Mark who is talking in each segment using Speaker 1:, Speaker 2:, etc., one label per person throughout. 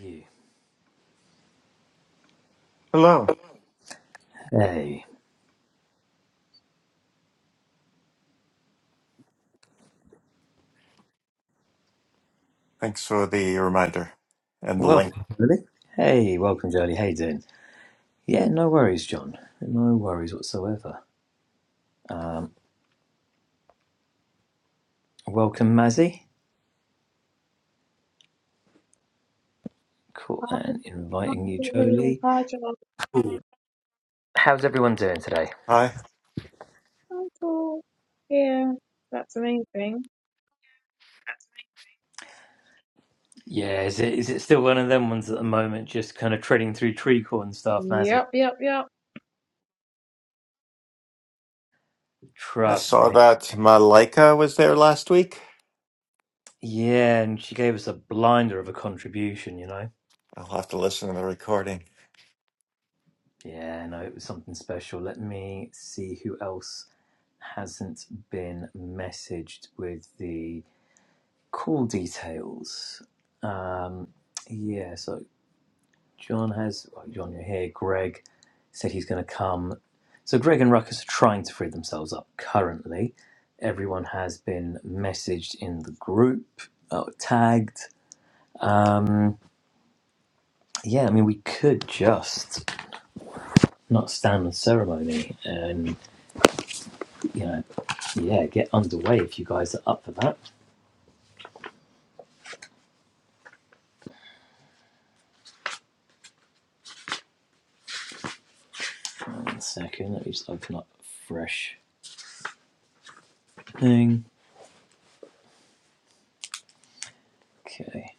Speaker 1: you.
Speaker 2: Hello.
Speaker 1: Hey,
Speaker 2: Thanks for the reminder and the link.
Speaker 1: welcome, Jolie. Hey, welcome, Jolie. Hey, doing? Yeah, no worries, John. No worries whatsoever. Um, welcome, Mazzy. Cool, and inviting you,
Speaker 3: Hallelujah.
Speaker 1: Jolie.
Speaker 3: Hi, John.
Speaker 1: How's everyone doing today?
Speaker 2: Hi.
Speaker 3: Hi, Paul. Yeah, that's the main thing.
Speaker 1: Yeah, is it is it still one of them ones at the moment? Just kind of treading through tree corn and stuff, Mazzy.
Speaker 3: Yep, yep, yep.
Speaker 2: I
Speaker 1: Trust
Speaker 2: saw
Speaker 1: me.
Speaker 2: that Malika was there last week.
Speaker 1: Yeah, and she gave us a blinder of a contribution. You know.
Speaker 2: I'll have to listen to the recording.
Speaker 1: Yeah, no, it was something special. Let me see who else hasn't been messaged with the Cool details. Um, yeah, so John has, well, John, you're here. Greg said he's going to come. So Greg and Ruckus are trying to free themselves up currently. Everyone has been messaged in the group, uh, tagged. Um, yeah, I mean, we could just not stand on ceremony and, you know, yeah, get underway if you guys are up for that. One second, let me just open up a fresh thing. Okay.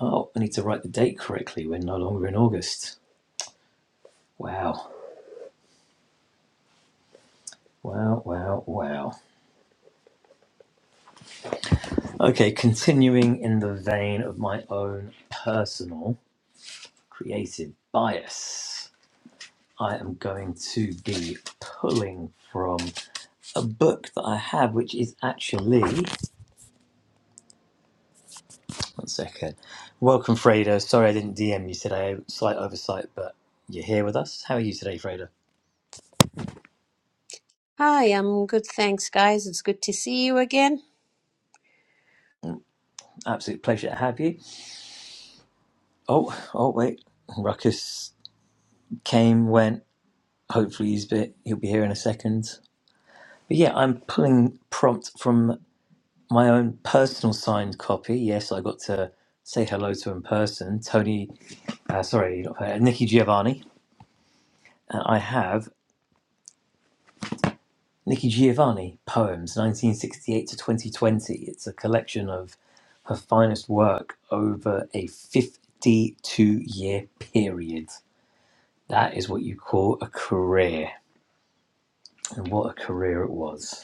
Speaker 1: Oh, I need to write the date correctly. We're no longer in August. Wow. Wow, wow, wow. Okay, continuing in the vein of my own personal creative bias, I am going to be pulling from a book that I have, which is actually. One second. Welcome, Freda. Sorry I didn't DM you today. Slight oversight, but you're here with us. How are you today, Freda?
Speaker 4: Hi, I'm good, thanks, guys. It's good to see you again.
Speaker 1: Absolute pleasure to have you. Oh, oh, wait. Ruckus came, went. hopefully he's be, he'll be here in a second. But yeah, I'm pulling prompt from my own personal signed copy. Yes, I got to say hello to in person. Tony, uh, sorry, not, uh, Nikki Giovanni. Uh, I have Nikki Giovanni poems, 1968 to 2020. It's a collection of her finest work over a 52 year period. That is what you call a career, and what a career it was.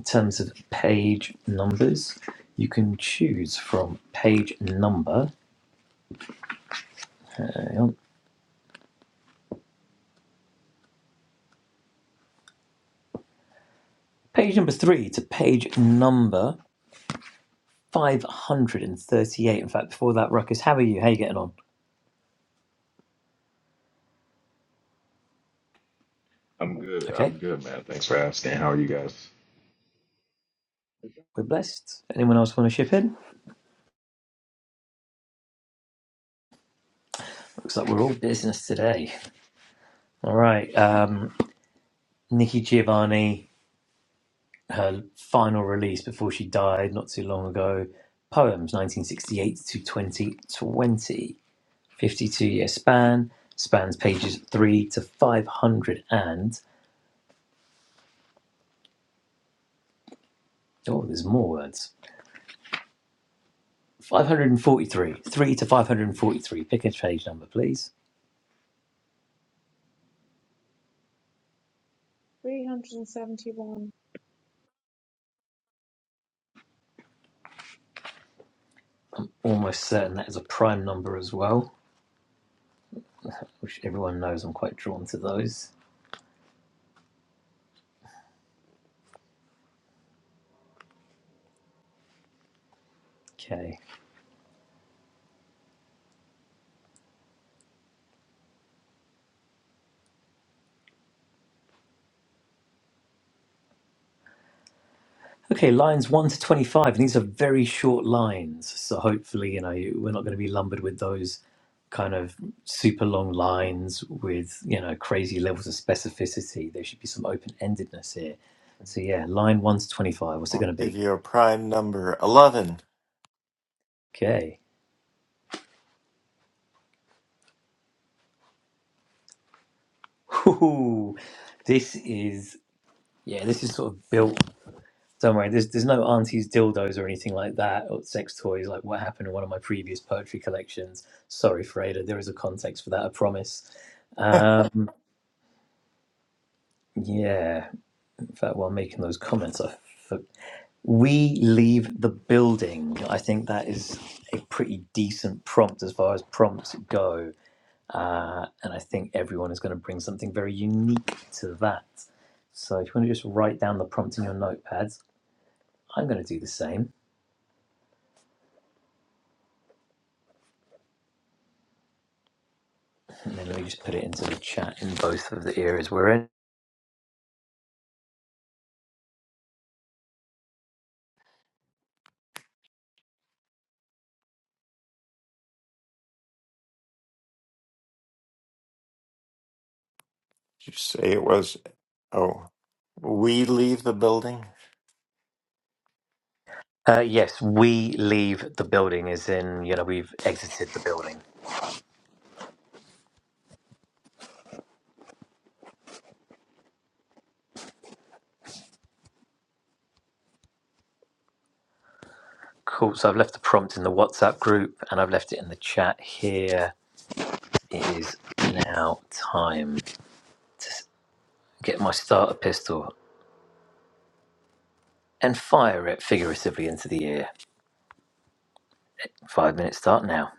Speaker 1: in terms of page numbers, you can choose from page number, hang on, page number three to page number 538. In fact, before that, Ruckus, how are you? How are you getting on?
Speaker 5: I'm good.
Speaker 1: Okay,
Speaker 5: I'm good, man. Thanks for asking. How are you guys?
Speaker 1: we're blessed. Anyone else want to ship in? Looks like we're all business today. All right, um, Nikki Giovanni, her final release before she died not too long ago, Poems 1968 to 2020. 52 year span spans pages 3 to 500 and oh there's more words 543 3 to 543 pick a page number please
Speaker 3: 371.
Speaker 1: almost certain that is a prime number as well which everyone knows i'm quite drawn to those okay Okay, lines 1 to 25, and these are very short lines. So hopefully, you know, we're not going to be lumbered with those kind of super long lines with, you know, crazy levels of specificity. There should be some open endedness here. So, yeah, line 1 to 25, what's it
Speaker 2: I'll
Speaker 1: going to
Speaker 2: give
Speaker 1: be?
Speaker 2: you a prime number 11. Did
Speaker 1: Okay. Ooh, this is, yeah, this is sort of built. Don't worry, there's there's no aunties dildos or anything like that, or sex toys like what happened in one of my previous poetry collections. Sorry, Freda, there is a context for that, I promise. Um, yeah, in fact, while making those comments, I for- we leave the building. I think that is a pretty decent prompt as far as prompts go, uh, and I think everyone is going to bring something very unique to that. So if you want to just write down the prompt in your notepads, I'm going to do the same. And then let me just put it into the chat in both of the areas we're in.
Speaker 2: you say it was? Oh, we leave the building?
Speaker 1: Uh, yes, we leave the building, as in, you know, we've exited the building. Cool. So I've left the prompt in the WhatsApp group and I've left it in the chat here. It is now time to s- get my starter pistol and fire it figuratively into the air. Five minutes start now.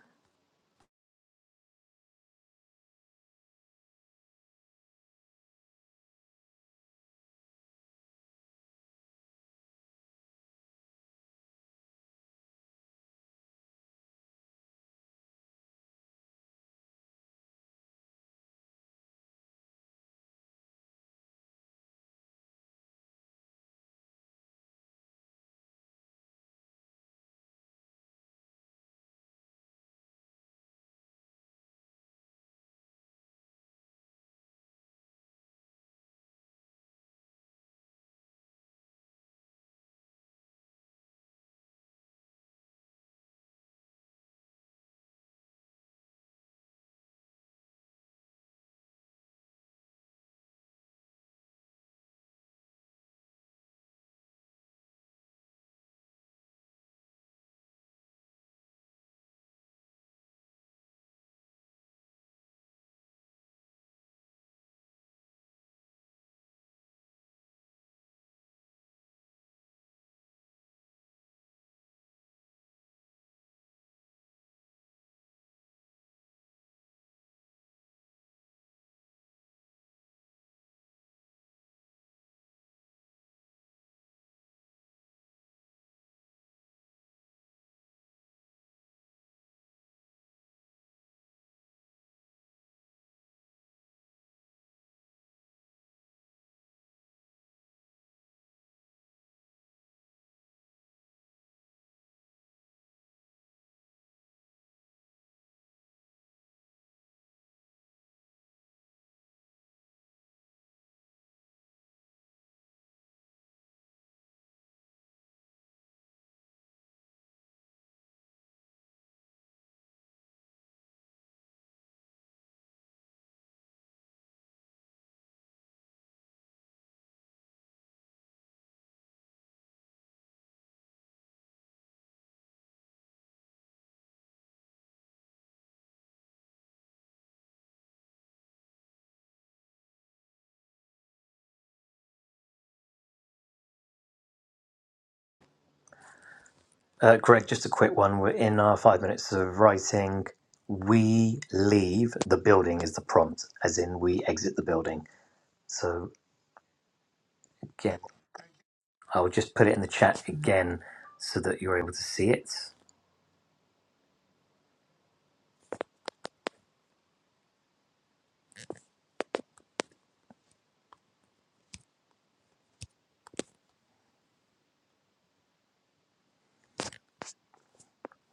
Speaker 1: Uh, Greg, just a quick one. We're in our five minutes of writing. We leave the building is the prompt, as in, we exit the building. So, I'll just put it in the chat again so that you're able to see it.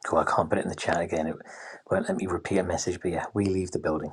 Speaker 1: Cool, I can't put it in the chat again. It won't let me repeat a message, but yeah, we leave the building.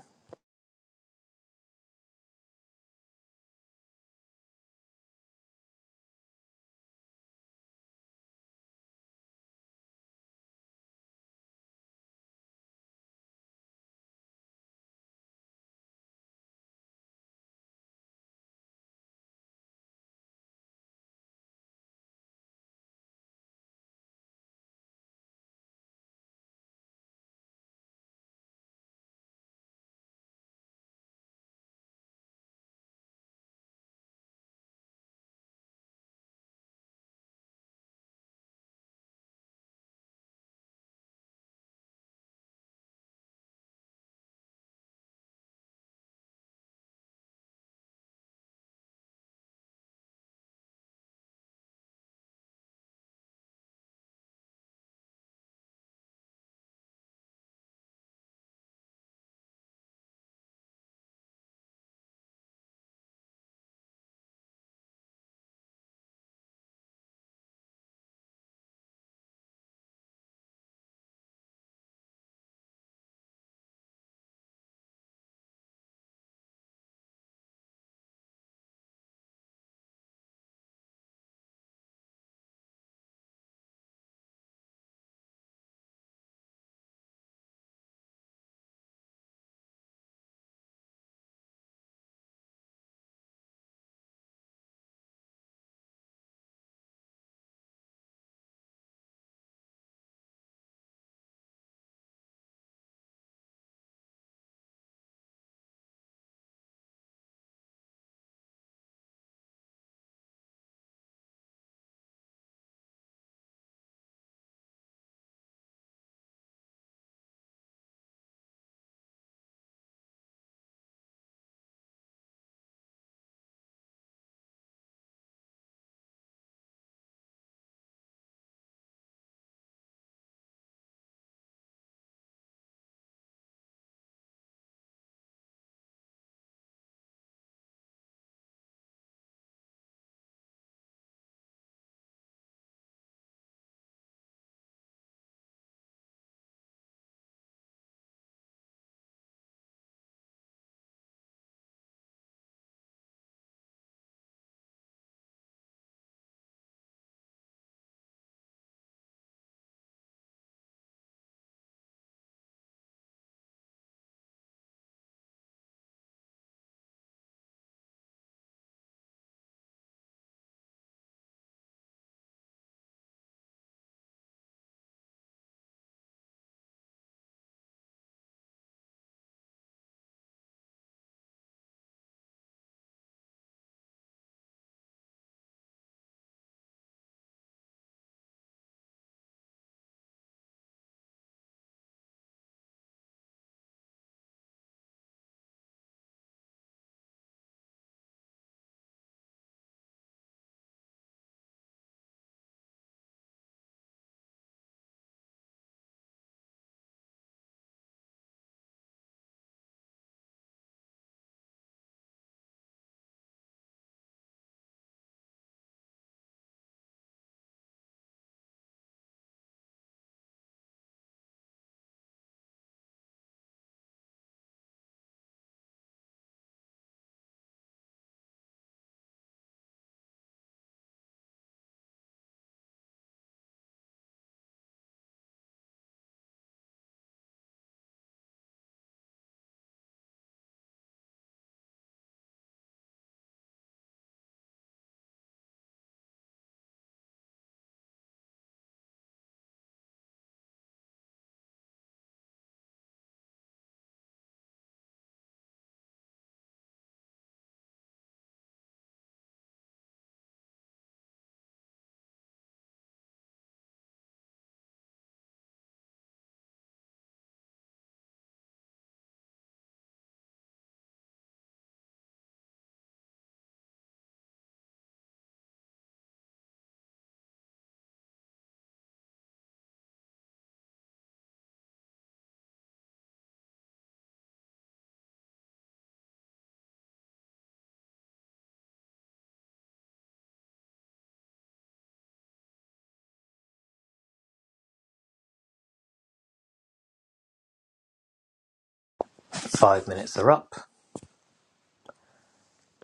Speaker 1: Five minutes are up.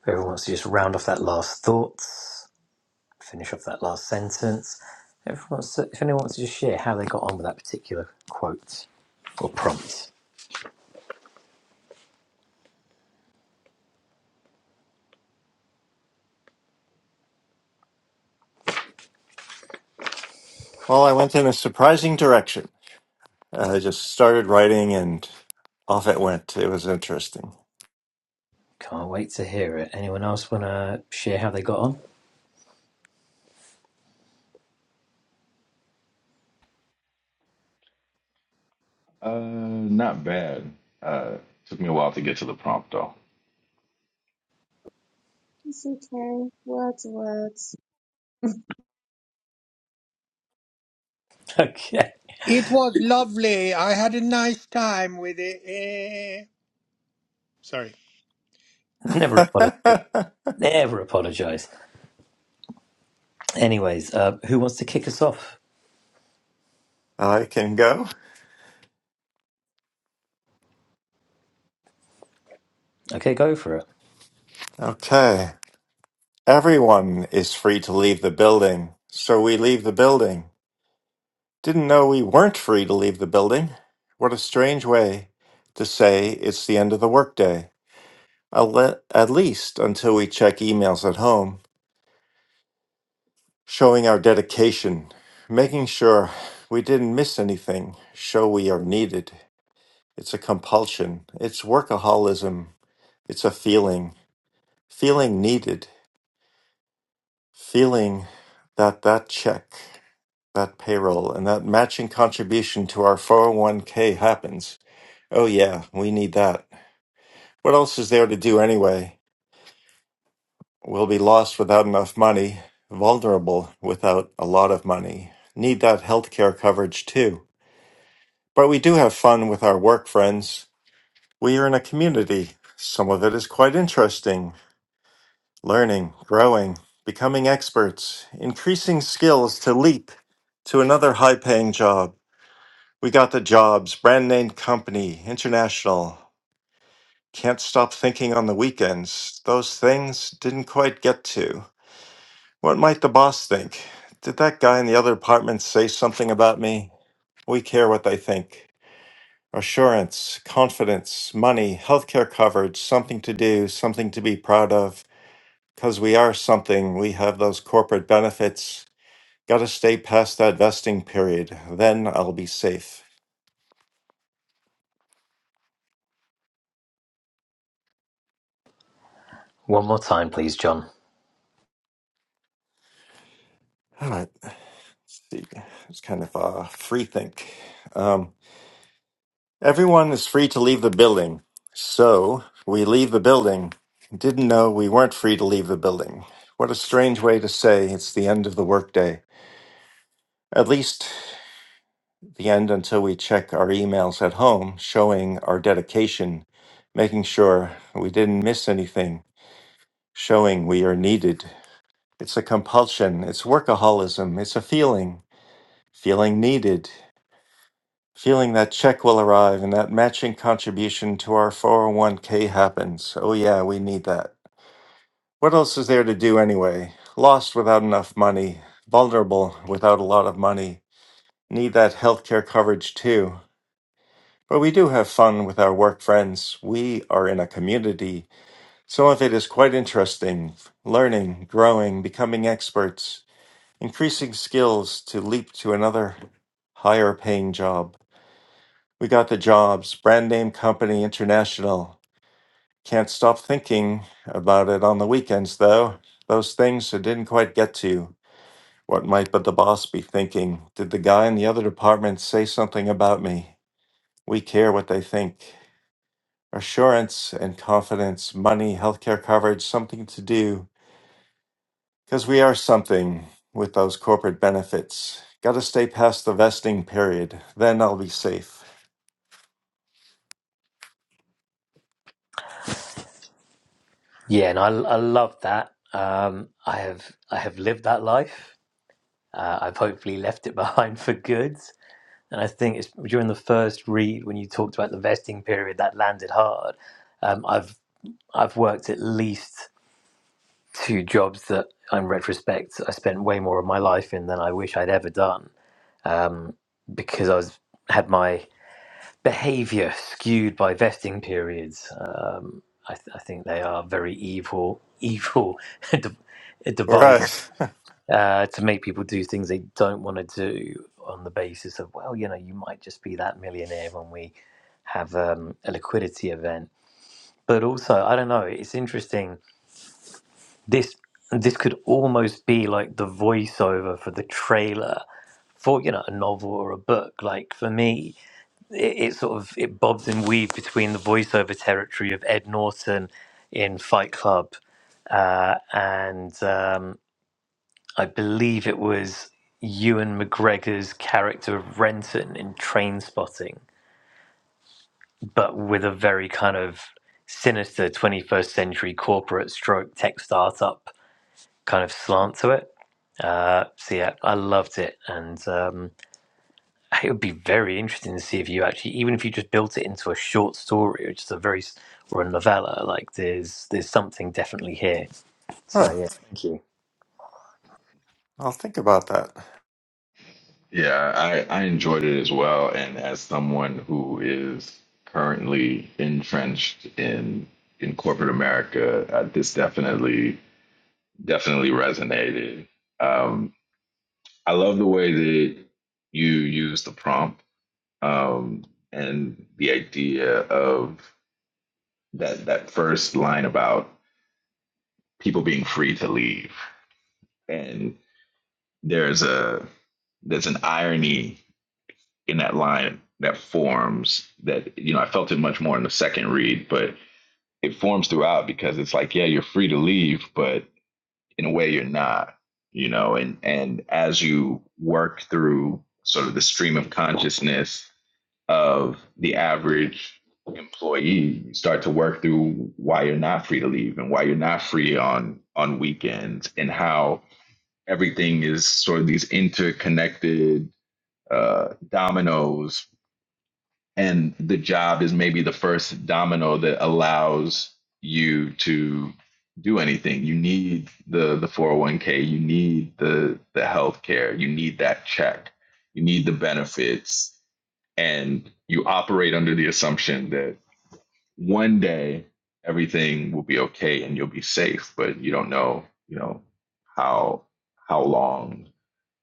Speaker 1: If everyone wants to just round off that last thought, finish off that last sentence. Everyone wants to, if anyone wants to just share how they got on with that particular quote or prompt.
Speaker 2: Well, I went in a surprising direction. I just started writing and off it went. It was interesting.
Speaker 1: Can't wait to hear it. Anyone else want to share how they got on?
Speaker 5: Uh, not bad. Uh, took me a while to get to the prompt though.
Speaker 3: It's okay. Words, to word.
Speaker 1: Okay.
Speaker 6: It was lovely. I had a nice time with it. Eh. Sorry.
Speaker 1: Never
Speaker 2: I
Speaker 1: apologize. Never apologize. Anyways, uh, who wants to kick us off?
Speaker 2: can go.
Speaker 1: Okay, go for it.
Speaker 2: Okay. Everyone is free to leave the building, so we leave the building. Didn't know we weren't free to leave the building. What a strange way to say it's the end of the workday. I'll let- At least until we check emails at home, showing our dedication, making sure we didn't miss anything, show we are needed. It's a compulsion, it's workaholism, it's a feeling, feeling needed, feeling that that check, that payroll, and that matching contribution to our 401k happens. Oh, yeah, we need that. What else is there to do anyway? We'll be lost without enough money, vulnerable without a lot of money, need that healthcare coverage too. But we do have fun with our work friends. We are in a community. Some of it is quite interesting learning, growing, becoming experts, increasing skills to leap to another high paying job. We got the jobs, brand name company, international. Can't stop thinking on the weekends. Those things didn't quite get to. What might the boss think? Did that guy in the other apartment say something about me? We care what they think. Assurance, confidence, money, healthcare coverage, something to do, something to be proud of. Because we are something, we have those corporate benefits. Gotta stay past that vesting period. Then I'll be safe.
Speaker 1: One more time, please, John.
Speaker 2: All right. Let's see. It's kind of a free think. Um, Everyone is free to leave the building. So we leave the building. Didn't know we weren't free to leave the building. What a strange way to say it's the end of the workday. At least the end until we check our emails at home, showing our dedication, making sure we didn't miss anything, showing we are needed. It's a compulsion, it's workaholism, it's a feeling, feeling needed. Feeling that check will arrive and that matching contribution to our 401k happens. Oh, yeah, we need that. What else is there to do anyway? Lost without enough money, vulnerable without a lot of money. Need that healthcare coverage too. But we do have fun with our work friends. We are in a community. Some of it is quite interesting learning, growing, becoming experts, increasing skills to leap to another higher paying job. We got the jobs, brand name company international. Can't stop thinking about it on the weekends, though. Those things I didn't quite get to. What might but the boss be thinking? Did the guy in the other department say something about me? We care what they think. Assurance and confidence, money, healthcare coverage, something to do. Because we are something with those corporate benefits. Gotta stay past the vesting period, then I'll be safe.
Speaker 1: Yeah, and I, I love that. Um, I have I have lived that life. Uh, I've hopefully left it behind for good. And I think it's during the first read when you talked about the vesting period that landed hard. Um, I've I've worked at least two jobs that, in retrospect, I spent way more of my life in than I wish I'd ever done um, because I was had my behavior skewed by vesting periods. Um, I, th- I think they are very evil, evil de- a device
Speaker 2: Right.
Speaker 1: uh, to make people do things they don't want to do on the basis of, well, you know, you might just be that millionaire when we have um, a liquidity event. But also, I don't know. It's interesting. This this could almost be like the voiceover for the trailer for you know a novel or a book. Like for me, it, it sort of it bobs and weaves between the voiceover territory of Ed Norton in Fight Club, uh, and um, I believe it was Ewan McGregor's character of Renton in Train Spotting, but with a very kind of sinister 21st century corporate stroke tech startup kind of slant to it. Uh, so yeah, I loved it, and um, It would be very interesting to see if you actually, even if you just built it into a short story, or just a very s- or a novella. Like there's there's something definitely here. So
Speaker 2: Huh.
Speaker 1: yeah, thank you.
Speaker 2: I'll think about that.
Speaker 5: Yeah, I I enjoyed it as well. And as someone who is currently entrenched in in corporate America, uh, this definitely definitely resonated. Um, I love the way that you use the prompt um, and the idea of that that first line about people being free to leave and there's a there's an irony in that line that forms that you know I felt it much more in the second read, but it forms throughout because it's like yeah you're free to leave, but in a way you're not, you know, and and as you work through sort of the stream of consciousness of the average employee, you start to work through why you're not free to leave and why you're not free on on weekends and how everything is sort of these interconnected uh, dominoes, and the job is maybe the first domino that allows you to do anything. You need the the 401k, you need the the healthcare, you need that check, you need the benefits, and you operate under the assumption that one day everything will be okay and you'll be safe, but you don't know, you know, how how long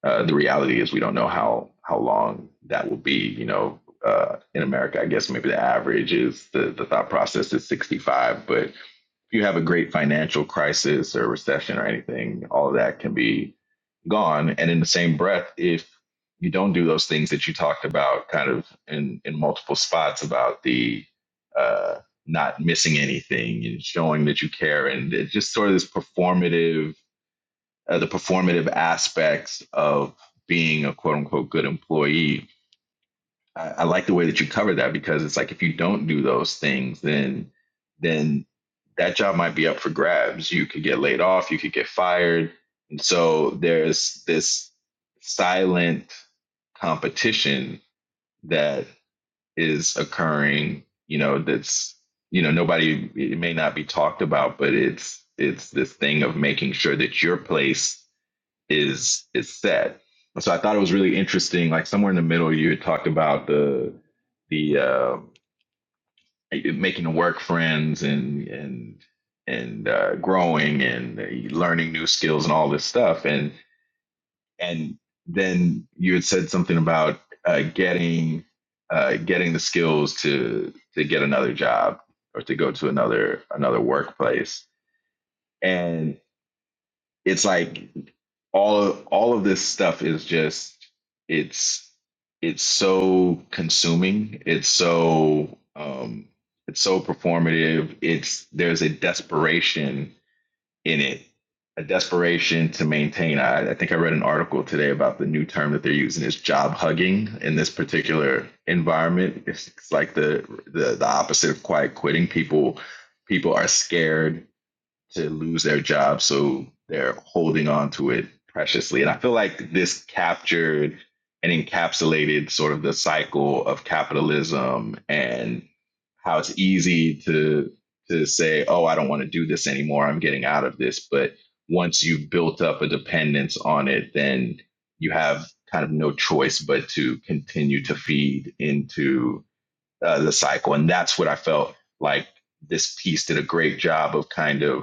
Speaker 5: uh, the reality is we don't know how how long that will be. You know, uh, in America, I guess maybe the average is the the thought process is 65. But if you have a great financial crisis or recession or anything, all of that can be gone. And in the same breath, if you don't do those things that you talked about, kind of in in multiple spots about the uh, not missing anything and showing that you care, and it just sort of this performative uh, the performative aspects of being a quote unquote good employee. I, I like the way that you cover that because it's like if you don't do those things, then then that job might be up for grabs. You could get laid off, you could get fired. And so there's this silent competition that is occurring, you know, that's you know, nobody it may not be talked about, but it's it's this thing of making sure that your place is is set. And so I thought it was really interesting. Like somewhere in the middle, you had talked about the the uh, making the work friends and and and uh, growing and learning new skills and all this stuff. And and then you had said something about uh, getting uh, getting the skills to to get another job or to go to another another workplace. And it's like all of all of this stuff is just it's it's so consuming it's so um it's so performative it's there's a desperation in it a desperation to maintain I, I think i read an article today about the new term that they're using is job hugging in this particular environment it's, it's like the, the the opposite of quiet quitting people people are scared to lose their job. So they're holding on to it preciously. And I feel like this captured and encapsulated sort of the cycle of capitalism and how it's easy to to say, oh, I don't want to do this anymore. I'm getting out of this. But once you've built up a dependence on it, then you have kind of no choice but to continue to feed into uh, the cycle. And that's what I felt like this piece did a great job of kind of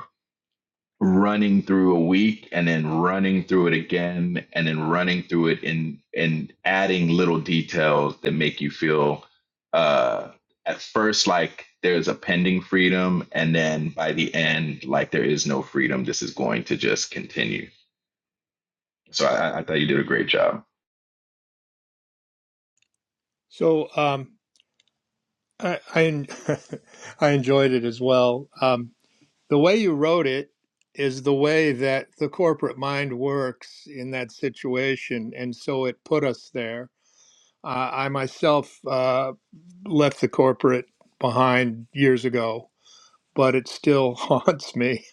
Speaker 5: running through a week and then running through it again and then running through it and and adding little details that make you feel uh at first like there's a pending freedom and then by the end like there is no freedom this is going to just continue so i, I thought you did a great job
Speaker 6: So um, I I, en- I enjoyed it as well. Um, the way you wrote it is the way that the corporate mind works in that situation, and so it put us there. Uh, I myself uh, left the corporate behind years ago, but it still haunts me.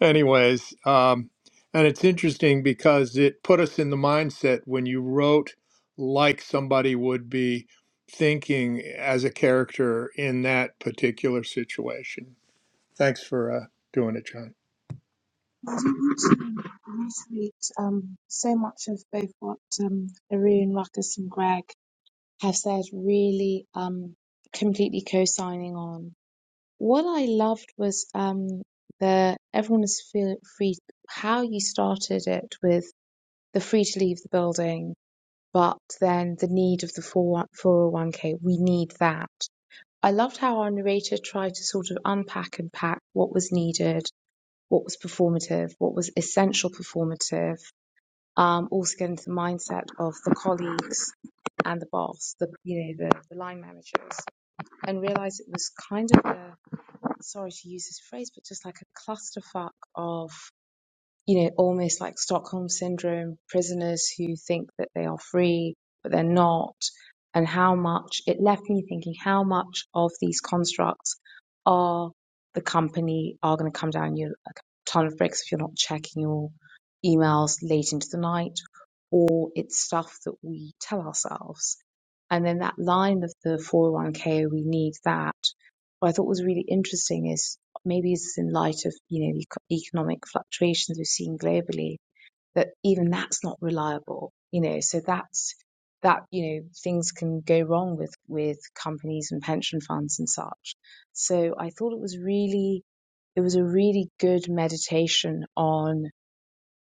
Speaker 6: Anyways, um, and it's interesting because it put us in the mindset when you wrote like somebody would be thinking as a character in that particular situation. Thanks for uh, doing it, John.
Speaker 3: I don't want to reiterate um, so much of both what um, Arun, Ruckus, and Greg have said, really um, completely co signing on. What I loved was um, the everyone is feel free, how you started it with the free to leave the building but then the need of the 401- k we need that. I loved how our narrator tried to sort of unpack and pack what was needed, what was performative, what was essential performative, um, also get into the mindset of the colleagues and the boss, the you know the, the line managers, and realize it was kind of a sorry to use this phrase, but just like a clusterfuck of you know, almost like Stockholm syndrome, prisoners who think that they are free, but they're not, and how much it left me thinking how much of these constructs are the company are going to come down you a ton of bricks if you're not checking your emails late into the night, or it's stuff that we tell ourselves. And then that line of the 401k, we need that, what I thought was really interesting is Maybe it's in light of, you know, the economic fluctuations we've seen globally that even that's not reliable, you know, so that's that, you know, things can go wrong with with companies and pension funds and such. So I thought it was really it was a really good meditation on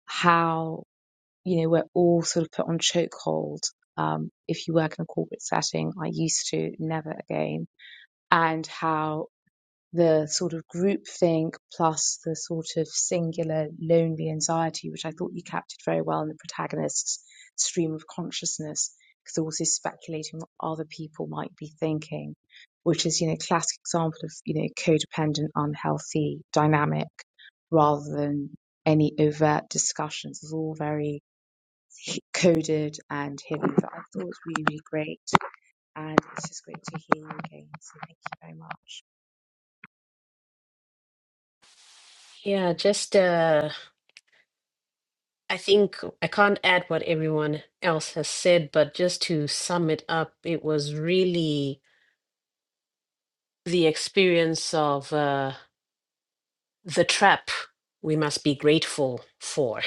Speaker 3: how, you know, we're all sort of put on chokehold. Um, if you work in a corporate setting, I used to, never again and how the sort of groupthink plus the sort of singular lonely anxiety, which I thought you captured very well in the protagonist's stream of consciousness, because they're also speculating what other people might be thinking, which is, you know, classic example of, you know, codependent, unhealthy dynamic rather than any overt discussions. It's all very coded and hidden, but I thought it was really, really great. And it's just great to hear you again. So thank you very much.
Speaker 4: Yeah, j- uh, I think I can't add what everyone else has said, but just to sum it up, it was really the experience of uh, the trap we must be grateful for.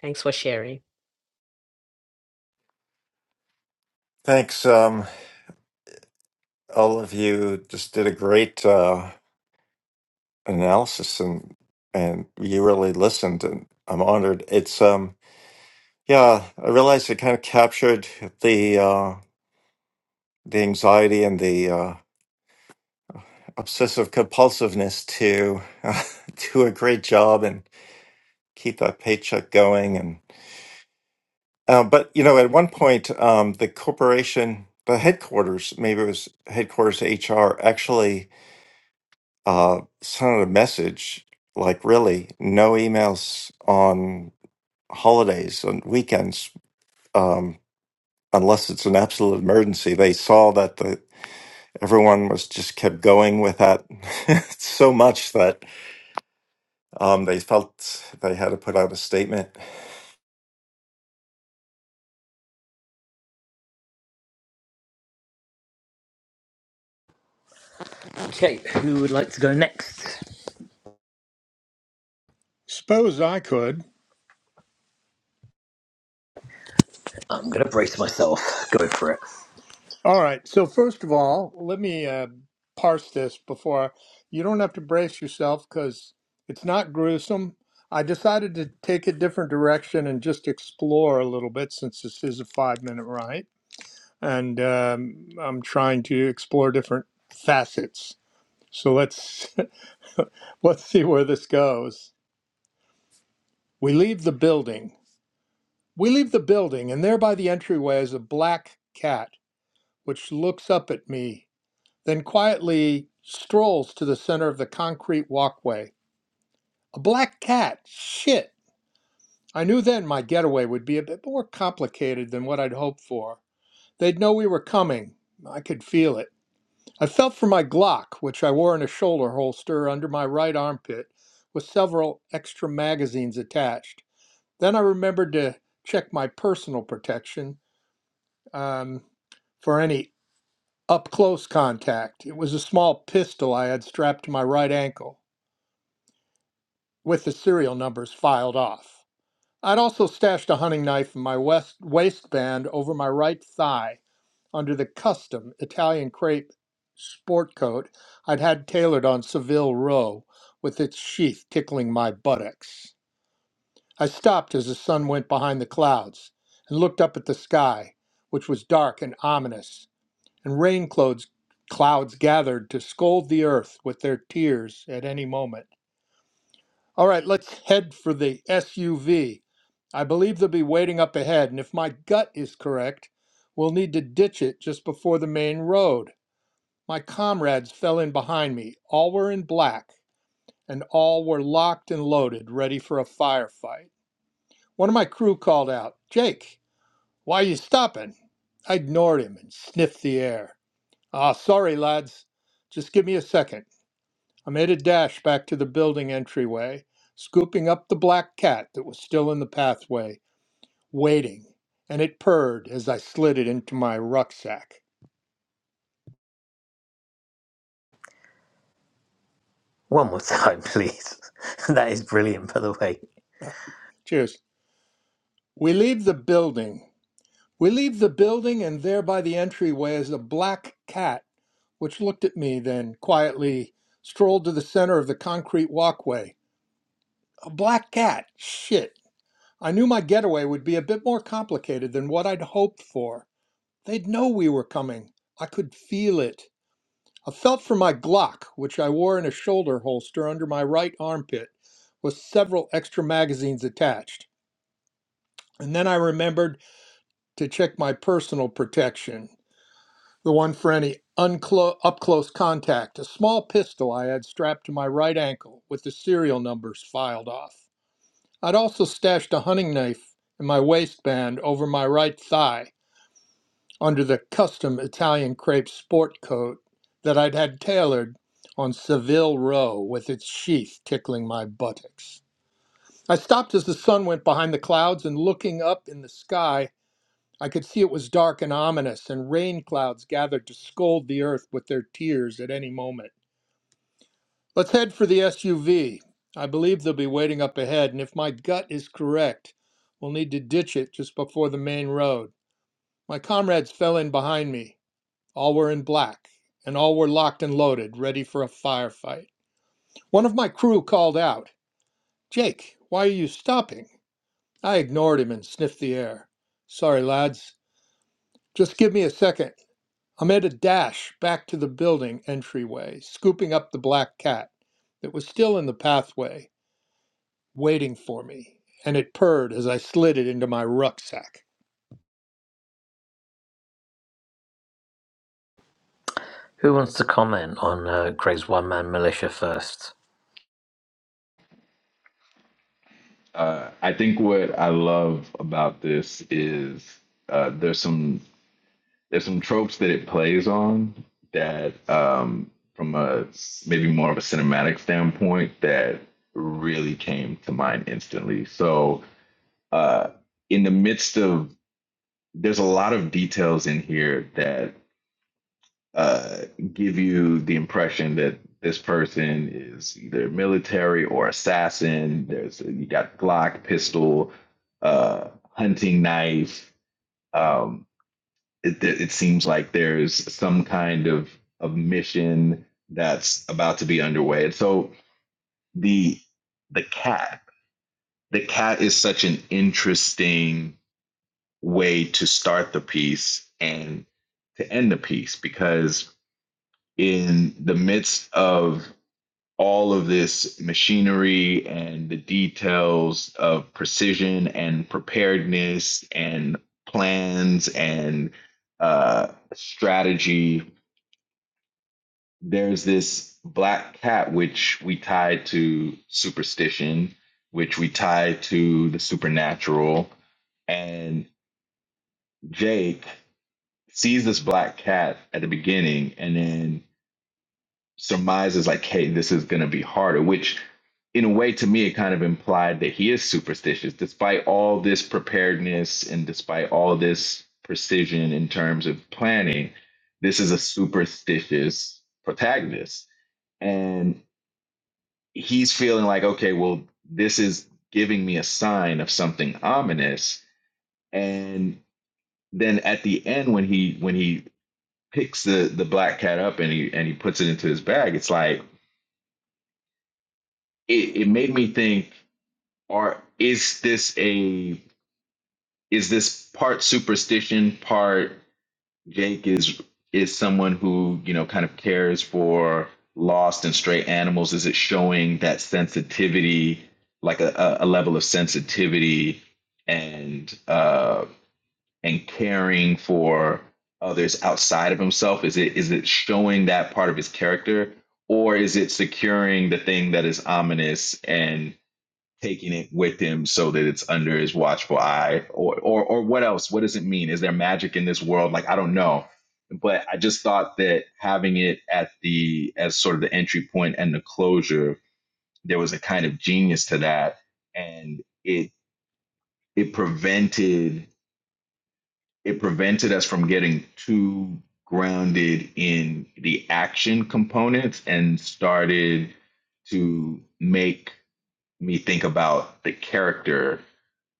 Speaker 4: Thanks for sharing.
Speaker 2: Thanks, um, all of you. Just did a great uh, analysis, and and you really listened, and I'm honored. It's um, yeah, I realized it kind of captured the uh, the anxiety and the uh, obsessive compulsiveness to do a great job and keep that paycheck going. And uh, but you know, at one point, um, the corporation, the headquarters, maybe it was headquarters HR, actually uh, sent out a message like, really, no emails on holidays and weekends um, unless it's an absolute emergency. They saw that the everyone was just kept going with that so much that um, they felt they had to put out a statement.
Speaker 1: Okay, who would like to go next?
Speaker 6: Suppose I could.
Speaker 1: I'm gonna brace myself. Go for it.
Speaker 6: All right. So first of all, let me uh, parse this before. I, you don't have to brace yourself because it's not gruesome. I decided to take a different direction and just explore a little bit since this is a five-minute ride and um, I'm trying to explore different facets. So let's let's see where this goes. We leave the building. We leave the building, and there by the entryway is a black cat which looks up at me, then quietly strolls to the center of the concrete walkway. A black cat. Shit. I knew then my getaway would be a bit more complicated than what I'd hoped for. They'd know we were coming. I could feel it. I felt for my Glock, which I wore in a shoulder holster under my right armpit, with several extra magazines attached. Then I remembered to check my personal protection um, for any up close contact. It was a small pistol I had strapped to my right ankle, with the serial numbers filed off. I'd also stashed a hunting knife in my west waistband over my right thigh under the custom Italian crepe sport coat I'd had tailored on Seville Row, with its sheath tickling my buttocks. I stopped as the sun went behind the clouds and looked up at the sky, which was dark and ominous, and rain clouds, clouds gathered to scold the earth with their tears at any moment. All right, let's head for the SUV. I believe they'll be waiting up ahead, and if my gut is correct, we'll need to ditch it just before the main road. My comrades fell in behind me. All were in black, and all were locked and loaded, ready for a firefight. One of my crew called out, Jake, why you stopping? I ignored him and sniffed the air. Ah, sorry, lads. Just give me a second. I made a dash back to the building entryway, scooping up the black cat that was still in the pathway, waiting, and it purred as I slid it into my rucksack.
Speaker 1: One more time, please. that is brilliant, by the way.
Speaker 6: Cheers. We leave the building We leave the building, and there by the entryway is a black cat, which looked at me, then quietly strolled to the center of the concrete walkway. A black cat? Shit. I knew my getaway would be a bit more complicated than what I'd hoped for. They'd know we were coming. I could feel it. I felt for my Glock, which I wore in a shoulder holster under my right armpit, with several extra magazines attached. And then I remembered to check my personal protection. the one for any unclo- up close contact, a small pistol I had strapped to my right ankle with the serial numbers filed off. I'd also stashed a hunting knife in my waistband over my right thigh under the custom Italian crepe sport coat that I'd had tailored on Seville Row with its sheath tickling my buttocks. I stopped as the sun went behind the clouds and looking up in the sky I could see it was dark and ominous, and rain clouds gathered to scold the earth with their tears at any moment. Let's head for the SUV. I believe they'll be waiting up ahead, and if my gut is correct, we'll need to ditch it just before the main road. My comrades fell in behind me. All were in black, and all were locked and loaded, ready for a firefight. One of my crew called out, Jake, why are you stopping? I ignored him and sniffed the air. Sorry, lads. Just give me a second. I made a dash back to the building entryway, scooping up the black cat that was still in the pathway, waiting for me, and it purred as I slid it into my rucksack.
Speaker 1: Who wants to comment on uh, Greg's one man militia first?
Speaker 5: uh, i think what i love about this is uh, there's some there's some tropes that it plays on that um, from a maybe more of a cinematic standpoint that really came to mind instantly so uh, in the midst of there's a lot of details in here that uh, give you the impression that this person is either military or assassin there's you got glock pistol uh, hunting knife um, it, it seems like there's some kind of of mission that's about to be underway. And so the the cat, the cat is such an interesting way to start the piece and to end the piece because in the midst of all of this machinery and the details of precision and preparedness and plans and uh, strategy there's this black cat which we tie to superstition, which we tie to the supernatural. And Jake sees this black cat at the beginning and then surmises, like, hey, this is going to be harder, which in a way to me, it kind of implied that he is superstitious, despite all this preparedness and despite all this precision in terms of planning. This is a superstitious protagonist. And he's feeling like, okay, well, this is giving me a sign of something ominous. And then at the end, when he when he picks the the black cat up and he and he puts it into his bag, it's like it, it made me think, or is this a is this part superstition, part Jake is is someone who you know kind of cares for lost and stray animals. Is it showing that sensitivity, like a, a a level of sensitivity and uh, and caring for others outside of himself? Is it is it showing that part of his character, or is it securing the thing that is ominous and? taking it with him so that it's under his watchful eye or or or what else what does it mean is there magic in this world like i don't know but i just thought that having it at the as sort of the entry point and the closure there was a kind of genius to that and it it prevented it prevented us from getting too grounded in the action components and started to make me think about the character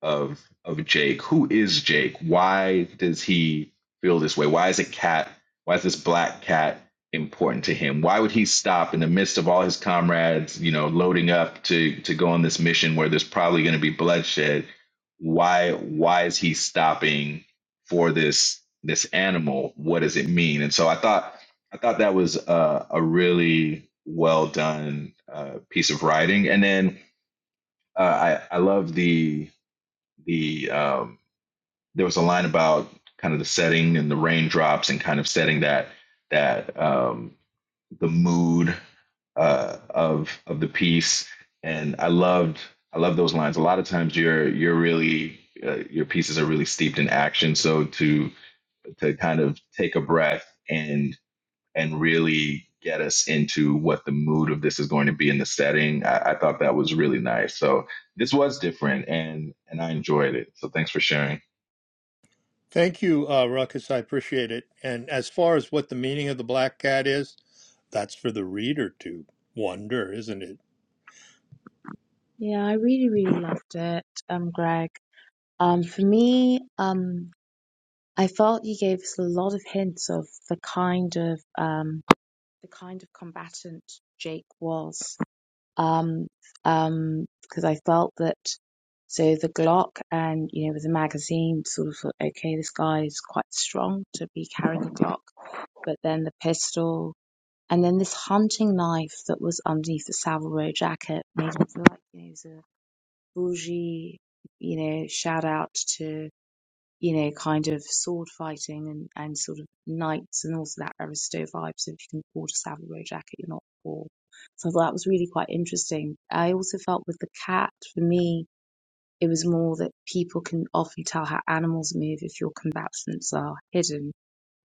Speaker 5: of of Jake. Who is Jake? Why does he feel this way? Why is a cat? Why is this black cat important to him? Why would he stop in the midst of all his comrades, you know, loading up to to go on this mission where there's probably going to be bloodshed? Why why is he stopping for this this animal? What does it mean? And so I thought I thought that was a, a really well done uh, piece of writing. And then uh, I I love the the um, there was a line about kind of the setting and the raindrops and kind of setting that that um, the mood uh, of of the piece. And I loved I love those lines. A lot of times you're you're really uh, your pieces are really steeped in action. So to to kind of take a breath and and really get us into what the mood of this is going to be in the setting. I, I thought that was really nice. So this was different and and I enjoyed it. So thanks for sharing.
Speaker 6: Thank you, uh, Ruckus. I appreciate it. And as far as what the meaning of the black cat is, that's for the reader to wonder, isn't it?
Speaker 3: Yeah, I really, really loved it, um, Greg. Um, for me, um, I felt you gave us a lot of hints of the kind of um, the kind of combatant Jake was. Um, um, because I felt that so the Glock and you know with the magazine sort of thought, okay, this guy is quite strong to be carrying a Glock, but then the pistol. And then this hunting knife that was underneath the Savile Row jacket made me feel like you know, he was a bougie, you know, shout out to, you know, kind of sword fighting and, and sort of knights and also that Aristo vibe. So if you can afford a Savile Row jacket, you're not poor. So I thought that was really quite interesting. I also felt with the cat, for me, it was more that people can often tell how animals move if your combatants are hidden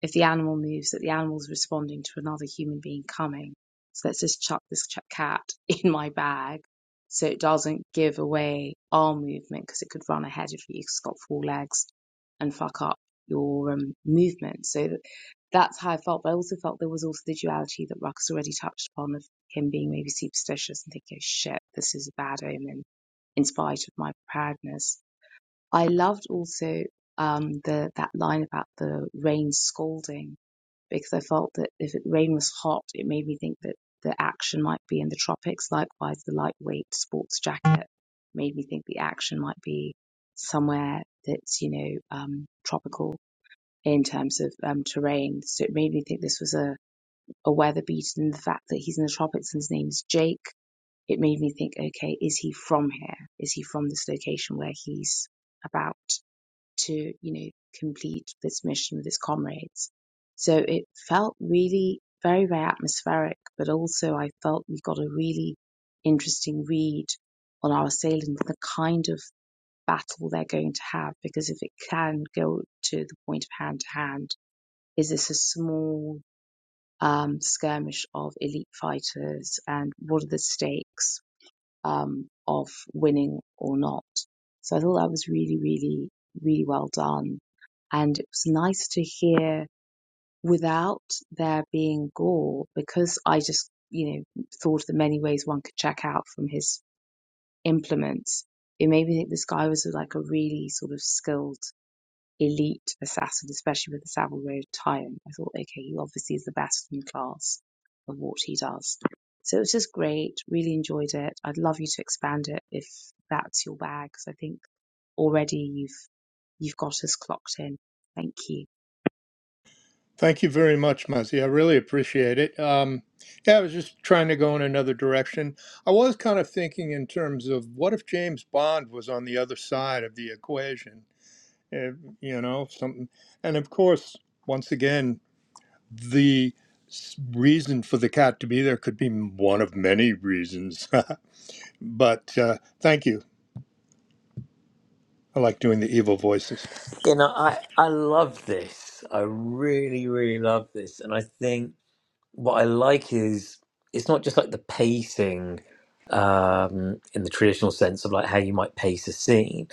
Speaker 3: if the animal moves, that the animal's responding to another human being coming. So let's just chuck this cat in my bag so it doesn't give away arm movement because it could run ahead of you 'cause it's got four legs and fuck up your um, movement. So that's how I felt. But I also felt there was also the duality that Ruckus already touched upon of him being maybe superstitious and thinking, oh, shit, this is a bad omen in spite of my preparedness. I loved also um, the that line about the rain scalding because I felt that if the rain was hot, it made me think that the action might be in the tropics. Likewise, the lightweight sports jacket made me think the action might be somewhere that's, you know, um, tropical in terms of um, terrain. So it made me think this was a, a weather beat and the fact that he's in the tropics and his name's Jake. It made me think, okay, is he from here? Is he from this location where he's about? to, you know, complete this mission with his comrades. So it felt really very, very atmospheric, but also I felt we got a really interesting read on our assailant and the kind of battle they're going to have, because if it can go to the point of hand to hand, is this a small um, skirmish of elite fighters and what are the stakes? um, of winning or not. So I thought that was really, really, really well done. And it was nice to hear without there being gore because I just, you know, thought of the many ways one could check out from his implements. It made me think this guy was like a really sort of skilled elite assassin, especially with the Savile Row tie-in. I thought, okay, he obviously is the best in class of what he does. So it was just great. Really enjoyed it. I'd love you to expand it if that's your bag, because I think already you've you've got us clocked in. Thank you.
Speaker 6: Thank you very much, Muzzy. I really appreciate it. Um, yeah, I was just trying to go in another direction. I was kind of thinking in terms of what if James Bond was on the other side of the equation? eh, you know something and of course once again the s- reason for the cat to be there could be m- one of many reasons but uh, thank you i like doing the evil voices
Speaker 1: You know, I I love this. I really really love this, and I think. what I like is it's not just like the pacing um, in the traditional sense of like how you might pace a scene.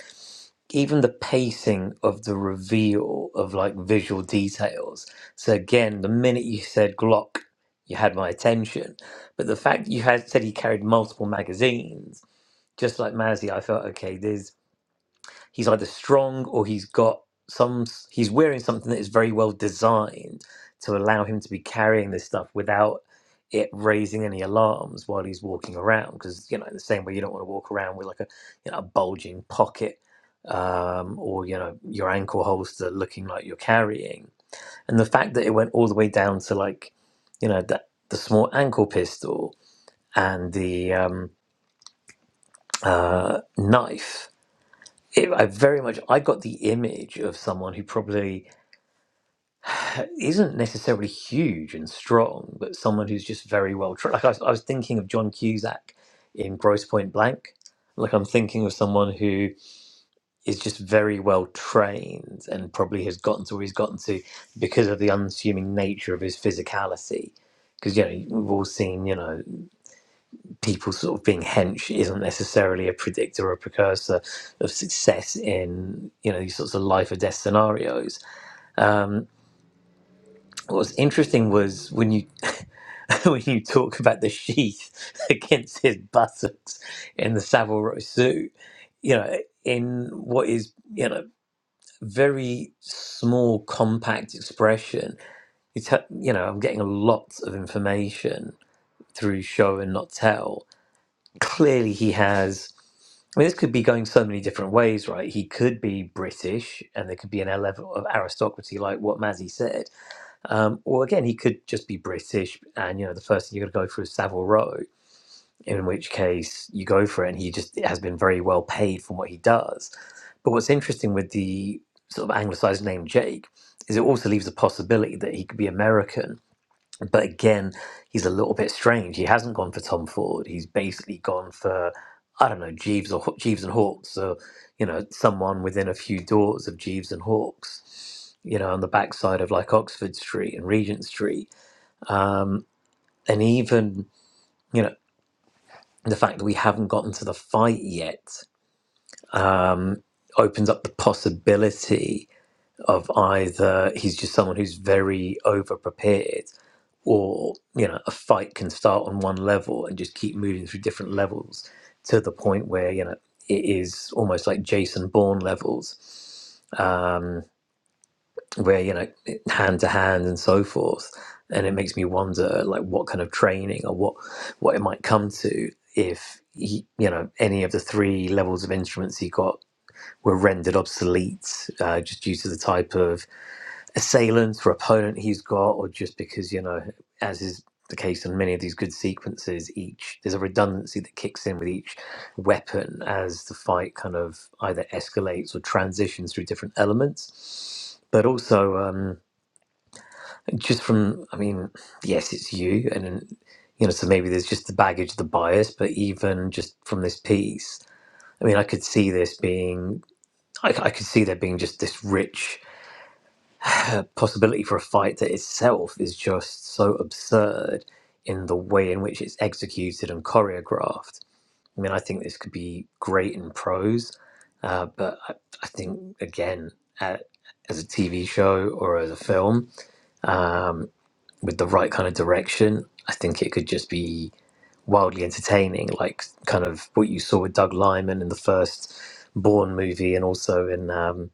Speaker 1: Even the pacing of the reveal of like visual details. So again, the minute you said Glock, you had my attention. But the fact that you had said he carried multiple magazines, just like Mazzy, I felt okay. There's he's either strong or he's got some he's wearing something that is very well designed to allow him to be carrying this stuff without it raising any alarms while he's walking around because you know in the same way you don't want to walk around with like a you know a bulging pocket um, or you know your ankle holster looking like you're carrying and the fact that it went all the way down to like you know that the small ankle pistol and the um, uh, knife it- I very much I got the image of someone who probably isn't necessarily huge and strong, but someone who's just very well trained. Like I was, I was thinking of John Cusack in Gross Point Blank. Like I'm thinking of someone who is just very well trained and probably has gotten to where he's gotten to because of the unassuming nature of his physicality. Because you know we've all seen you know people sort of being hench isn't necessarily a predictor or a precursor of success in you know these sorts of life or death scenarios. Um, what was interesting was when you when you talk about the sheath against his buttocks in the Savile Row suit, you know, in what is you know very small compact expression. It's ha- you know I'm getting a lot of information through show and not tell. Clearly, he has. I mean, this could be going so many different ways, right? He could be British, and there could be an a level of aristocracy, like what Mazzy said. Um, or again, he could just be British, and you know, the first thing you're going to go for is Savile Row, in which case you go for it, and he just has been very well paid from what he does. But what's interesting with the sort of anglicized name Jake is it also leaves the possibility that he could be American but again, he's a little bit strange. He hasn't gone for Tom Ford. He's basically gone for I don't know Jeeves or Jeeves and Hawks, or you know someone within a few doors of Jeeves and Hawks. You know, on the backside of like Oxford Street and Regent Street, um, and even you know the fact that we haven't gotten to the fight yet um, opens up the possibility of either he's just someone who's very overprepared or you know a fight can start on one level and just keep moving through different levels to the point where you know it is almost like jason bourne levels um where you know hand to hand and so forth and it makes me wonder like what kind of training or what what it might come to if he, you know any of the three levels of instruments he got were rendered obsolete uh, just due to the type of assailant or opponent he's got, or just because, you know, as is the case in many of these good sequences, each there's a redundancy that kicks in with each weapon as the fight kind of either escalates or transitions through different elements. But also, um, just from, I mean, yes, it's you, and then, you know, so maybe there's just the baggage, the bias, but even just from this piece, I mean, I could see this being I, I could see there being just this rich uh, possibility for a fight that itself is just so absurd in the way in which it's executed and choreographed. I mean, I think this could be great in prose, uh, but I, I think again, uh, as a TV show or as a film, um, with the right kind of direction, I think it could just be wildly entertaining, like kind of what you saw with Doug Liman in the first Bourne movie, and also in um,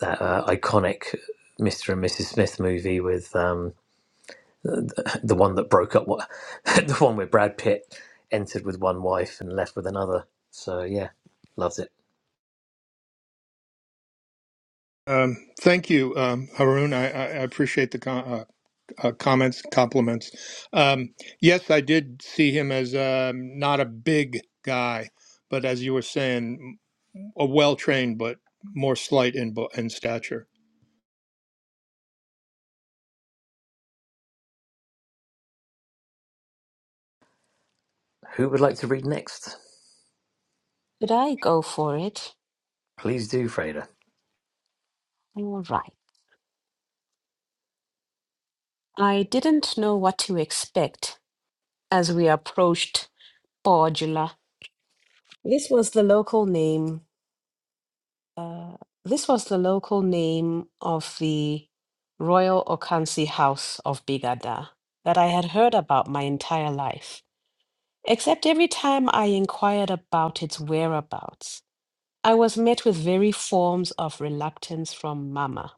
Speaker 1: that uh, iconic Mr. and Mrs. Smith movie with um, the, the one that broke up, what- the one where Brad Pitt entered with one wife and left with another. So, yeah, loved it.
Speaker 6: um, thank you um, haroon I, I I appreciate the com- uh, uh, comments compliments um, yes i did see him as um, not a big guy but as you were saying a a well-trained but more slight in, bu- in stature
Speaker 1: Who would like to read next?
Speaker 4: Did I go for it?
Speaker 1: Please do, Freda.
Speaker 4: All right. I didn't know what to expect as we approached Borgula. This was the local name Uh, this was the local name of the Royal Okansi House of Bigada that I had heard about my entire life, except every time I inquired about its whereabouts, I was met with very forms of reluctance from Mama.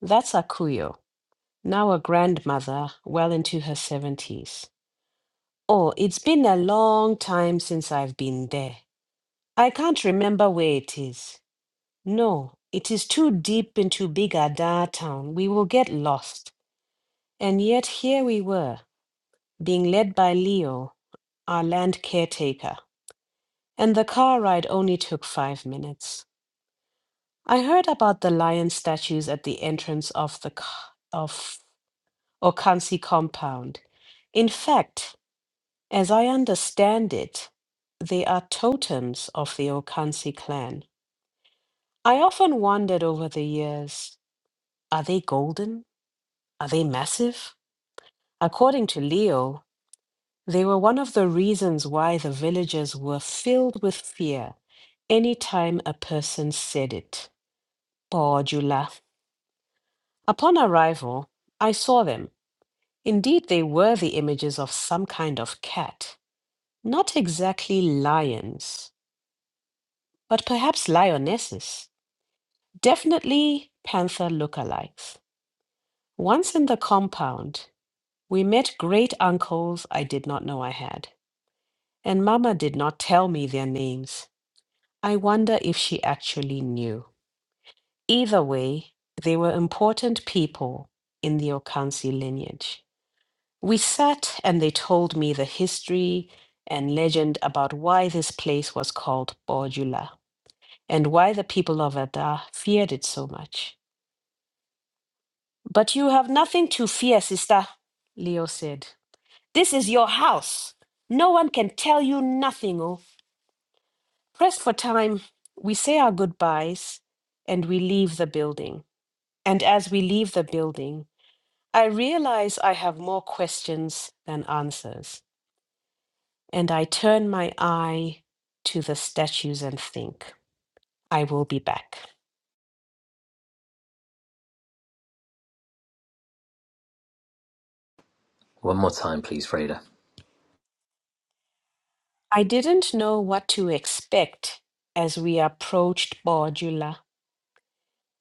Speaker 4: That's Akuyo, now a grandmother, well into her 70s. Oh, it's been a long time since I've been there. I can't remember where it is. No, it is too deep into Big Adar town. We will get lost. And yet here we were, being led by Leo, our land caretaker. And the car ride only took five minutes. I heard about the lion statues at the entrance of the c- of Okansi compound. In fact, as I understand it, they are totems of the Okansi clan. I often wondered over the years, are they golden? Are they massive? According to Leo, they were one of the reasons why the villagers were filled with fear any time a person said it. Bordula. Upon arrival, I saw them. Indeed, they were the images of some kind of cat. Not exactly lions, but perhaps lionesses. Definitely panther lookalikes. Once in the compound, we met great uncles I did not know I had. and Mama did not tell me their names. I wonder if she actually knew. Either way, they were important people in the Okansi lineage. We sat and they told me the history and legend about why this place was called Bordula and why the people of Ada feared it so much. But you have nothing to fear, sister, Leo said. This is your house. No one can tell you nothing, oh." Pressed for time, we say our goodbyes and we leave the building. And as we leave the building, I realize I have more questions than answers. And I turn my eye to the statues and think, I will be back.
Speaker 1: One more time, please, Freda.
Speaker 4: I didn't know what to expect as we approached Bordula.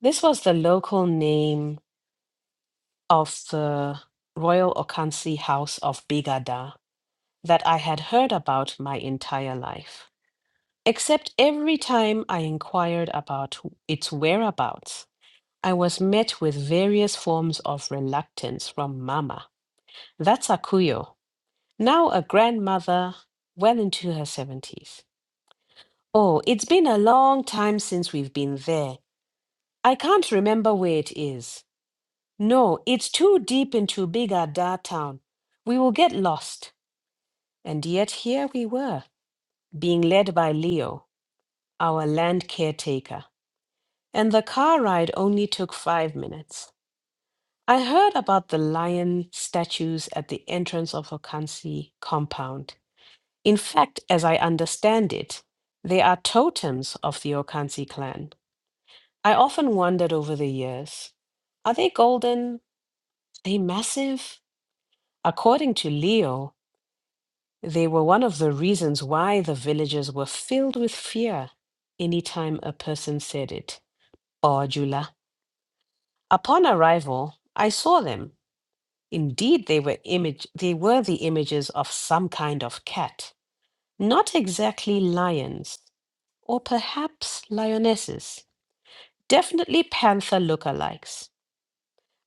Speaker 4: This was the local name of the Royal Okansi House of Bigada that I had heard about my entire life. Except every time I inquired about wh- its whereabouts, I was met with various forms of reluctance from Mama, that's Akuyo, now a grandmother well into her 70s. Oh, it's been a long time since we've been there. I can't remember where it is. No, it's too deep into Big Ada town. We will get lost. And yet here we were, being led by Leo, our land caretaker. and the car ride only took five minutes. I heard about the lion statues at the entrance of Okansi compound. In fact, as I understand it, they are totems of the Okansi clan. I often wondered over the years are they golden? Are they massive? According to Leo, they were one of the reasons why the villagers were filled with fear any time a person said it. Or Jula. Upon arrival, I saw them Indeed, they were image they were the images of some kind of cat, not exactly lions, or perhaps lionesses, definitely panther lookalikes.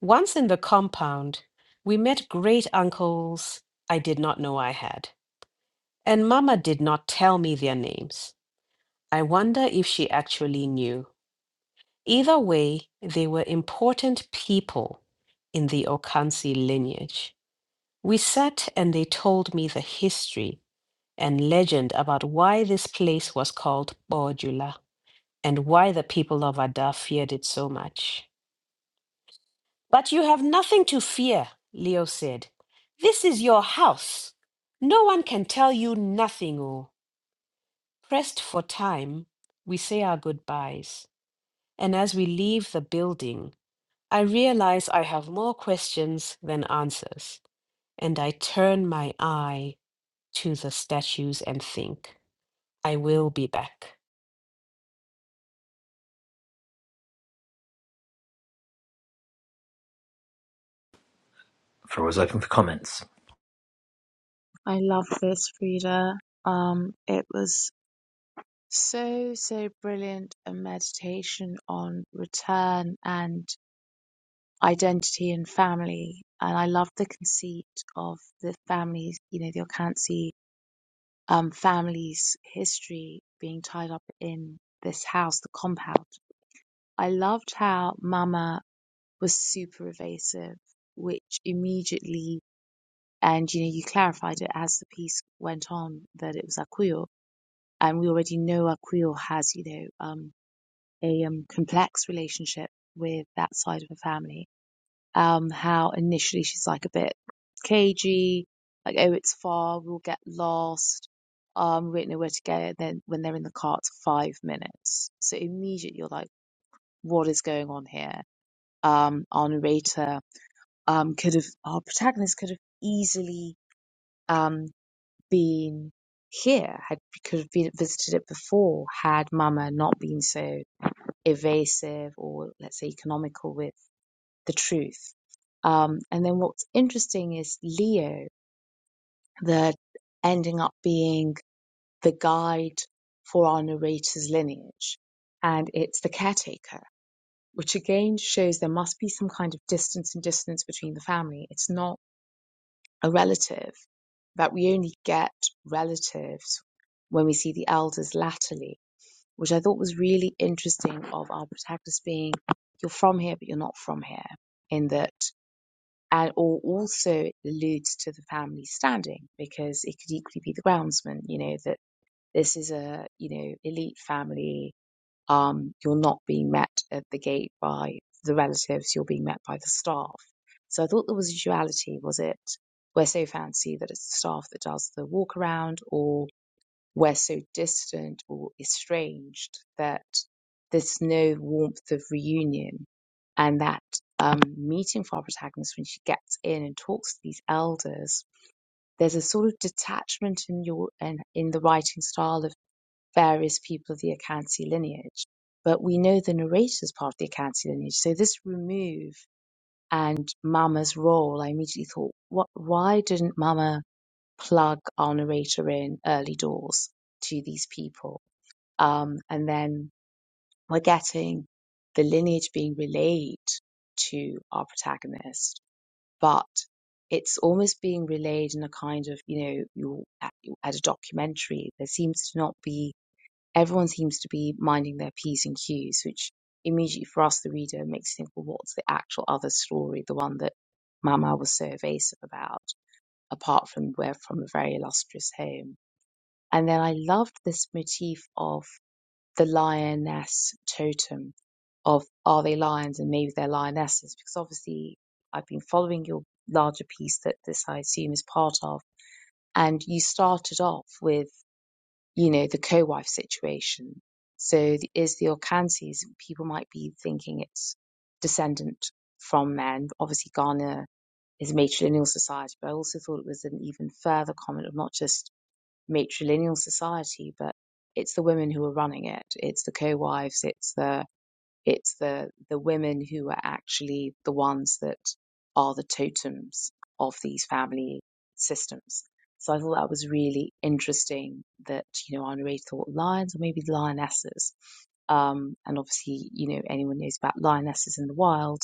Speaker 4: Once in the compound, we met great uncles I did not know I had, and Mama did not tell me their names. I wonder if she actually knew. Either way, they were important people in the Okansi lineage. We sat and they told me the history and legend about why this place was called Bordula and why the people of Ada feared it so much. But you have nothing to fear, Leo said. This is your house. No one can tell you nothing, oh. Pressed for time, we say our goodbyes. And as we leave the building, I realize I have more questions than answers, and I turn my eye to the statues and think, I will be back.
Speaker 1: Floor is open for comments.
Speaker 3: I love this, Frida. Um, it was so, so brilliant a meditation on return and identity and family. And I love the conceit of the families, you know, the Orkansi um, family's history being tied up in this house, the compound. I loved how Mama was super evasive, which immediately, and you know, you clarified it as the piece went on that it was Akuyo. And we already know Akuyo has, you know, um, a um, complex relationship with that side of the family um, how initially she's like a bit cagey, like, oh, it's far, we'll get lost, um, we don't know where to go. And then when they're in the cart, five minutes. So immediately you're like, what is going on here? Um, our narrator, um, could have, our protagonist could have easily, um, been here, had, could have been, visited it before, had Mama not been so evasive or, let's say, economical with the truth. Um, and then what's interesting is Leo, that ending up being the guide for our narrator's lineage, and it's the caretaker, which again shows there must be some kind of distance and dissonance between the family. It's not a relative that we only get relatives when we see the elders latterly, which I thought was really interesting of our protagonist being, you're from here, but you're not from here, in that and or also it alludes to the family standing because it could equally be the groundsman you know that this is a you know elite family um you're not being met at the gate by the relatives you're being met by the staff so i thought there was a duality was it we're so fancy that it's the staff that does the walk around or? we're so distant or estranged that there's no warmth of reunion. And that um, meeting for our protagonist, when she gets in and talks to these elders, there's a sort of detachment in your in, in the writing style of various people of the Akansi lineage. But we know the narrator's part of the Akansi lineage, so this remove and Mama's role, I immediately thought, what? Why didn't Mama plug our narrator in early doors to these people? Um, and then we're getting the lineage being relayed to our protagonist, but it's almost being relayed in a kind of, you know, you're at, you're at a documentary. There seems to not be, everyone seems to be minding their P's and Q's, which immediately for us, the reader, makes you think, well, what's the actual other story, the one that Mama was so evasive about, apart from we're from a very illustrious home. And then I loved this motif of the lioness totem of are they lions and maybe they're lionesses because obviously I've been following your larger piece that this I assume is part of and you started off with you know the co-wife situation so th- is the Orchantes people might be thinking it's descendant from men obviously Ghana is a matrilineal society but I also thought it was an even further comment of not just matrilineal society, but it's the women who are running it. It's the co-wives. It's the it's the the women who are actually the ones that are the totems of these family systems. So I thought that was really interesting that you know I already thought lions or maybe lionesses, um, and obviously you know anyone knows about lionesses in the wild.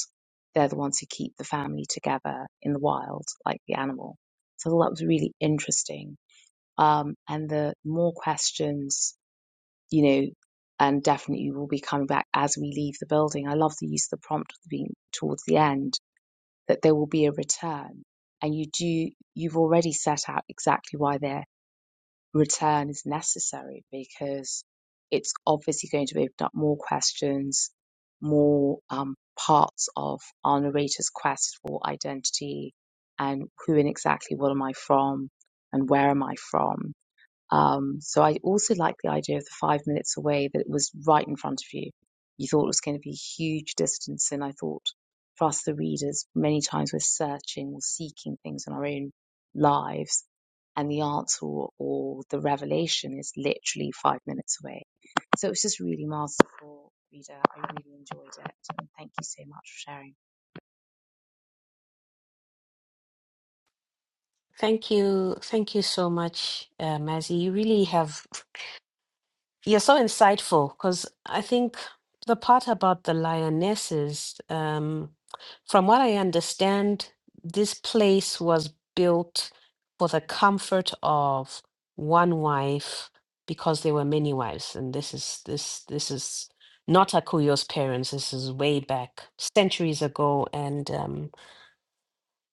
Speaker 3: They're the ones who keep the family together in the wild, like the animal. So I thought that was really interesting um, and the more questions, you know, and definitely will be coming back as we leave the building. I love the use of the prompt at the being towards the end that there will be a return, and you do you've already set out exactly why their return is necessary because it's obviously going to open up more questions, more um, parts of our narrator's quest for identity and who and exactly what am I from and where am I from um, so I also like the idea of the five minutes away that it was right in front of you. You thought it was going to be a huge distance. And I thought for us, the readers, many times we're searching or seeking things in our own lives. And the answer or, or the revelation is literally five minutes away. So it was just really masterful, reader. I really enjoyed it. And thank you so much for sharing.
Speaker 4: Thank you. Thank you so much, uh, Mazzy. You really have, you're so insightful because I think the part about the lionesses, um, from what I understand, this place was built for the comfort of one wife because there were many wives. And this is, this, this is not Akuyo's parents. This is way back centuries ago. And, um,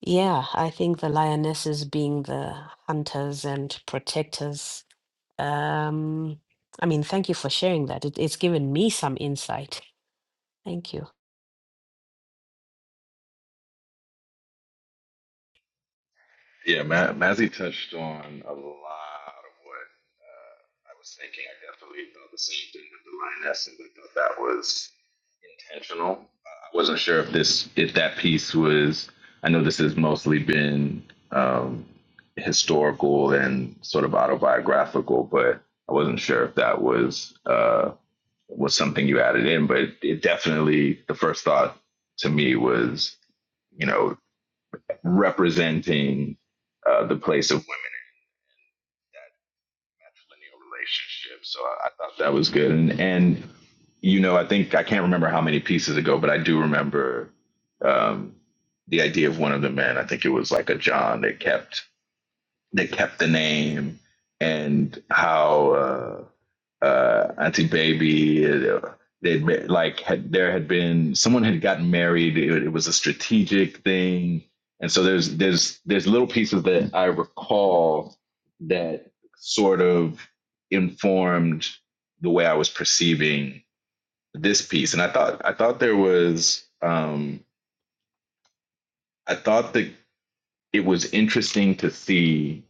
Speaker 4: Yeah, I think the lionesses being the hunters and protectors. Um, I mean, thank you for sharing that. It, it's given me some insight. Thank you.
Speaker 5: Yeah, Ma- Mazzy touched on a lot of what uh, I was thinking. I definitely thought the same thing with the lioness, and I thought that was intentional. Uh, I wasn't sure if this, if that piece was. I know this has mostly been um, historical and sort of autobiographical, but I wasn't sure if that was uh, was something you added in. But it definitely, the first thought to me was, you know representing uh, the place of women at the lineal So I, I thought that was good. And, and, you know, I think I can't remember how many pieces ago, but I do remember um, the idea of one of the men. I think it was like a John that kept, that kept the name and how. uh, uh, Auntie Baby. uh, They'd like had there had been someone had gotten married. It, it was a strategic thing, and so there's there's there's little pieces that I recall that sort of informed the way I was perceiving this piece. And I thought I thought there was um, I thought that it was interesting to see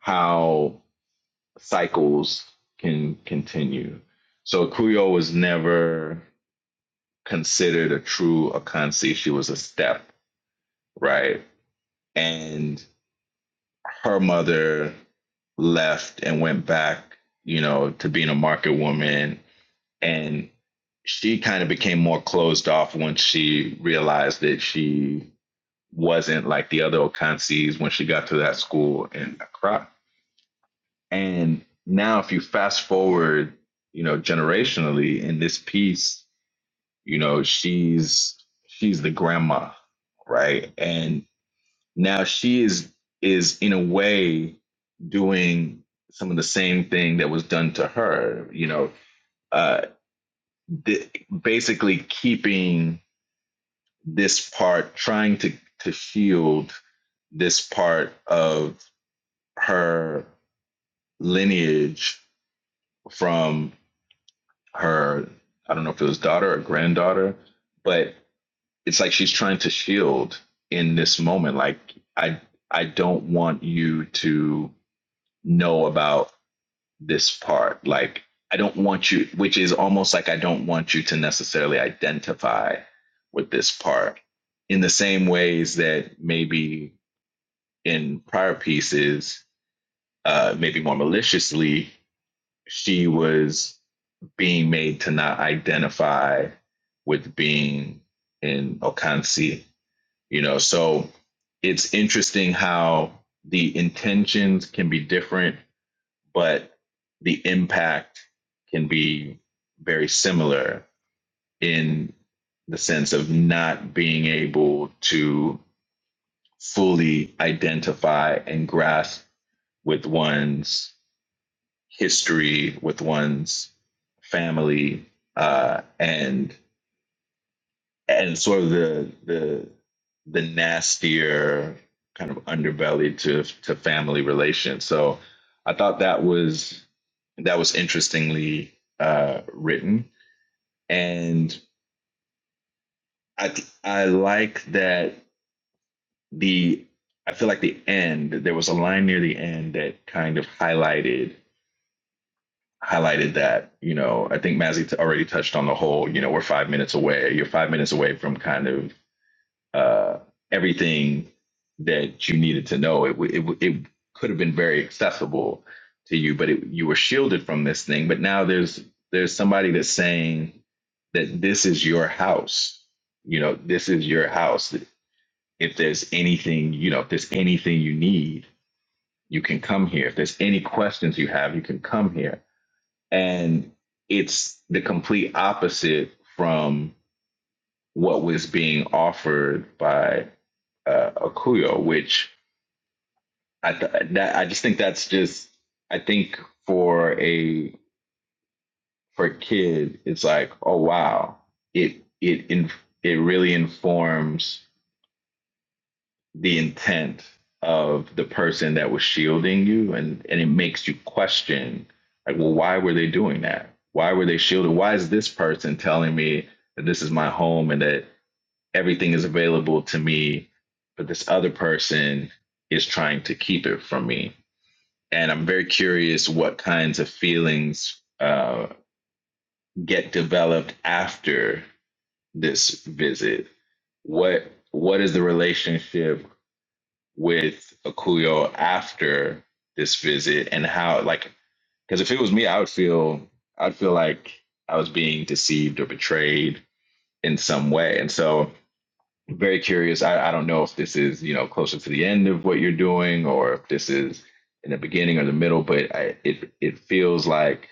Speaker 5: how cycles can continue. So Kuyo was never considered a true Akansi. She was a step, right? And her mother left and went back, you know, to being a market woman. And she kind of became more closed off once she realized that she wasn't like the other Okansis when she got to that school in Accra. And now, if you fast forward, you know, generationally in this piece, you know she's she's the grandma right and now she is is in a way doing some of the same thing that was done to her you know uh th- basically keeping this part trying to to shield this part of her lineage from her i don't know if it was daughter or granddaughter but it's like she's trying to shield in this moment like i i don't want you to know about this part like i don't want you which is almost like i don't want you to necessarily identify with this part in the same ways that maybe in prior pieces uh maybe more maliciously she was being made to not identify with being in okansi you know so it's interesting how the intentions can be different but the impact can be very similar in the sense of not being able to fully identify and grasp with one's history with one's family uh, and and sort of the the the nastier kind of underbelly to to family relations. So I thought that was that was interestingly uh, written, and I I like that the I feel like the end there was a line near the end that kind of highlighted highlighted that you know I think Mazzy already touched on the whole you know we're five minutes away you're five minutes away from kind of uh, everything that you needed to know. It, w- it, w- it could have been very accessible to you, but it, you were shielded from this thing. But now there's there's somebody that's saying that this is your house. You know, this is your house. If there's anything, you know, if there's anything you need, you can come here. If there's any questions you have, you can come here. And it's the complete opposite from what was being offered by uh, Akuyo, which I th- that I just think that's just I think for a for a kid, it's like oh wow, it it in, it really informs the intent of the person that was shielding you, and and it makes you question like well why were they doing that? Why were they shielded? Why is this person telling me that this is my home and that everything is available to me, but this other person is trying to keep it from me. And I'm very curious what kinds of feelings uh, get developed after this visit. What what is the relationship with Akuyo after this visit, and how like because if it was me, I would feel I'd feel like I was being deceived or betrayed in some way, and so very curious. I, I don't know if this is, you know, closer to the end of what you're doing or if this is in the beginning or the middle, but I, it it feels like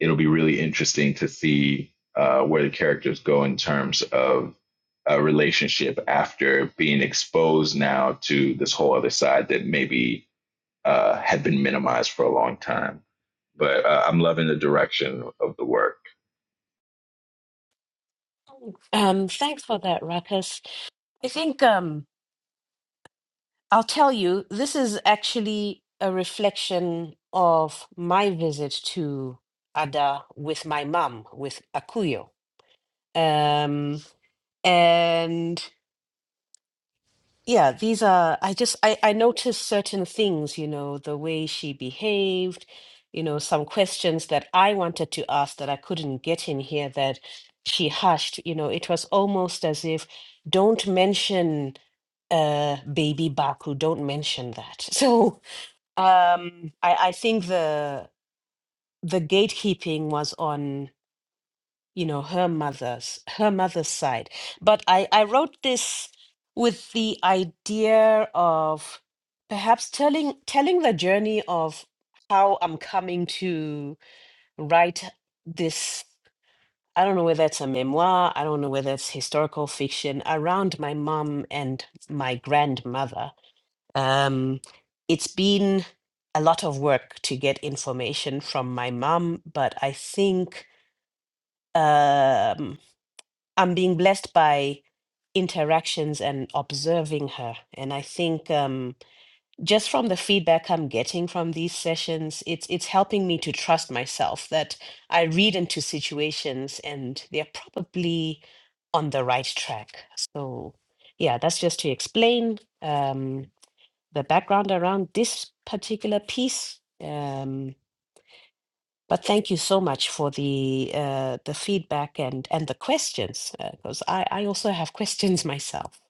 Speaker 5: it'll be really interesting to see uh, where the characters go in terms of a relationship after being exposed now to this whole other side that maybe uh, had been minimized for a long time. But uh, I'm loving the direction of the work.
Speaker 4: Um, thanks for that, Ruckus. I think um, I'll tell you, this is actually a reflection of my visit to Ada with my mum, with Akuyo. Um, and Yeah, these are, I just, I, I noticed certain things, you know, the way she behaved, you know, some questions that I wanted to ask that I couldn't get in here that she hushed, you know, it was almost as if don't mention uh baby Baku, don't mention that. So um I, I think the the gatekeeping was on you know her mother's her mother's side but i i wrote this with the idea of perhaps telling telling the journey of how i'm coming to write this i don't know whether it's a memoir i don't know whether it's historical fiction around my mom and my grandmother um it's been a lot of work to get information from my mom but i think um I'm being blessed by interactions and observing her. And I think um, just from the feedback I'm getting from these sessions, it's it's helping me to trust myself that I read into situations and they're probably on the right track. So yeah, that's just to explain um, the background around this particular piece. Um, but thank you so much for the uh, the feedback and and the questions because I I also have questions myself.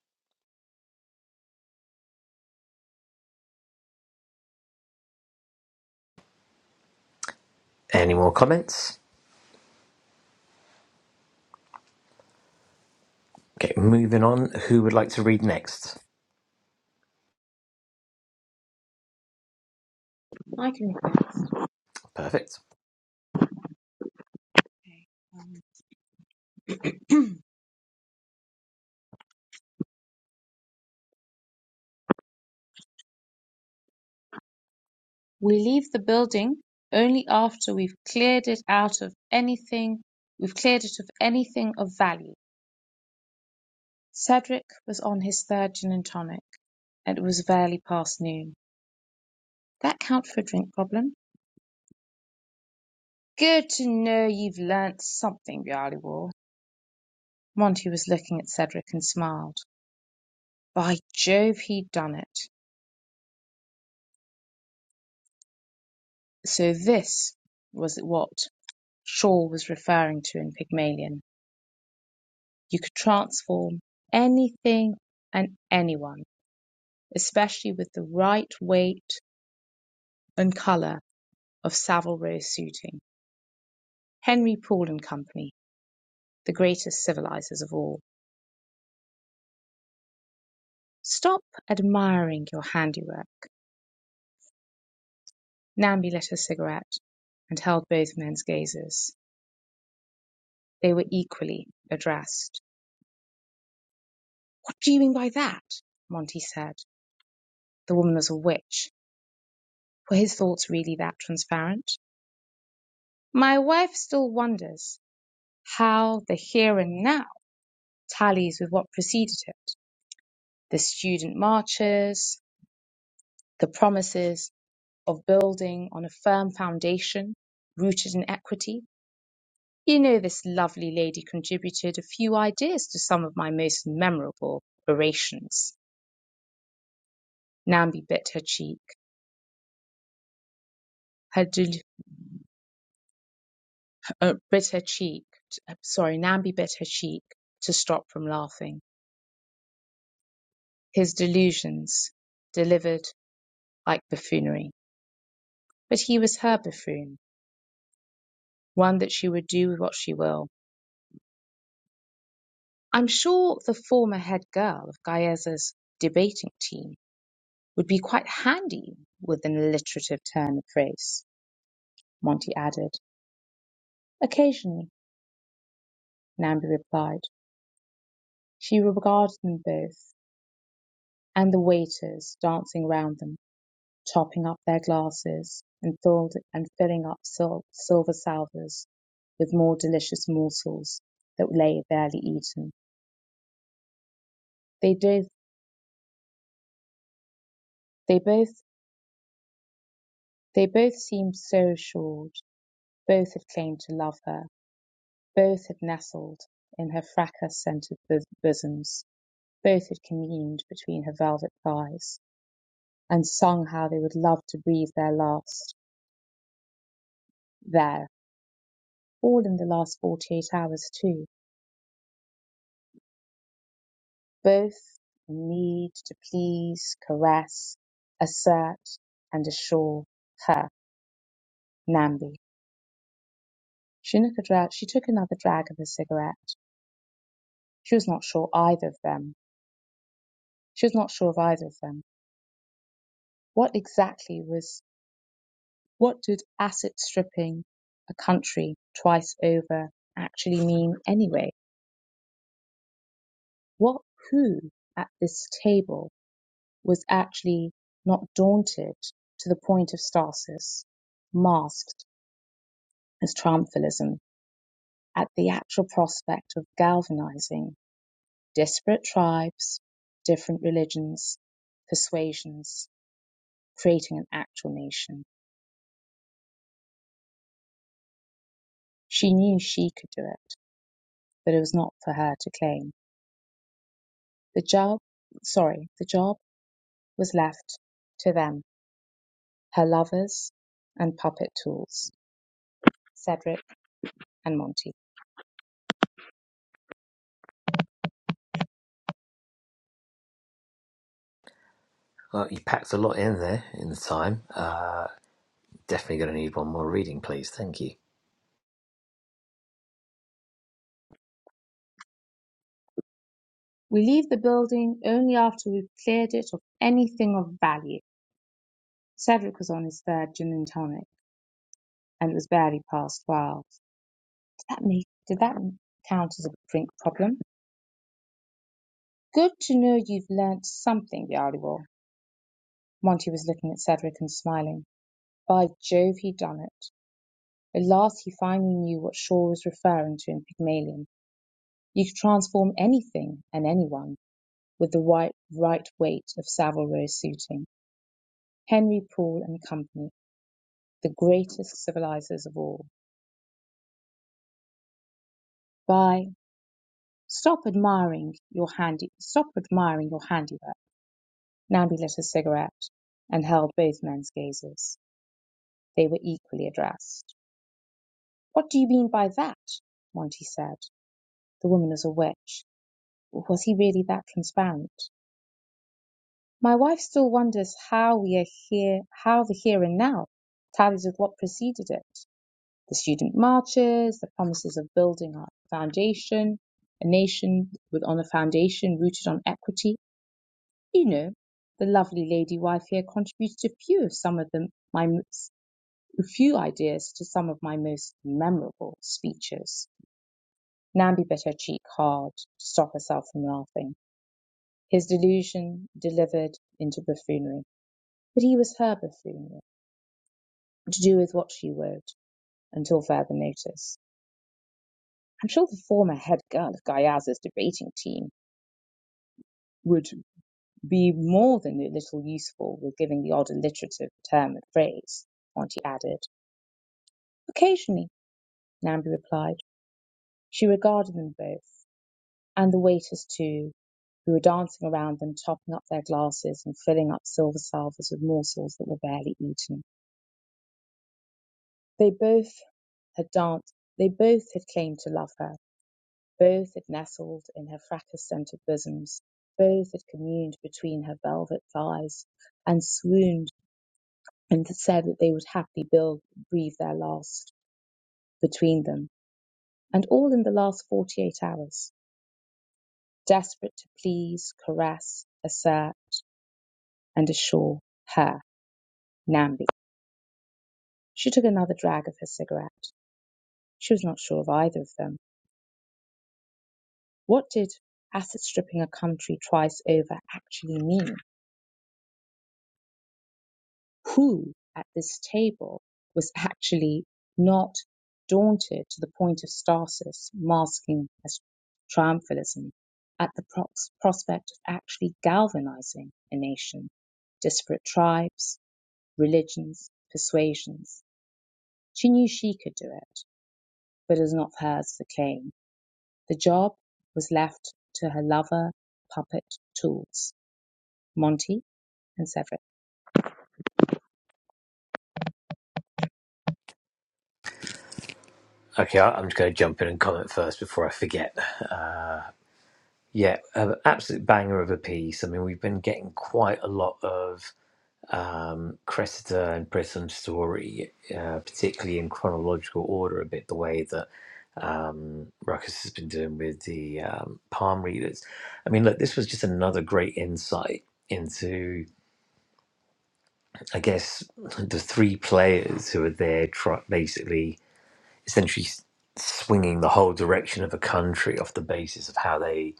Speaker 1: Any more comments? Okay, moving on. Who would like to read next?
Speaker 3: I can read next.
Speaker 1: Perfect.
Speaker 3: Okay. Um, We leave the building only after we've cleared it out of anything we've cleared it of anything of value. Cedric was on his third gin and tonic. It was barely past noon. That count for a drink problem? Good to know you've learnt something, Ballywall. Monty was looking at Cedric and smiled. By Jove, he'd done it. So this was what Shaw was referring to in Pygmalion. You could transform anything and anyone. especially with the right weight and colour of Savile Row suiting. Henry Poole and Company, the greatest civilizers of all. Stop admiring your handiwork. Namby lit a cigarette and held both men's gazes. They were equally addressed. What do you mean by that? Monty said. The woman was a witch. Were his thoughts really that transparent? My wife still wonders how the here and now tallies with what preceded it. the student marches, the promises of building on a firm foundation rooted in equity. You know, this lovely lady contributed a few ideas to some of my most memorable orations. Nambi bit her cheek, her del- uh, bit her cheek. uh, Sorry, Nambi bit her cheek to stop from laughing. His delusions delivered like buffoonery, but he was her buffoon, one that she would do with what she will. I'm sure the former head girl of Gaeza's debating team would be quite handy with an alliterative turn of phrase, Monty added. Occasionally, Nambi replied. She regarded them both and the waiters dancing round them, topping up their glasses and, filled, and filling up sil- silver salvers with more delicious morsels that lay barely eaten. They both, they both, they both seemed so assured. Both had claimed to love her Both had nestled in her fracas-scented bosoms; both had communed between her velvet thighs, and sung how they would love to breathe their last there all in the last forty eight hours, too. Both need to please, caress, assert, and assure her, Nambi. She dra- she took another drag of her cigarette. She was not sure either of them. She was not sure of either of them. What exactly was What did asset stripping a country twice over actually mean anyway? What who at this table was actually not daunted to the point of stasis, masked as triumphalism at the actual prospect of galvanizing disparate tribes, different religions, persuasions, creating an actual nation? She knew she could do it, but it was not for her to claim. The job, sorry, the job was left to them, her lovers and puppet tools, Cedric and Monty.
Speaker 1: Well, you packed a lot in there in the time. Uh, definitely going to need one more reading, please. Thank you.
Speaker 3: We leave the building only after we've cleared it of anything of value. Cedric was on his third gin and tonic, and it was barely past twelve. Did that make? Did that count as a drink problem? Good to know you've learnt something, Yariwal. Monty was looking at Cedric and smiling. By Jove, he had done it. At last he finally knew what Shaw was referring to in Pygmalion. You could transform anything and anyone. with the right, right weight of Savile Row suiting. Henry Poole and Company, the greatest civilizers of all. By stop admiring your handy, stop admiring your handiwork. Nambi lit a cigarette and held both men's gazes. They were equally addressed. What do you mean by that? Monty said. The woman was a witch. Was he really that transparent? My wife still wonders how we are here, how the here and now tallies with what preceded it. the student marches, the promises of building our foundation, a nation with on a foundation rooted on equity. You know, the lovely lady wife here contributed a few of some of them my few ideas to some of my most memorable speeches. Nambi bit her cheek hard to stop herself from laughing. His delusion delivered into buffoonery, but he was her buffoonery, to do with what she would, until further notice. I'm sure the former head girl of Gaiaz's debating team would be more than a little useful with giving the odd alliterative term and phrase, Auntie added. Occasionally, Nambi replied. She regarded them both, and the waiters too, who were dancing around them, topping up their glasses and filling up silver salvers with morsels that were barely eaten. They both had danced, they both had claimed to love her, Both had nestled in her fracas-scented bosoms, both had communed between her velvet thighs, and swooned and said that they would happily build, breathe their last between them, and all in the last forty-eight hours, desperate to please, caress, assert, and assure her, Namby. She took another drag of her cigarette. She was not sure of either of them. What did asset stripping a country twice over actually mean? who at this table was actually not daunted to the point of stasis, masking as triumphalism, at the prox- prospect of actually galvanizing a nation, disparate tribes, religions, persuasions. She knew she could do it, but it was not hers to claim. The job was left to her lover, puppet, tools, Monty and Severin.
Speaker 1: Okay, I- am just going to jump in and comment first before I forget. Uh, Yeah, an absolute banger of a piece. I mean, we've been getting quite a lot of um, Cressida and Prism story, uh, particularly in chronological order, a bit the way that um, Ruckus has been doing with the um, palm readers. I mean, look, this was just another great insight into, I guess, the three players who are there, try- basically essentially s- swinging the whole direction of a country off the basis of how they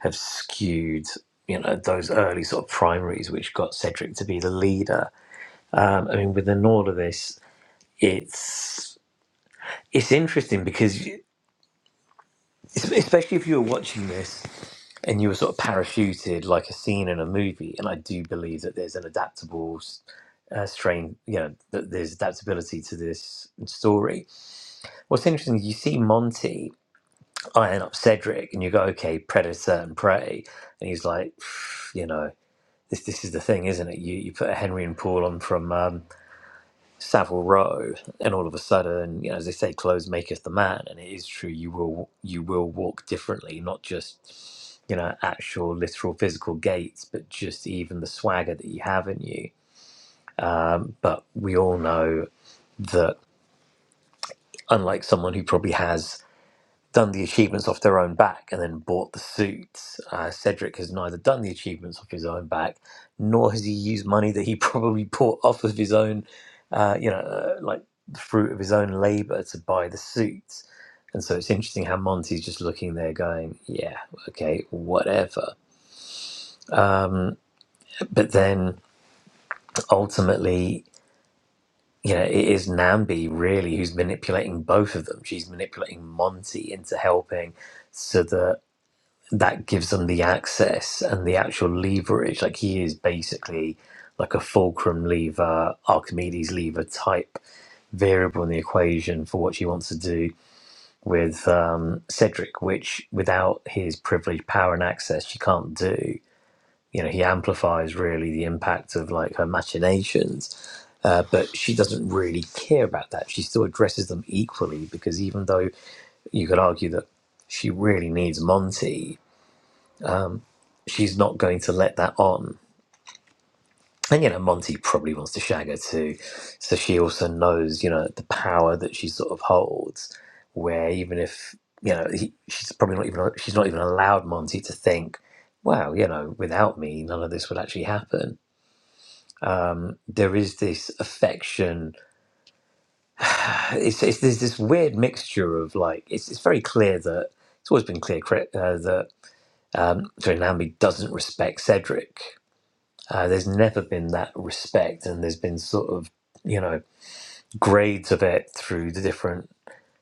Speaker 1: have skewed you know those early sort of primaries which got Cedric to be the leader um, I mean within all of this it's it's interesting because you- especially if you were watching this and you were sort of parachuted like a scene in a movie and I do believe that there's an adaptable s- uh, strain you know that there's adaptability to this story what's interesting is you see Monty I end up Cedric, and you go, okay, Predator and Prey, and he's like, "Pff, you know, this this is the thing, isn't it? You you put a Henry and Paul on from um, Savile Row, and all of a sudden, you know, as they say, clothes maketh the man, and it is true. You will you will walk differently, not just you know actual literal physical gaits, but just even the swagger that you have in you. But we all know that unlike someone who probably has done the achievements off their own back and then bought the suits. Uh, Cedric has neither done the achievements off his own back, nor has he used money that he probably bought off of his own, uh, you know, uh, like the fruit of his own labor to buy the suits. And so it's interesting how Monty's just looking there, going, "Yeah, okay, whatever." Mm, But then ultimately, you know, it is Nambi really who's manipulating both of them. She's manipulating Monty into helping, so that that gives them the access and the actual leverage. Like he is basically like a fulcrum lever, Archimedes lever type variable in the equation for what she wants to do with um, Cedric, which without his privileged power and access, she can't do. You know, he amplifies really the impact of like her machinations. Uh, but she doesn't really care about that. She still addresses them equally because even though you could argue that she really needs Monty, she's not going to let that on. And you know, Monty probably wants to shag her too, so she also knows you know the power that she sort of holds. Where even if you know he, she's probably not even she's not even allowed Monty to think, wow, you know, without me, none of this would actually happen. Um, there is this affection. It's, it's there's this weird mixture of like it's it's very clear that it's always been clear cri- uh, that um, sorry, Nambi doesn't respect Cedric Uh, there's never been that respect, and there's been sort of you know grades of it through the different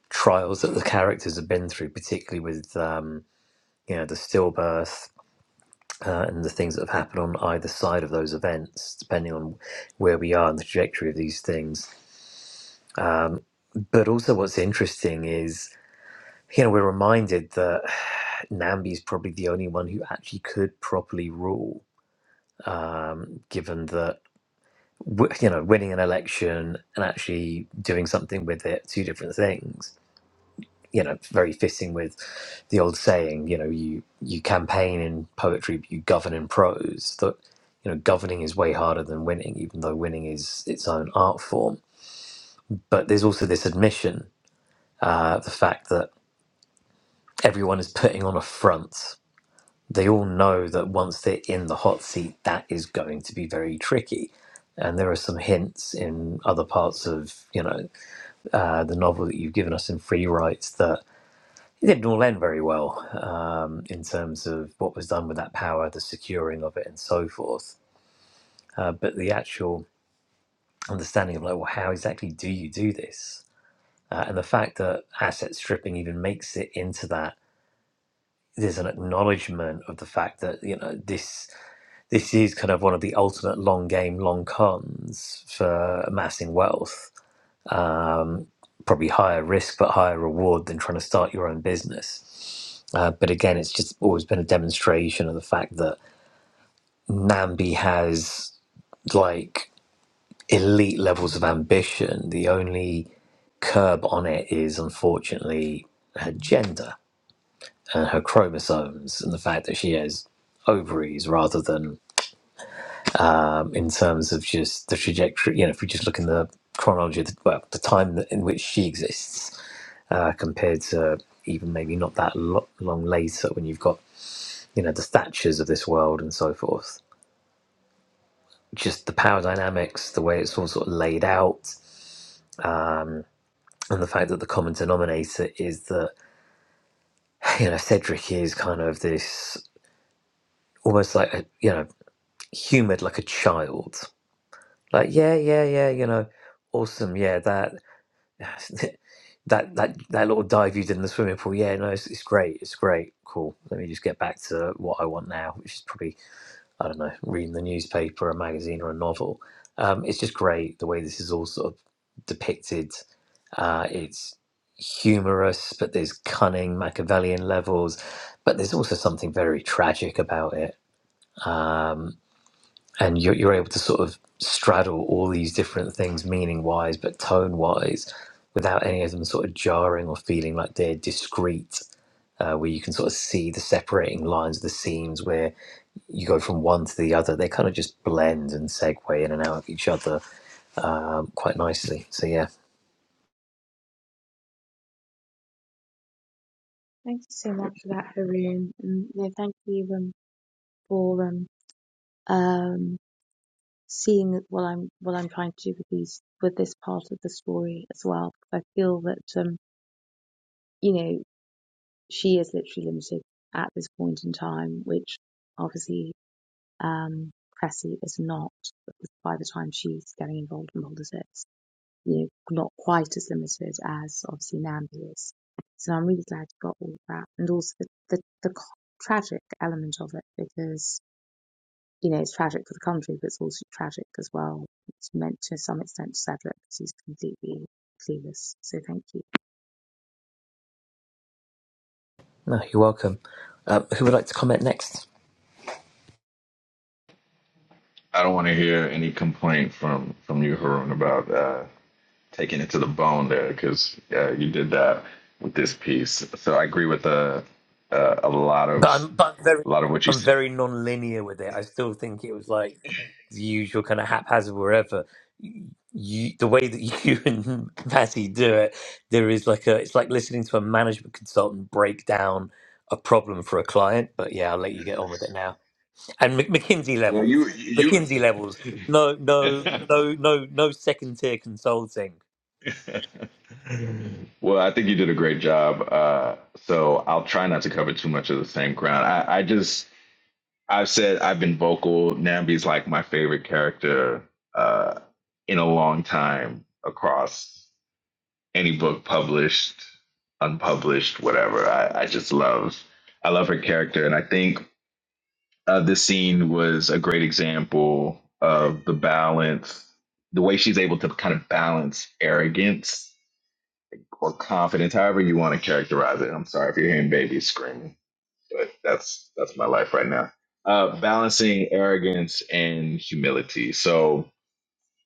Speaker 1: trials that the characters have been through, particularly with um, you know the stillbirth. Uh, and the things that have happened on either side of those events, depending on where we are in the trajectory of these things. Um, but also, what's interesting is, you know, we're reminded that Nambi's probably the only one who actually could properly rule, um, given that w- you know, winning an election and actually doing something with it, two different things. You know, it's very fitting with the old saying, you know, you, you campaign in poetry, but you govern in prose. That, you know, governing is way harder than winning, even though winning is its own art form. But there's also this admission, uh, the fact that everyone is putting on a front. They all know that once they're in the hot seat, that is going to be very tricky and there are some hints in other parts of you know uh, the novel that you've given us in Free Rights that it didn't all end very well um, in terms of what was done with that power, the securing of it, and so forth. Uh, but the actual understanding of like, well, how exactly do you do this? Uh, and the fact that asset stripping even makes it into that. There's an acknowledgement of the fact that you know this this is kind of one of the ultimate long game, long cons for amassing wealth. Probably higher risk, but higher reward than trying to start your own business Uh, but again, it's just always been a demonstration of the fact that Nambi has like elite levels of ambition. The only curb on it is unfortunately her gender and her chromosomes and the fact that she has ovaries rather than um, in terms of just the trajectory. You know, if we just look in the chronology, of the, well, the time that, in which she exists uh, compared to even maybe not that lo- long later when you've got you know the Thatchers of this world and so forth. just the power dynamics, the way it's all sort of laid out, and the fact that the common denominator is that you know Cedric is kind of this almost like a you know humoured like a child, like yeah, yeah, yeah, you know, awesome, yeah, that that that that little dive you did in the swimming pool, yeah, no, it's, it's great, it's great, cool. Let me just get back to what I want now, which is probably I don't know, reading the newspaper, a magazine, or a novel. Um, it's just great the way this is all sort of depicted. Uh, it's humorous, but there's cunning Machiavellian levels, but there's also something very tragic about it. Um, and you're, you're able to sort of straddle all these different things, meaning wise, but tone wise, without any of them sort of jarring or feeling like they're discrete. Uh, where you can sort of see the separating lines of the scenes where you go from one to the other. They kind of just blend and segue in and out of each other um, quite nicely. So yeah,
Speaker 3: Thank you so much for that, Haroon. And no, thank you. um, for um, um, seeing what I'm what I'm trying to do with these with this part of the story as well. I feel that um, you know she is literally limited at this point in time, which obviously um, Cressy is not by the time she's getting involved in Boulder Six. You know, not quite as limited as obviously Nambi is. So I'm really glad you got all of that, and also the the, the tragic element of it because you know, it's tragic for the country, but it's also tragic as well. It's meant to some extent to Cedric because he's completely clueless. So thank you.
Speaker 1: no, you're welcome. Uh, who would like to comment next?
Speaker 5: I don't want to hear any complaint from from you, Harun, about uh, taking it to the bone there, because uh, you did that with this piece. So I agree with uh, uh, a lot
Speaker 1: But
Speaker 5: of
Speaker 1: I'm but very
Speaker 5: a lot of what you
Speaker 1: I'm
Speaker 5: said.
Speaker 1: very non-linear with it. I still think it was like the usual kind of haphazard wherever. You, the way that you and Matty do it, there is like a it's like listening to a management consultant break down a problem for a client. But yeah, I'll let you get on with it and Mc- McKinsey levels. McKinsey levels. No, no, no, no, no second tier consulting.
Speaker 5: Well, I think you did a great job. Uh, so I'll try not to cover too much of the same ground. I, I just I've said I've been vocal. Nambi's like my favorite character uh, in a long time across any book published, unpublished, whatever. I, I just love I love her character, and I think uh, this scene was a great example of the balance, the way she's able to kind of balance arrogance or confidence, however you want to characterize it. I'm sorry if you're hearing babies screaming, but that's that's my life right now. Uh, balancing arrogance and humility. So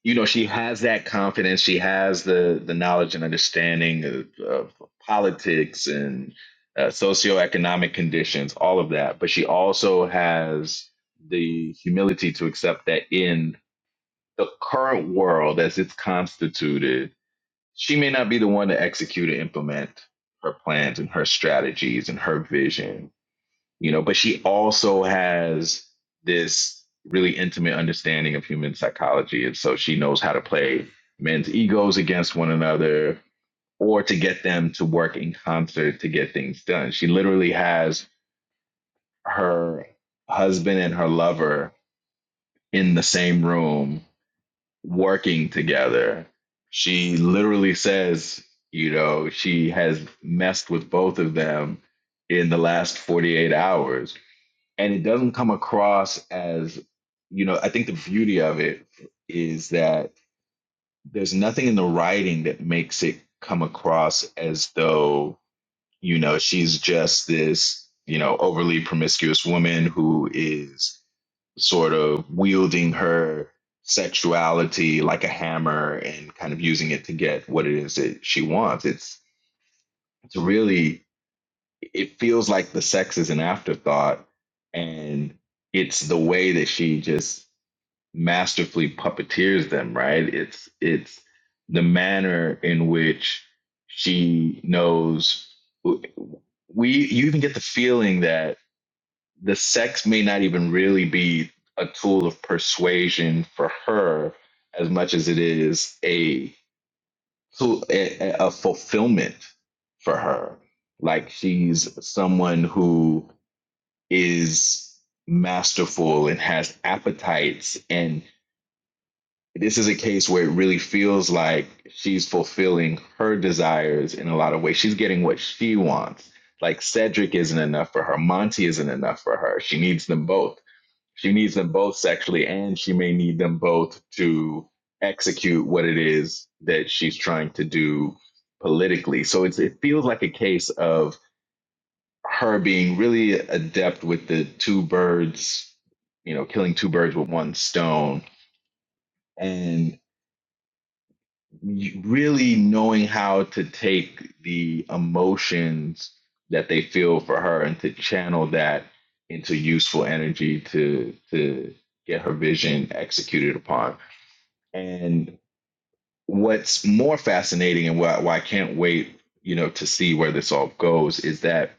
Speaker 5: you know she has that confidence she has the the knowledge and understanding of, of politics and uh, socioeconomic conditions all of that but she also has the humility to accept that in the current world as it's constituted she may not be the one to execute and implement her plans and her strategies and her vision you know but she also has this really intimate understanding of human psychology and so she knows how to play men's egos against one another or to get them to work in concert to get things done she literally has her husband and her lover in the same room working together she literally says you know she has messed with both of them in the last 48 hours and it doesn't come across as you know i think the beauty of it is that there's nothing in the writing that makes it come across as though you know she's just this you know overly promiscuous woman who is sort of wielding her sexuality like a hammer and kind of using it to get what it is that she wants it's it's really it feels like the sex is an afterthought and it's the way that she just masterfully puppeteers them right it's it's the manner in which she knows we you even get the feeling that the sex may not even really be a tool of persuasion for her as much as it is a to a, a fulfillment for her. Like she's someone who is masterful and has appetites. And this is a case where it really feels like she's fulfilling her desires in a lot of ways. She's getting what she wants. Like Cedric isn't enough for her, Monty isn't enough for her. She needs them both. She needs them both sexually, and she may need them both to execute what it is that she's trying to do politically. So it's, it feels like a case of her being really adept with the two birds, you know, killing two birds with one stone, and really knowing how to take the emotions that they feel for her and to channel that into useful energy to to get her vision executed upon. And what's more fascinating and why, why I can't wait, you know, to see where this all goes is that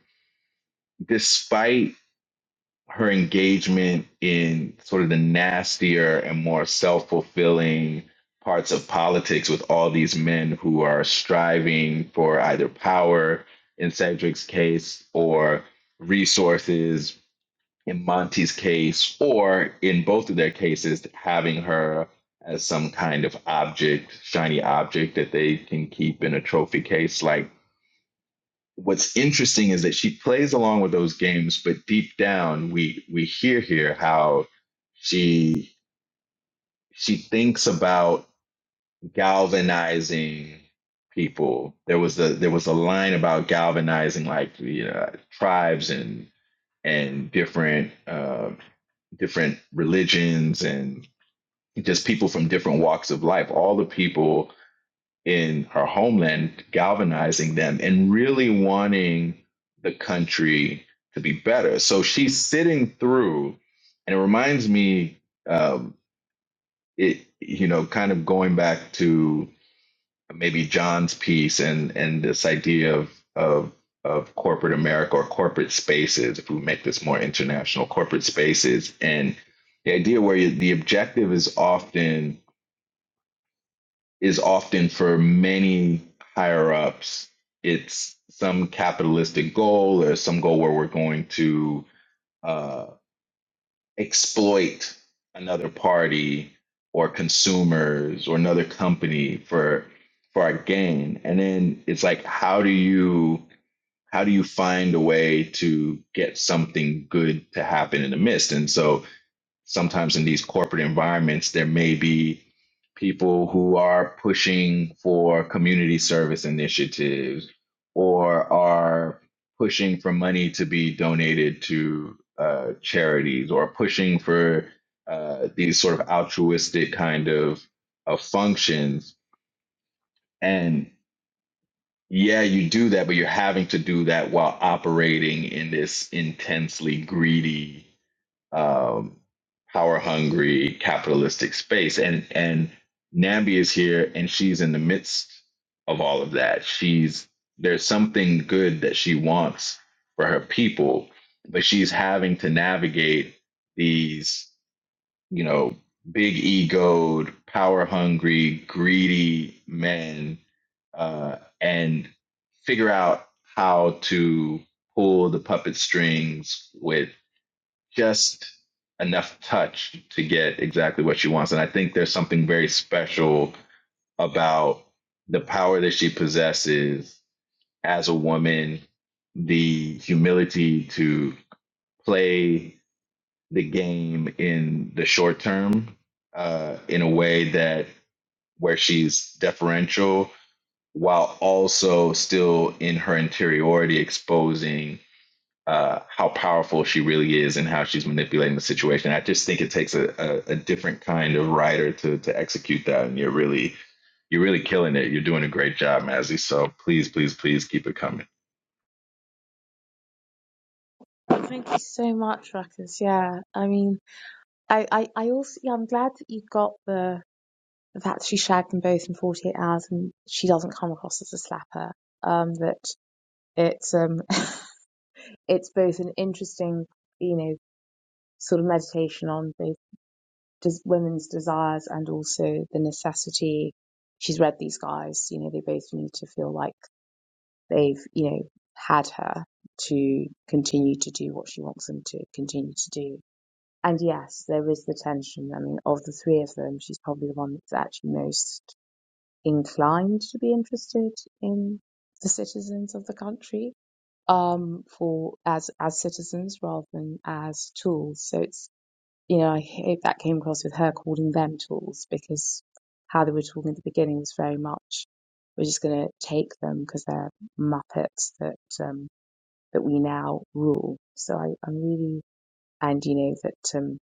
Speaker 5: despite her engagement in sort of the nastier and more self fulfilling parts of politics with all these men who are striving for either power in Cedric's case or resources in Monty's case, or in both of their cases, having her as some kind of object, shiny object that they can keep in a trophy case. Like what's interesting is that she plays along with those games, but deep down we we hear here how she she thinks about galvanizing people. There was a there was a line about galvanizing like the uh, tribes and and different uh, different religions and just people from different walks of life, all the people in her homeland, galvanizing them and really wanting the country to be better. So she's sitting through, and it reminds me, um, it you know, kind of going back to maybe John's piece and and this idea of of of corporate America or corporate spaces, if we make this more international, corporate spaces, and the idea where you, the objective is often is often for many higher ups, it's some capitalistic goal or some goal where we're going to uh, exploit another party or consumers or another company for for our gain and then it's like how do you how do you find a way to get something good to happen in the midst and so sometimes in these corporate environments, there may be people who are pushing for community service initiatives or are pushing for money to be donated to uh, charities or pushing for uh, these sort of altruistic kind of, of functions. And yeah, you do that, but you're having to do that while operating in this intensely greedy um, power hungry capitalistic space and and Nambi is here and she's in the midst of all of that she's there's something good that she wants for her people but she's having to navigate these you know big egoed power hungry greedy men uh, and figure out how to pull the puppet strings with just enough touch to get exactly what she wants. And I think there's something very special about the power that she possesses as a woman, the humility to play the game in the short term uh, in a way that where she's deferential while also still in her interiority exposing uh, how powerful she really is and how she's manipulating the situation. I just think it takes a, a, a different kind of writer to to execute that, and you're really you're really killing it. You're doing a great job, Mazzy. So please, please, please keep it coming.
Speaker 3: Thank you so much, Ruckus. Yeah, I mean, I, I, I also, yeah, I'm glad that you got the that she shagged them both in 48 hours, and she doesn't come across as a slapper. Um, that it's um, it's both an interesting, you know, sort of meditation on both des- women's desires and also the necessity. She's read these guys, you know, they both need to feel like they've you know had her to continue to do what she wants them to continue to do and yes there is the tension i mean of the three of them she's probably the one that's actually most inclined to be interested in the citizens of the country um for as as citizens rather than as tools so it's you know, I hope that came across with her calling them tools because how they were talking at the beginning was very much we're just going to take them because they're muppets that um, that we now rule. So I, I really and you know that um,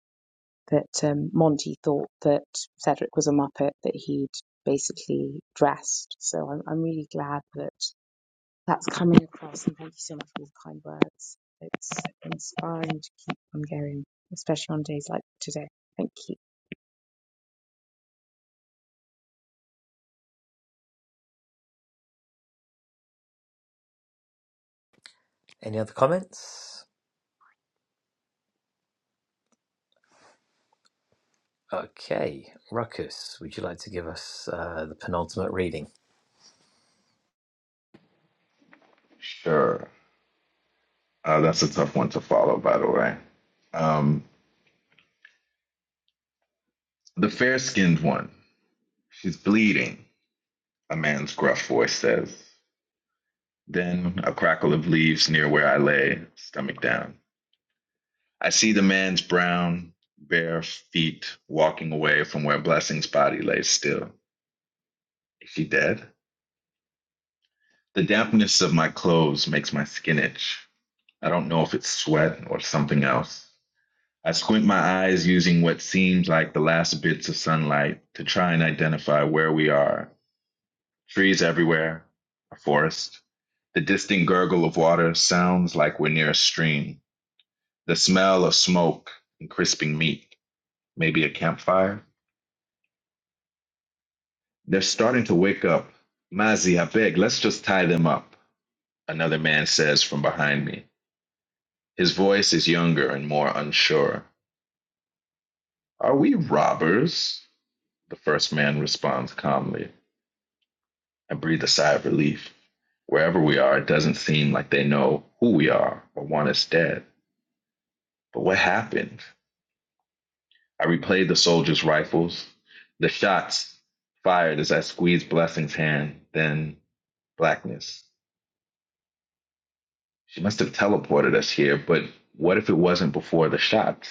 Speaker 3: that um, Monty thought that Cedric was a muppet that he'd basically dressed. So I'm, I'm really glad that that's coming across, and thank you so much for all the kind words. It's inspiring to keep on going, especially on days like today. Thank you.
Speaker 1: Any other comments? Okay, Ruckus, would you like to give us uh, the penultimate reading?
Speaker 5: Sure, uh, that's a tough one to follow, by the way. Um, the fair skinned one. She's bleeding. A man's gruff voice says. Then a crackle of leaves near where I lay, stomach down. I see the man's brown, bare feet walking away from where Blessing's body lay still. Is she dead? The dampness of my clothes makes my skin itch. I don't know if it's sweat or something else. I squint my eyes using what seems like the last bits of sunlight to try and identify where we are. Trees everywhere, a forest. The distant gurgle of water sounds like we're near a stream. The smell of smoke and crisping meat, maybe a campfire. They're starting to wake up. Mazi, I beg, let's just tie them up, another man says from behind me. His voice is younger and more unsure. Are we robbers? The first man responds calmly. I breathe a sigh of relief. Wherever we are, it doesn't seem like they know who we are or want us dead. But what happened? I replayed the soldiers' rifles, the shots fired as I squeezed Blessing's hand, then blackness. She must have teleported us here, but what if it wasn't before the shot?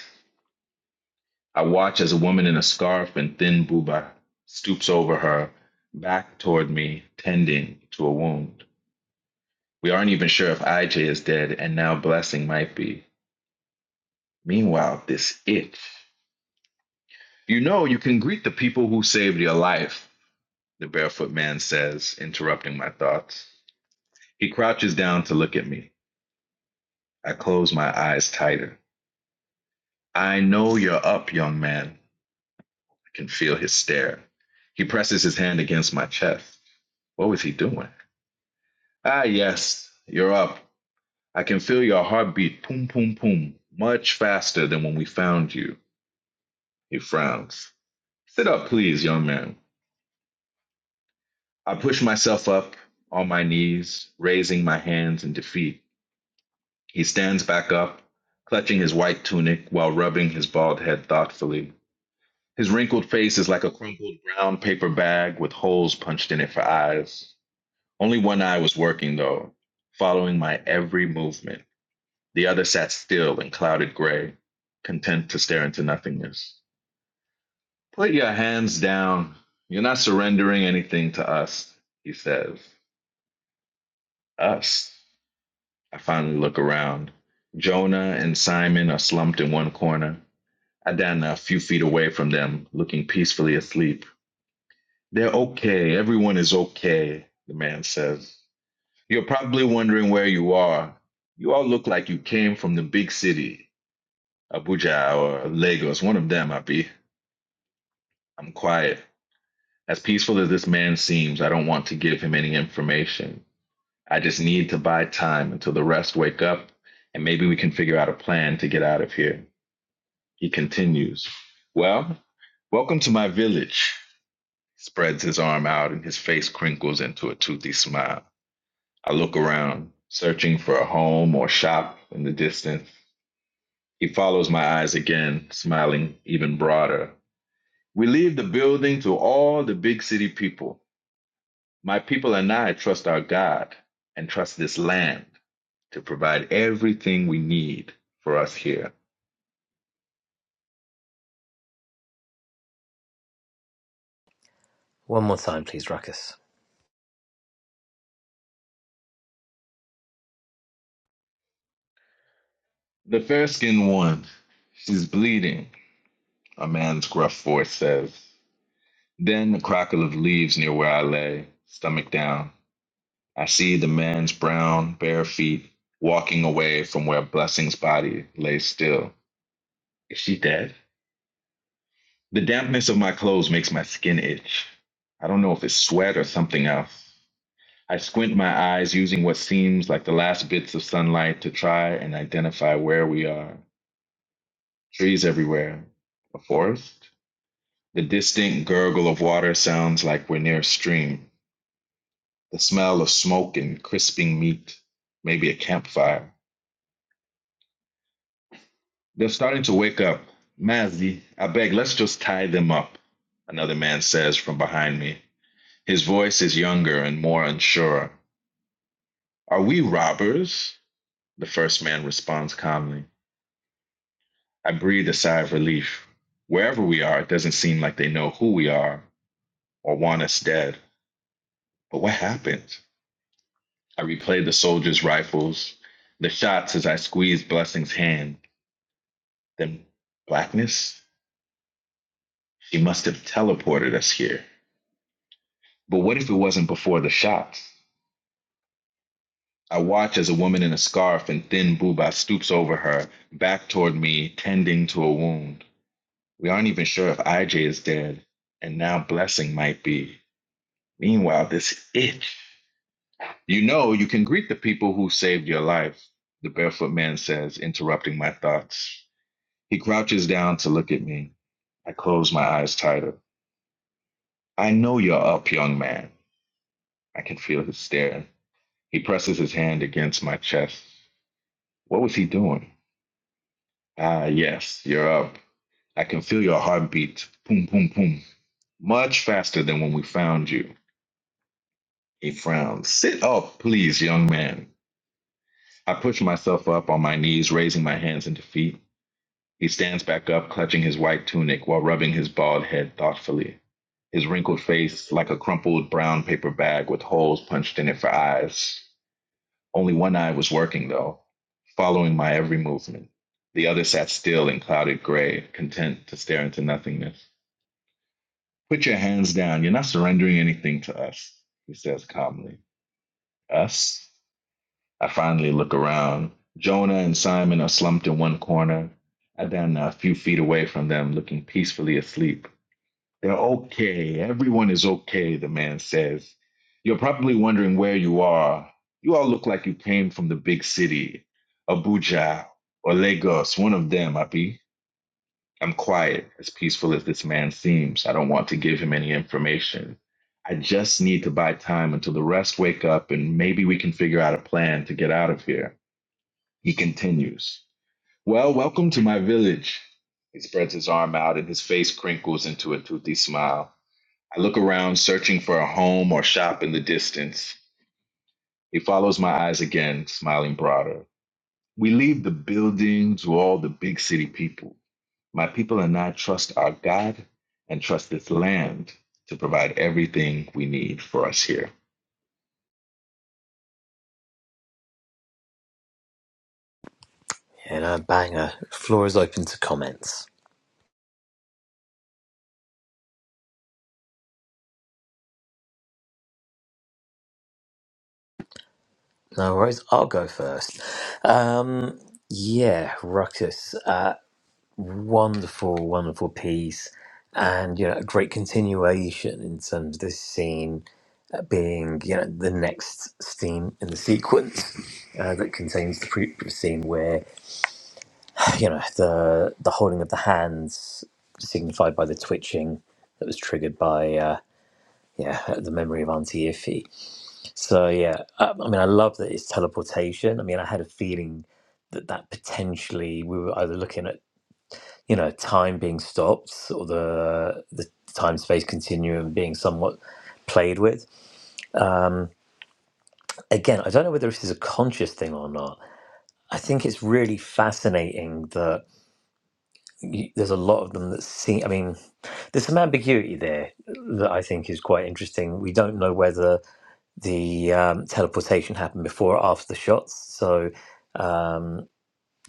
Speaker 5: I watch as a woman in a scarf and thin buba stoops over her, back toward me, tending to a wound. We aren't even sure if IJ is dead, and now Blessing might be. Meanwhile, this itch. You know, you can greet the people who saved your life, the barefoot man says, interrupting my thoughts. He crouches down to look at me. I close my eyes tighter. I know you're up, young man. can feel his stare. He presses his hand against my chest. What was he doing? Ah, yes, you're up. I can feel your heartbeat poom, poom, poom, much faster than when we found you. He frowns. Sit up, please, young man. I push myself up on my knees, raising my hands in defeat. He stands back up, clutching his white tunic while rubbing his bald head thoughtfully. His wrinkled face is like a crumpled brown paper bag with holes punched in it for eyes. Only one eye was working, though, following my every movement. The other sat still in clouded gray, content to stare into nothingness. Put your hands down. You're not surrendering anything to us, he says. Us. I finally look around. Jonah and Simon are slumped in one corner. Adana, a few feet away from them, looking peacefully asleep. They're okay. Everyone is okay, the man says. You're probably wondering where you are. You all look like you came from the big city, Abuja or Lagos, one of them, Abi. I'm quiet. As peaceful as this man seems, I don't want to give him any information. I just need to buy time until the rest wake up, and maybe we can figure out a plan to get out of here. He continues. Well, welcome to my village. He Spreads his arm out and his face crinkles into a toothy smile. I look around, searching for a home or shop in the distance. He follows my eyes again, smiling even broader. We leave the building to all the big city people. My people and I trust our God and trust this land to provide everything we need for us here.
Speaker 1: One more time, please, Ruckus.
Speaker 5: The fair skinned one, she's bleeding, a man's gruff voice says. Then the crackle of leaves near where I lay, stomach down. I see the man's brown, bare feet walking away from where Blessing's body lay still. Is she dead? The dampness of my clothes makes my skin itch. I don't know if it's sweat or something else. I squint my eyes using what seems like the last bits of sunlight to try and identify where we are. Trees everywhere. A forest? The distant gurgle of water sounds like we're near a stream. The smell of smoke and crisping meat. Maybe a campfire. They're starting to wake up. Mazzy, I beg, let's just tie them up, another man says from behind me. His voice is younger and more unsure. Are we robbers? The first man responds calmly. I breathe a sigh of relief. Wherever we are, it doesn't seem like they know who we are or want us dead. But what happened? I replay the soldiers' rifles, the shots as I squeeze Blessing's hand. Then blackness? She must have teleported us here. But what if it wasn't before the shots? I watch as a woman in a scarf and thin booba stoops over her, back toward me, tending to a wound. We aren't even sure if IJ is dead, and now Blessing might be. Meanwhile, this itch. You know, you can greet the people who saved your life, the barefoot man says, interrupting my thoughts. He crouches down to look at me. I close my eyes tighter. I know you're up, young man. I can feel his stare. He presses his hand against my chest. What was he doing? Ah, yes, you're up. I can feel your heartbeat. Boom, boom, boom. Much faster than when we found you. He frowned. Sit up, please, young man. I push myself up on my knees, raising my hands and feet. He stands back up, clutching his white tunic while rubbing his bald head thoughtfully. His wrinkled face like a crumpled brown paper bag with holes punched in it for eyes. Only one eye was working, though, following my every movement. The other sat still in clouded gray, content to stare into nothingness. Put your hands down. You're not surrendering anything to us, he says calmly. Us? I finally look around. Jonah and Simon are slumped in one corner. Adana, a few feet away from them, looking peacefully asleep. They're okay. Everyone is okay, the man says. You're probably wondering where you are. You all look like you came from the big city, Abuja or Lagos, one of them, Abi. I'm quiet, as peaceful as this man seems. I don't want to give him any information. I just need to buy time until the rest wake up and maybe we can figure out a plan to get out of here. He continues. Well, welcome to my village. He spreads his arm out and his face crinkles into a toothy smile. I look around, searching for a home or shop in the distance. He follows my eyes again, smiling broader. We leave the buildings to all the big city people. My people and I trust our God and trust this land to provide everything we need for us here.
Speaker 1: You know, banger. Floor is open to comments. No worries, I'll go first. Um, yeah, Ruckus, uh, wonderful, wonderful piece, and you know, a great continuation in terms of this scene being you know the next scene in the sequence uh, that contains the previous scene where you know the the holding of the hands signified by the twitching that was triggered by uh, yeah the memory of Auntie Iffy. So yeah, I, I mean I love that it's teleportation. I mean I had a feeling that that potentially we were either looking at you know time being stopped or the the time space continuum being somewhat played with Um, again, I don't know whether this is a conscious thing or not. I think it's really fascinating that y there's a lot of them that seem. I mean, there's some ambiguity there that I think is quite interesting. We don't know whether the um, teleportation happened before or after the shots. So, um,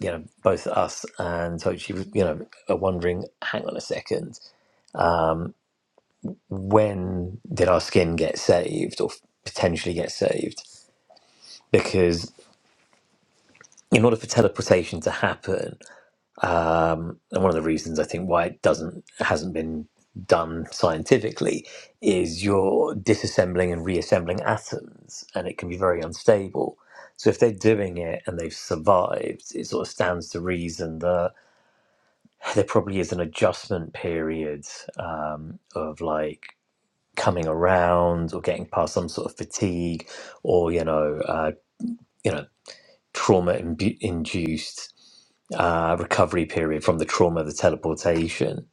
Speaker 1: you know, both us and Tochi, you know, are wondering hang on a second, when did our skin get saved or potentially get saved? Because in order for teleportation to happen, um, and one of the reasons I think why it doesn't hasn't been done scientifically is you're disassembling and reassembling atoms, and it can be very unstable. So if they're doing it and they've survived, it sort of stands to reason that there probably is an adjustment period um, of like coming around or getting past some sort of fatigue or you know uh, you know trauma imbu- induced uh, recovery period from the trauma of the teleportation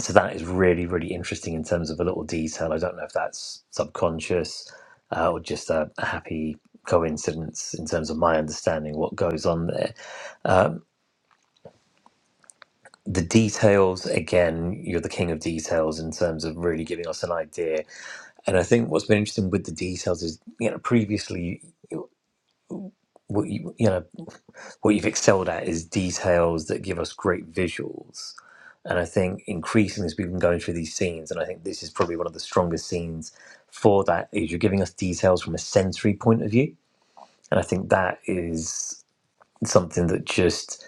Speaker 1: so that is really really interesting in terms of a little detail i don't know if that's subconscious uh, or just a, a happy coincidence in terms of my understanding what goes on there um, the details again you're the king of details in terms of really giving us an idea and i think what's been interesting with the details is you know previously what you you know what you've excelled at is details that give us great visuals And I think increasingly as we've been going through these scenes, and I think this is probably one of the strongest scenes for that, is you're giving us details from a sensory point of view. And I think that is something that just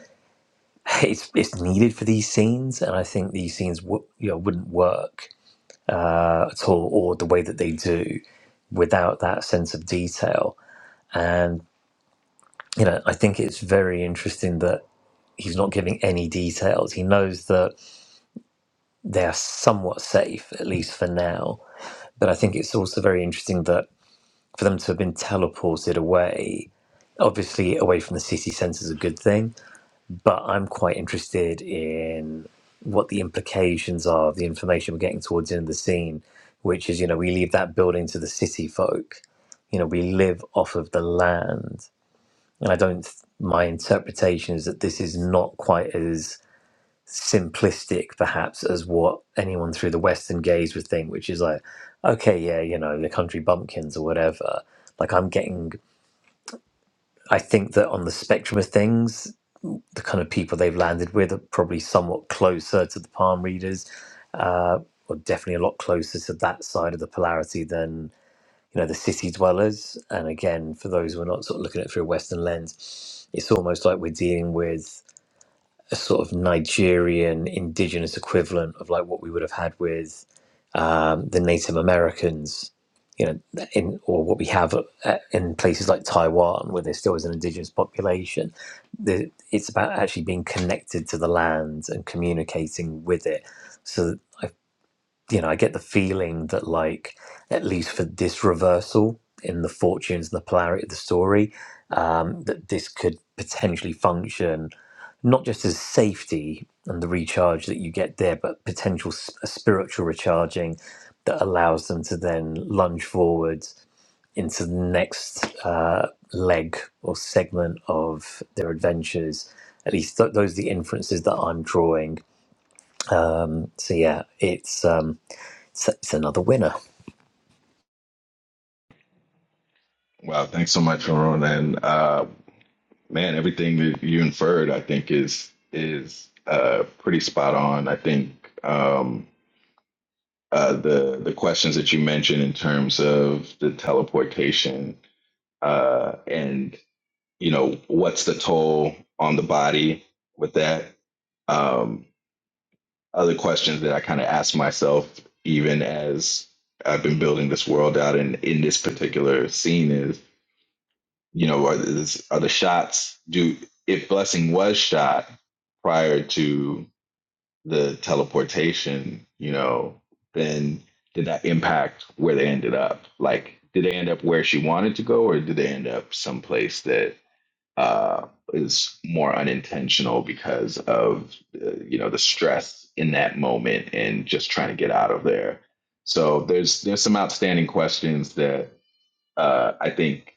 Speaker 1: it's it's needed for these scenes. And I think these scenes w- you know wouldn't work uh, at all, or the way that they do, without that sense of detail. And you know, I think it's very interesting that he's not giving any details. He knows that they are somewhat safe, at least for now But I think it's also very interesting that for them to have been teleported away, obviously away from the city centre is a good thing, but I'm quite interested in what the implications are of the information we're getting towards the end of the scene, which is, you know, we leave that building to the city folk. You know, we live off of the land. And I don't, my interpretation is that this is not quite as simplistic perhaps as what anyone through the western gaze would think which is like okay yeah you know the country bumpkins or whatever like i'm getting i think that on the spectrum of things the kind of people they've landed with are probably somewhat closer to the palm readers uh, or definitely a lot closer to that side of the polarity than you know the city dwellers and again for those who are not sort of looking at it through a western lens it's almost like we're dealing with a sort of Nigerian indigenous equivalent of like what we would have had with um, the Native Americans, you know, in or what we have uh, in places like Taiwan, where there still is an indigenous population. The, it's about actually being connected to the land and communicating with it. So I, you know, I get the feeling that like at least for this reversal in the fortunes and the polarity of the story, um, that this could potentially function not just as safety and the recharge that you get there, but potential s- a spiritual recharging that allows them to then lunge forward into the next uh, leg or segment of their adventures. At least th- those are the inferences that I'm drawing. Um, so yeah, it's. Um, so it's another winner.
Speaker 5: Wow, thanks so much, Aaron. And uh, man, everything that you inferred, I think, is is uh, pretty spot on. I think um, uh, the the questions that you mentioned in terms of the teleportation uh, and you know what's the toll on the body with that. Um, other questions that I kind of ask myself, even as I've been building this world out and in this particular scene, is you know, are, is, are the shots do if Blessing was shot prior to the teleportation, you know, then did that impact where they ended up? Like, did they end up where she wanted to go, or did they end up someplace that uh, is more unintentional because of uh, you know the stress in that moment and just trying to get out of there. So there's there's some outstanding questions that uh, I think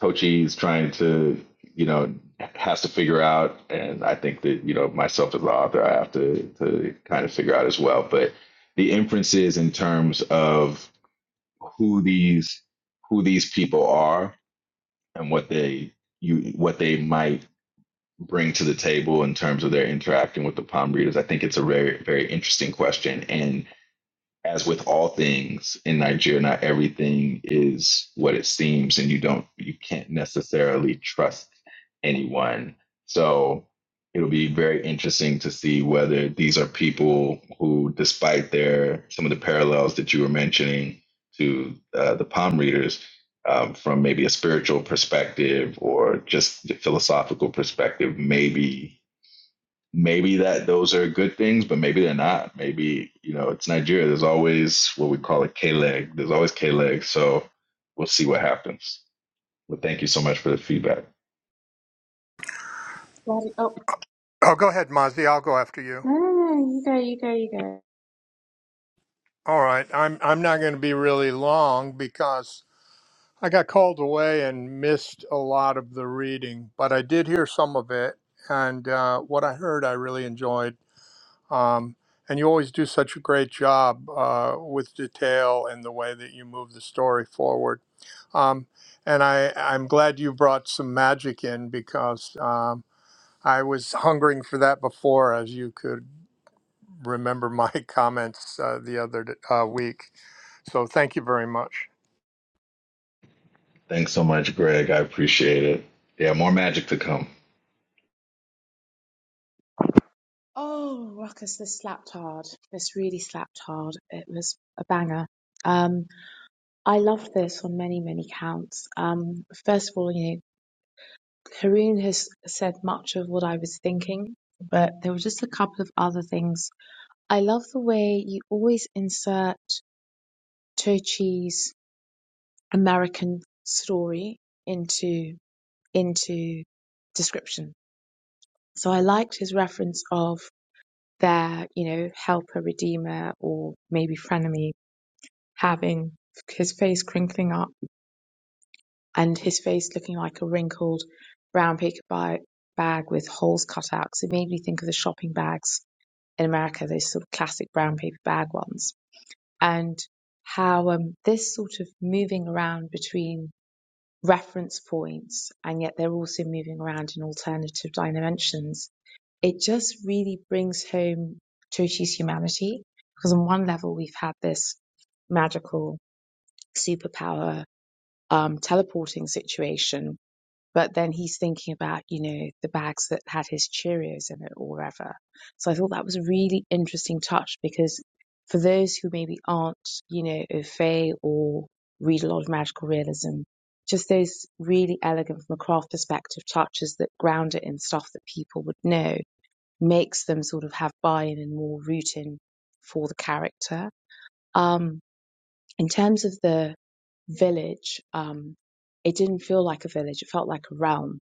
Speaker 5: Tochi is trying to you know has to figure out, and I think that you know myself as the author I have to to kind of figure out as well. But the inferences in terms of who these who these people are and what they you what they might bring to the table in terms of their interacting with the palm readers? I think it's a very, very interesting question. And as with all things in Nigeria, not everything is what it seems, and you don't you can't necessarily trust anyone. So it'll be very interesting to see whether these are people who, despite their some of the parallels that you were mentioning to uh, the palm readers. Um, from maybe a spiritual perspective or just the philosophical perspective, maybe maybe that those are good things, but maybe they're not. Maybe you know it's Nigeria. There's always what we call a K leg. There's always K leg. So we'll see what happens. But thank you so much for the feedback.
Speaker 3: Daddy, oh,
Speaker 6: oh go ahead mazi i'll go after you
Speaker 3: no, no, no, you go, you go, you go.
Speaker 6: All right, I'm I'm not going to be really long because I got called away and missed a lot of the reading, but I did hear some of it, and uh, what I heard I really enjoyed. Um, and you always do such a great job uh, with detail and the way that you move the story forward. Um, and I I'm glad you brought some magic in because um, I was hungering for that before, as you could remember my comments uh, the other d- uh, week. So thank you very much.
Speaker 5: Thanks so much, Greg. I appreciate it. Yeah, more magic to come.
Speaker 3: Oh, Ruckus, this slapped hard. This really slapped hard. It was a banger. Um, I love this on many, many counts. Um, first of all, you know, Haroon has said much of what I was thinking, but there were just a couple of other things. I love the way you always insert Tochi's American story into into description. So I liked his reference of their, you know, helper, redeemer, or maybe frenemy having his face crinkling up and his face looking like a wrinkled brown paper ba- bag with holes cut out. Because it made me think of the shopping bags in America, those sort of classic brown paper bag ones. And how um, this sort of moving around between reference points and yet they're also moving around in alternative dimensions it just really brings home Chochi's humanity because on one level we've had this magical superpower um, teleporting situation, but then he's thinking about you know the bags that had his Cheerios in it or whatever. So I thought that was a really interesting touch because for those who maybe aren't you know au fait or read a lot of magical realism, just those really elegant from a craft perspective touches that ground it in stuff that people would know makes them sort of have buy-in and more rooting for the character. Um, in terms of the village, um, it didn't feel like a village. It felt like a realm.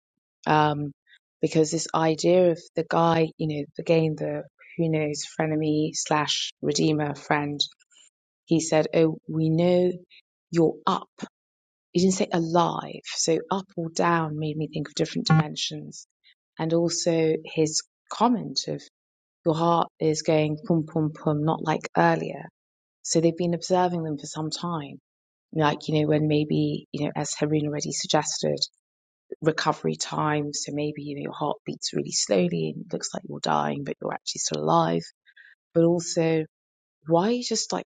Speaker 3: Um, because this idea of the guy, you know, again, the who knows frenemy slash redeemer friend, he said, Oh, we know you're up. He didn't say alive. So up or down made me think of different dimensions. And also his comment of your heart is going pum pum pum, not like earlier. So they've been observing them for some time. Like, you know, when maybe, you know, as Harun already suggested, recovery time. So maybe, you know, your heart beats really slowly and it looks like you're dying, but you're actually still alive. But also, why are you just like,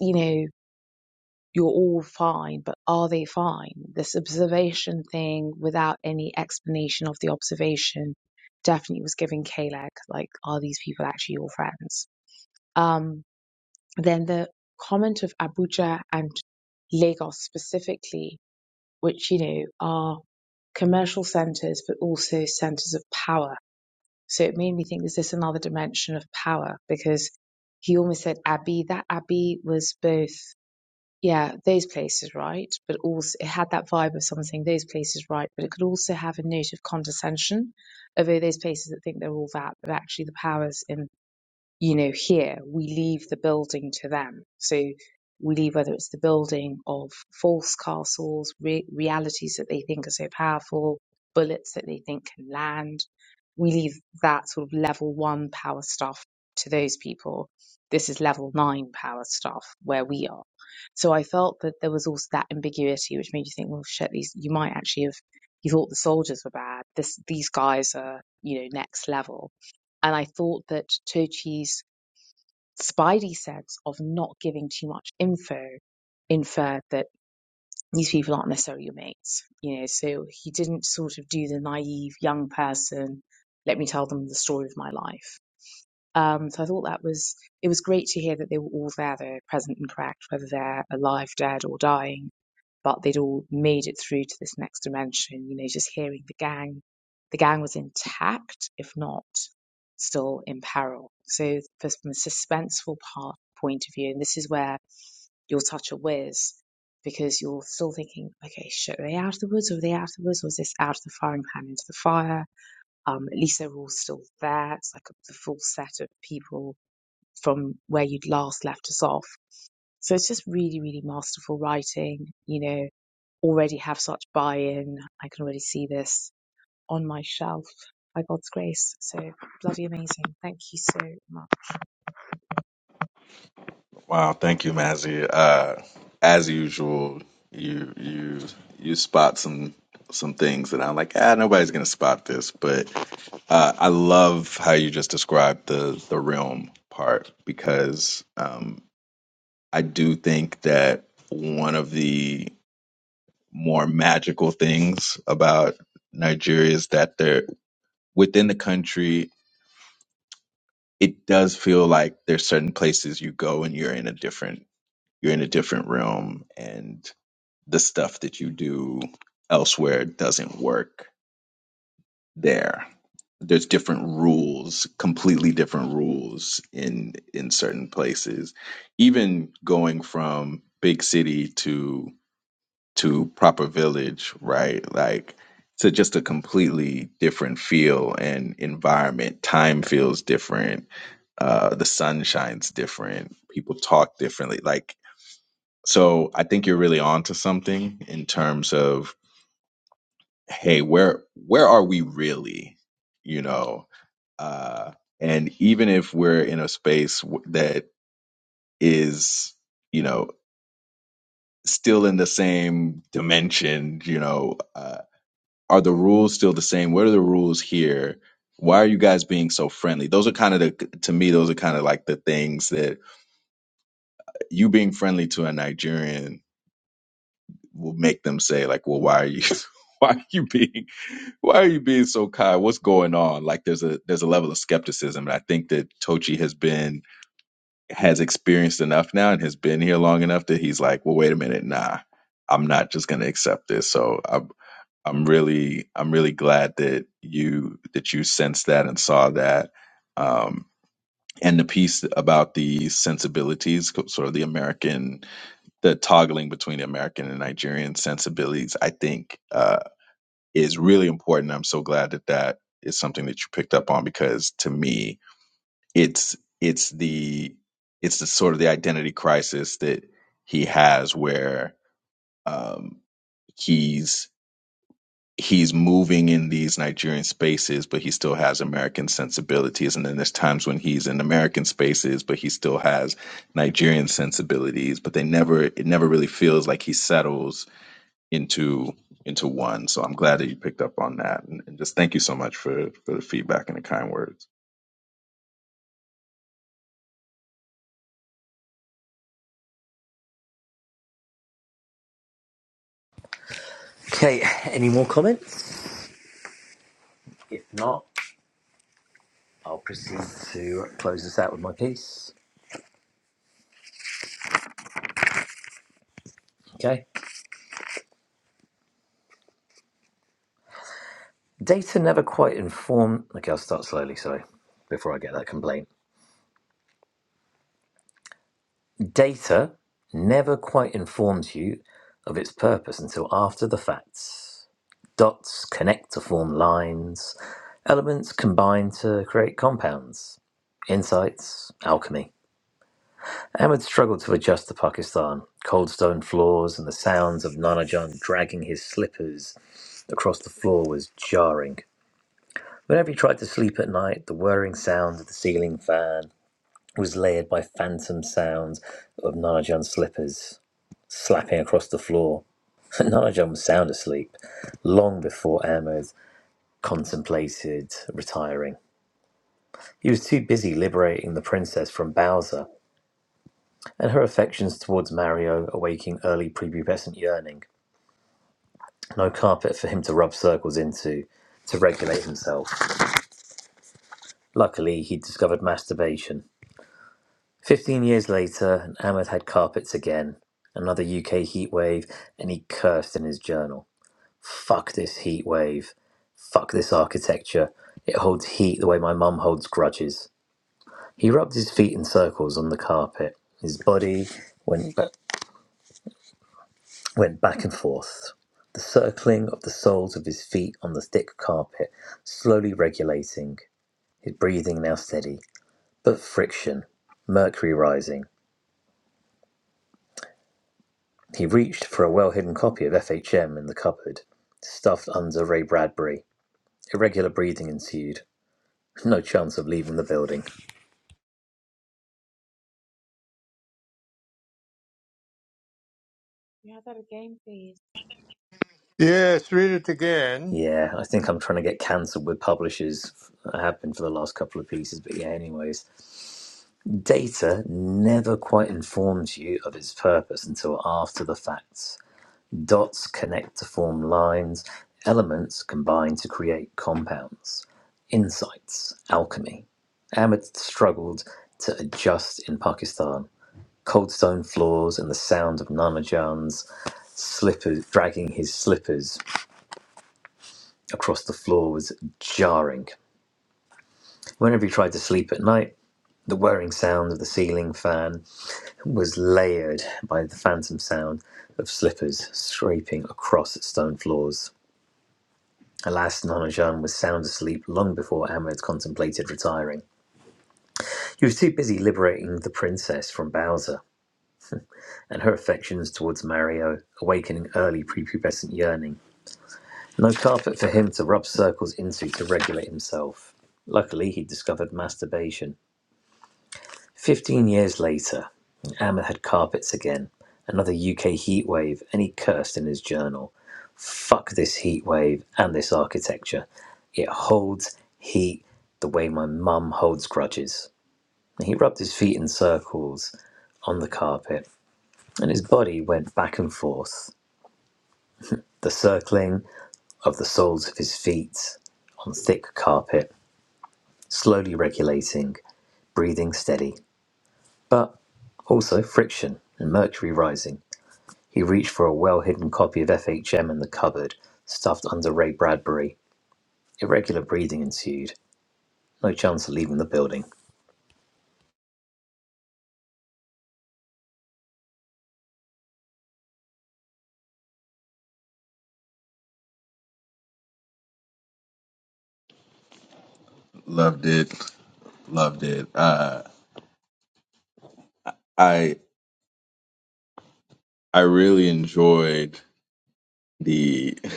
Speaker 3: you know, you're all fine, but are they fine? This observation thing without any explanation of the observation definitely was giving Kalec, like, are these people actually your friends? Um, Then the comment of Abuja and Lagos specifically, which, you know, are commercial centers, but also centers of power. So it made me think, is this another dimension of power? Because he almost said Abbey. That Abbey was both, yeah, those places, right? But also it had that vibe of something, those places, right? But it could also have a note of condescension, although those places that think they're all that, but actually the power's in you know, here we leave the building to them. So we leave whether it's the building of false castles, re- realities that they think are so powerful, bullets that they think can land. We leave that sort of level one power stuff to those people. This is level nine power stuff where we are. So I felt that there was also that ambiguity, which made you think, well, shit, these you might actually have you thought the soldiers were bad. This these guys are you know next level and I thought that Tochi's Spidey sense of not giving too much info inferred that these people aren't necessarily your mates, you know. So he didn't sort of do the naive young person, let me tell them the story of my life. Um, so I thought that was it was great to hear that they were all there, they're present and correct, whether they're alive, dead, or dying. But they'd all made it through to this next dimension. You know, just hearing the gang, the gang was intact, if not still in peril. So for- from a suspenseful part point of view, and this is where you're such a whiz because you're still thinking, okay, shit, are they out of the woods? Or are they out of the woods? Or is this out of the firing pan into the fire? Um, at least they're all still there. It's like the full set of people from where you'd last left us off. So it's just really, really masterful writing. You know, already have such buy-in. I can already see this on my shelf by God's grace. So bloody amazing. Thank you so much.
Speaker 5: Wow, thank you, Mazzy. Uh, as usual, you you you spot some some things that I'm like, ah, nobody's gonna spot this. But uh, I love how you just described the the realm part because um, I do think that one of the more magical things about Nigeria is that they're within the country. It does feel like there's certain places you go and you're in a different you're in a different realm and the stuff that you do elsewhere doesn't work there. There's different rules, completely different rules in in certain places. Even going from big city to to proper village, right? Like to just a completely different feel and environment. Time feels different. Uh, the sun shines different. People talk differently. Like so, I think you're really onto something in terms of hey where where are we really you know uh and even if we're in a space w- that is you know still in the same dimension you know uh, are the rules still the same what are the rules here why are you guys being so friendly those are kind of the to me those are kind of like the things that you being friendly to a nigerian will make them say like well why are you why are you being Why are you being so kind? What's going on? Like there's a there's a level of skepticism. And I think that Tochi has been has experienced enough now and has been here long enough that he's like, well, wait a minute, nah, I'm not just gonna accept this. So I'm I'm really I'm really glad that you that you sensed that and saw that. Um and the piece about the sensibilities, co- sort of the American, the toggling between the American and Nigerian sensibilities, I think uh, is really important. I'm so glad that that is something that you picked up on because to me, it's it's the it's the sort of the identity crisis that he has where um, he's he's moving in these Nigerian spaces, but he still has American sensibilities. And then there's times when he's in American spaces, but he still has Nigerian sensibilities. But they never it never really feels like he settles into into one. So I'm glad that you picked up on that, and, and just thank you so much for for the feedback and the kind words.
Speaker 1: Okay, any more comments? If not, I'll proceed to close this out with my piece. Okay. Data never quite inform. Okay, I'll start slowly, sorry, before I get that complaint. Data never quite informs you of its purpose until after the facts. Dots connect to form lines, elements combine to create compounds, insights, alchemy. Ahmed struggled to adjust to Pakistan, cold stone floors, and the sounds of Nanajan dragging his slippers across the floor was jarring. Whenever he tried to sleep at night, the whirring sound of the ceiling fan was layered by phantom sounds of Nanajan's slippers slapping across the floor. Nanajan was sound asleep long before Ahmed contemplated retiring. He was too busy liberating the princess from Bowser and her affections towards Mario awaking early prepubescent yearning. no carpet for him to rub circles into to regulate himself. Luckily, he discovered masturbation. Fifteen years later, Ahmed had carpets again, another UK heatwave, and he cursed in his journal. Fuck this heatwave! Fuck this architecture. It holds heat the way my mum holds grudges. He rubbed his feet in circles on the carpet. His body went, ba- went back and forth, the circling of the soles of his feet on the thick carpet, slowly regulating. his breathing now steady. But friction. Mercury rising. He reached for a well hidden copy of FHM in the cupboard, stuffed under Ray Bradbury. Irregular breathing ensued. No chance of leaving the building.
Speaker 3: Can you have that again, please?
Speaker 6: Yes, read it again.
Speaker 1: Yeah, I think I'm trying to get cancelled with publishers. I have been for the last couple of pieces, but yeah, anyways. Data never quite informs you of its purpose until after the fact. Dots connect to form lines. Elements combine to create compounds. Insights, alchemy. Ahmed struggled to adjust in Pakistan. Cold stone floors and the sound of Nana Jan's slippers dragging his slippers across the floor was jarring. Whenever he tried to sleep at night, the whirring sound of the ceiling fan was layered by the phantom sound of slippers scraping across stone floors. Alas, Nanajan was sound asleep long before Ahmed contemplated retiring. He was too busy liberating the princess from Bowser and her affections towards Mario, awakening early prepubescent yearning. No carpet for him to rub circles into to regulate himself. Luckily, he discovered masturbation. Fifteen years later, Ahmed had carpets again, another UK heatwave, and he cursed in his journal. fuck this heat wave and this architecture. It holds heat the way my mum holds grudges. And he rubbed his feet in circles on the carpet, and his body went back and forth, the circling of the soles of his feet on thick carpet, slowly regulating, breathing steady, but also friction and mercury rising. He reached for a well hidden copy of FHM in the cupboard, stuffed under Ray Bradbury. Irregular breathing ensued No chance of leaving the building.
Speaker 5: Loved it, loved it. Uh, I I really enjoyed the.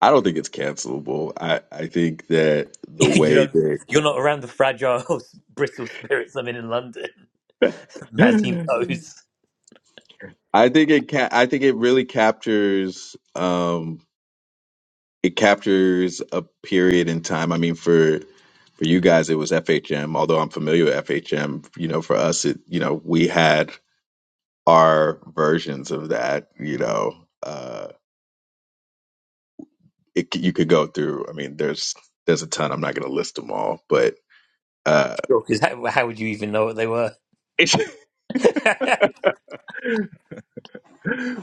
Speaker 5: I don't think it's cancelable. I I think that the
Speaker 1: you
Speaker 5: way
Speaker 1: don't.
Speaker 5: that
Speaker 1: You're not around the fragile, brittle spirits I'm in in London. Mazzy knows.
Speaker 5: I think it ca- I think it really captures um it captures a period in time. I mean for for you guys it was FHM, although I'm familiar with FHM, you know, for us it you know, we had are versions of that. You know, uh, it, c- you could go through. I mean, there's there's a ton. I'm not going to list them all, but uh,
Speaker 1: Because how, how would you even know what they were?
Speaker 5: it's,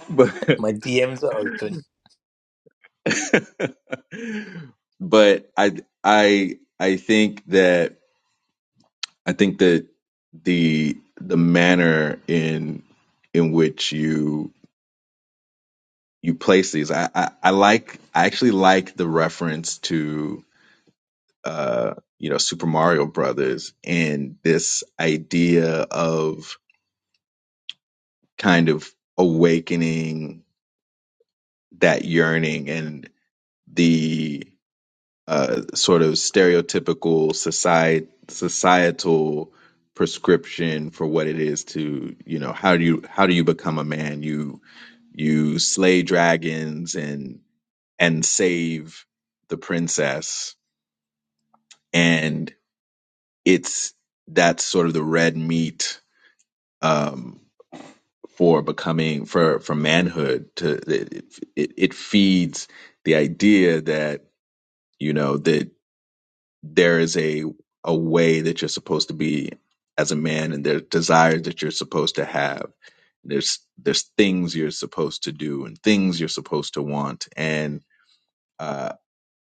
Speaker 5: but
Speaker 1: My DMs are open.
Speaker 5: but I I I think that I think that the the manner in in which you you place these, I I, I like I actually like the reference to uh, you know, Super Mario Brothers and this idea of kind of awakening that yearning and the uh, sort of stereotypical society societal prescription for what it is to you know how do you how do you become a man you you slay dragons and and save the princess and it's that's sort of the red meat um, for becoming for for manhood to it, it, it feeds the idea that you know that there is a a way that you're supposed to be as a man and there's desires that you're supposed to have there's there's things you're supposed to do and things you're supposed to want and uh,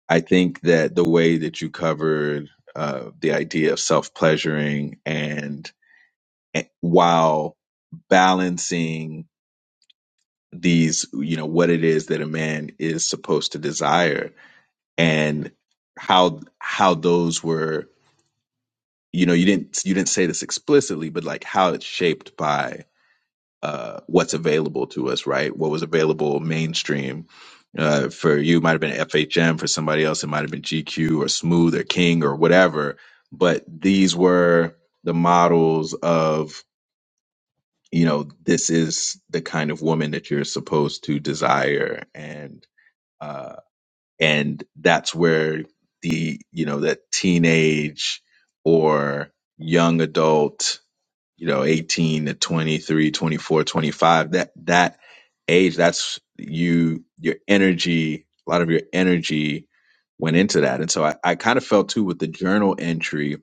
Speaker 5: I think that the way that you covered uh, the idea of self pleasuring and and while balancing these you know what it is that a man is supposed to desire and how how those were you know you didn't you didn't say this explicitly but like how it's shaped by uh what's available to us right what was available mainstream uh for you it might have been FHM for somebody else it might have been GQ or Smooth or King or whatever but these were the models of you know this is the kind of woman that you're supposed to desire and uh, and that's where the you know that teenage or young adult you know 18 to 23 24 25 that that age that's you your energy a lot of your energy went into that and so i, I kind of felt too with the journal entry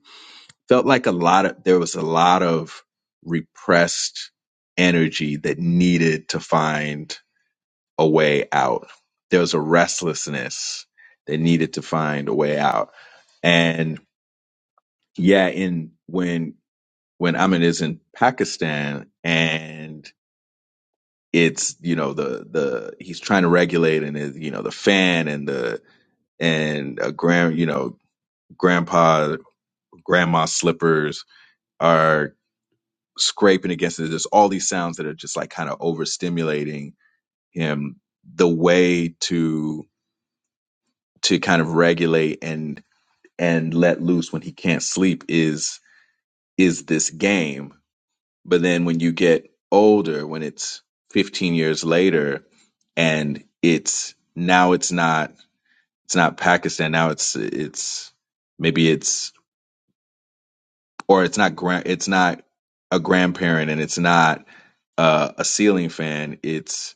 Speaker 5: felt like a lot of there was a lot of repressed energy that needed to find a way out. There was a restlessness. They needed to find a way out. And yeah, in when when Amin is in Pakistan and it's you know the the he's trying to regulate and it, you know the fan and the and a grand you know grandpa grandma slippers are scraping against it. There's all these sounds that are just like kind of overstimulating him. The way to to kind of regulate and and let loose when he can't sleep is is this game. But then when you get older, when it's 15 years later, and it's now it's not it's not Pakistan now it's it's maybe it's or it's not grand it's not a grandparent and it's not uh, a ceiling fan it's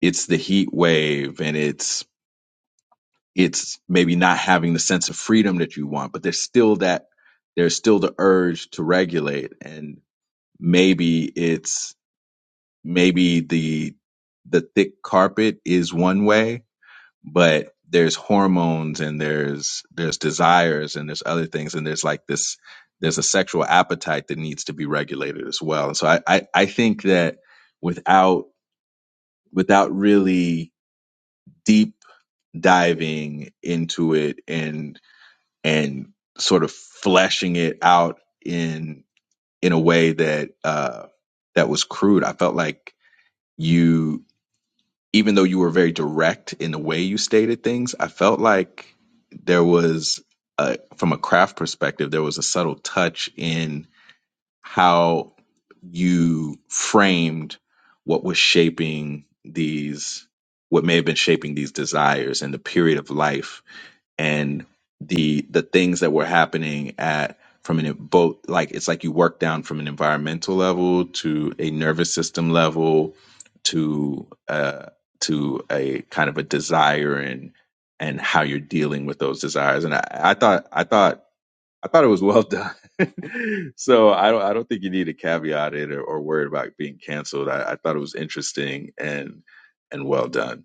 Speaker 5: it's the heat wave and it's. it's maybe not having the sense of freedom that you want, but there's still that there's still the urge to regulate and maybe it's maybe the the thick carpet is one way, but there's hormones and there's there's desires and there's other things and there's like this there's a sexual appetite that needs to be regulated as well. And so I I, I think that without without really deep diving into it and and sort of fleshing it out in in a way that uh that was crude. I felt like you even though you were very direct in the way you stated things, I felt like there was a, from a craft perspective, there was a subtle touch in how you framed what was shaping these what may have been shaping these desires and the period of life and the the things that were happening at from an both like it's like you work down from an environmental level to a nervous system level to uh to a kind of a desire and and how you're dealing with those desires and I, I thought I thought I thought it was well done so I don't I don't think you need to caveat it or, or worry about being canceled I, I thought it was interesting and and well done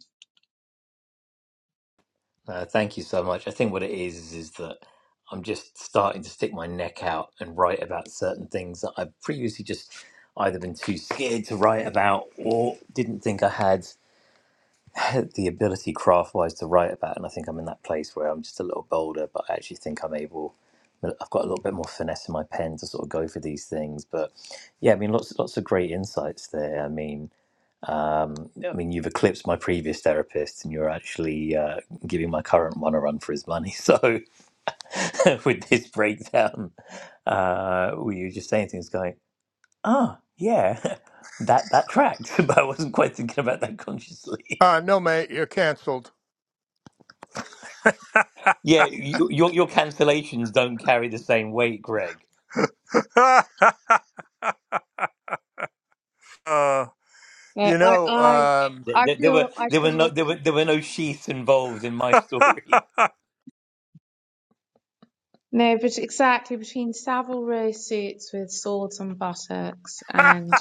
Speaker 1: Uh, thank you so much. I think what it is is is that I'm just starting to stick my neck out and write about certain things that I've previously just either been too scared to write about or didn't think I had. the ability craft wise to write about and i think i'm in that place where i'm just a little bolder but i actually think i'm able well, i've got a little bit more finesse in my pen to sort of go for these things but yeah i mean lots lots of great insights there i mean um, i mean you've eclipsed my previous therapist and you're actually uh, giving my current one a run for his money so with this breakdown uh were you just saying things going ah yeah that that tracked but i wasn't quite thinking about that consciously
Speaker 6: Uh, no, mate, you're canceled.
Speaker 1: Yeah, you, your your cancellations don't carry the same weight, Greg.
Speaker 6: uh,
Speaker 3: No,
Speaker 6: you
Speaker 3: I,
Speaker 6: know,
Speaker 3: I,
Speaker 6: um,
Speaker 1: There,
Speaker 3: I
Speaker 1: there, there
Speaker 3: feel,
Speaker 1: were
Speaker 3: I
Speaker 1: there were no
Speaker 3: feel.
Speaker 1: there were there were no sheaths involved in my story.
Speaker 3: No, but exactly between Savile Row suits with swords and buttocks and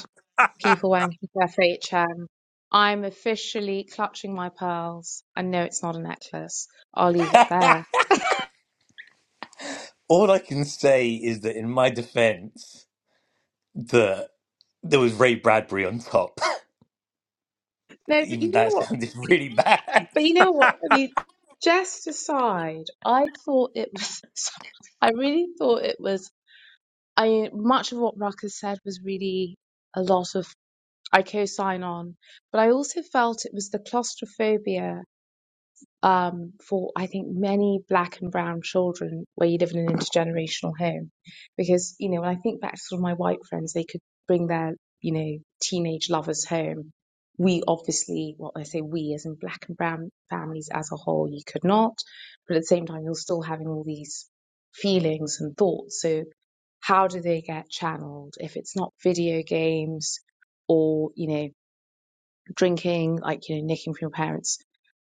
Speaker 3: people wanking for FHM. I'm officially clutching my pearls. I know it's not a necklace. I'll leave it there.
Speaker 1: All I can say is that in my defence, that there was Ray Bradbury on top.
Speaker 3: No, but you
Speaker 1: Even
Speaker 3: know
Speaker 1: that
Speaker 3: what?
Speaker 1: sounded really bad.
Speaker 3: But you know what? I mean, jest aside, I thought it was. I really thought it was. I mean, much of what Ruckus said was really a lot of I co-sign on, but I also felt it was the claustrophobia um, for I think many black and brown children where you live in an intergenerational home. Because, you know, when I think back to sort of my white friends, they could bring their, you know, teenage lovers home. We obviously, well, I say we as in black and brown families as a whole, you could not. But at the same time, you're still having all these feelings and thoughts. So how do they get channeled? If it's not video games, or you know drinking, like, you know, nicking from your parents,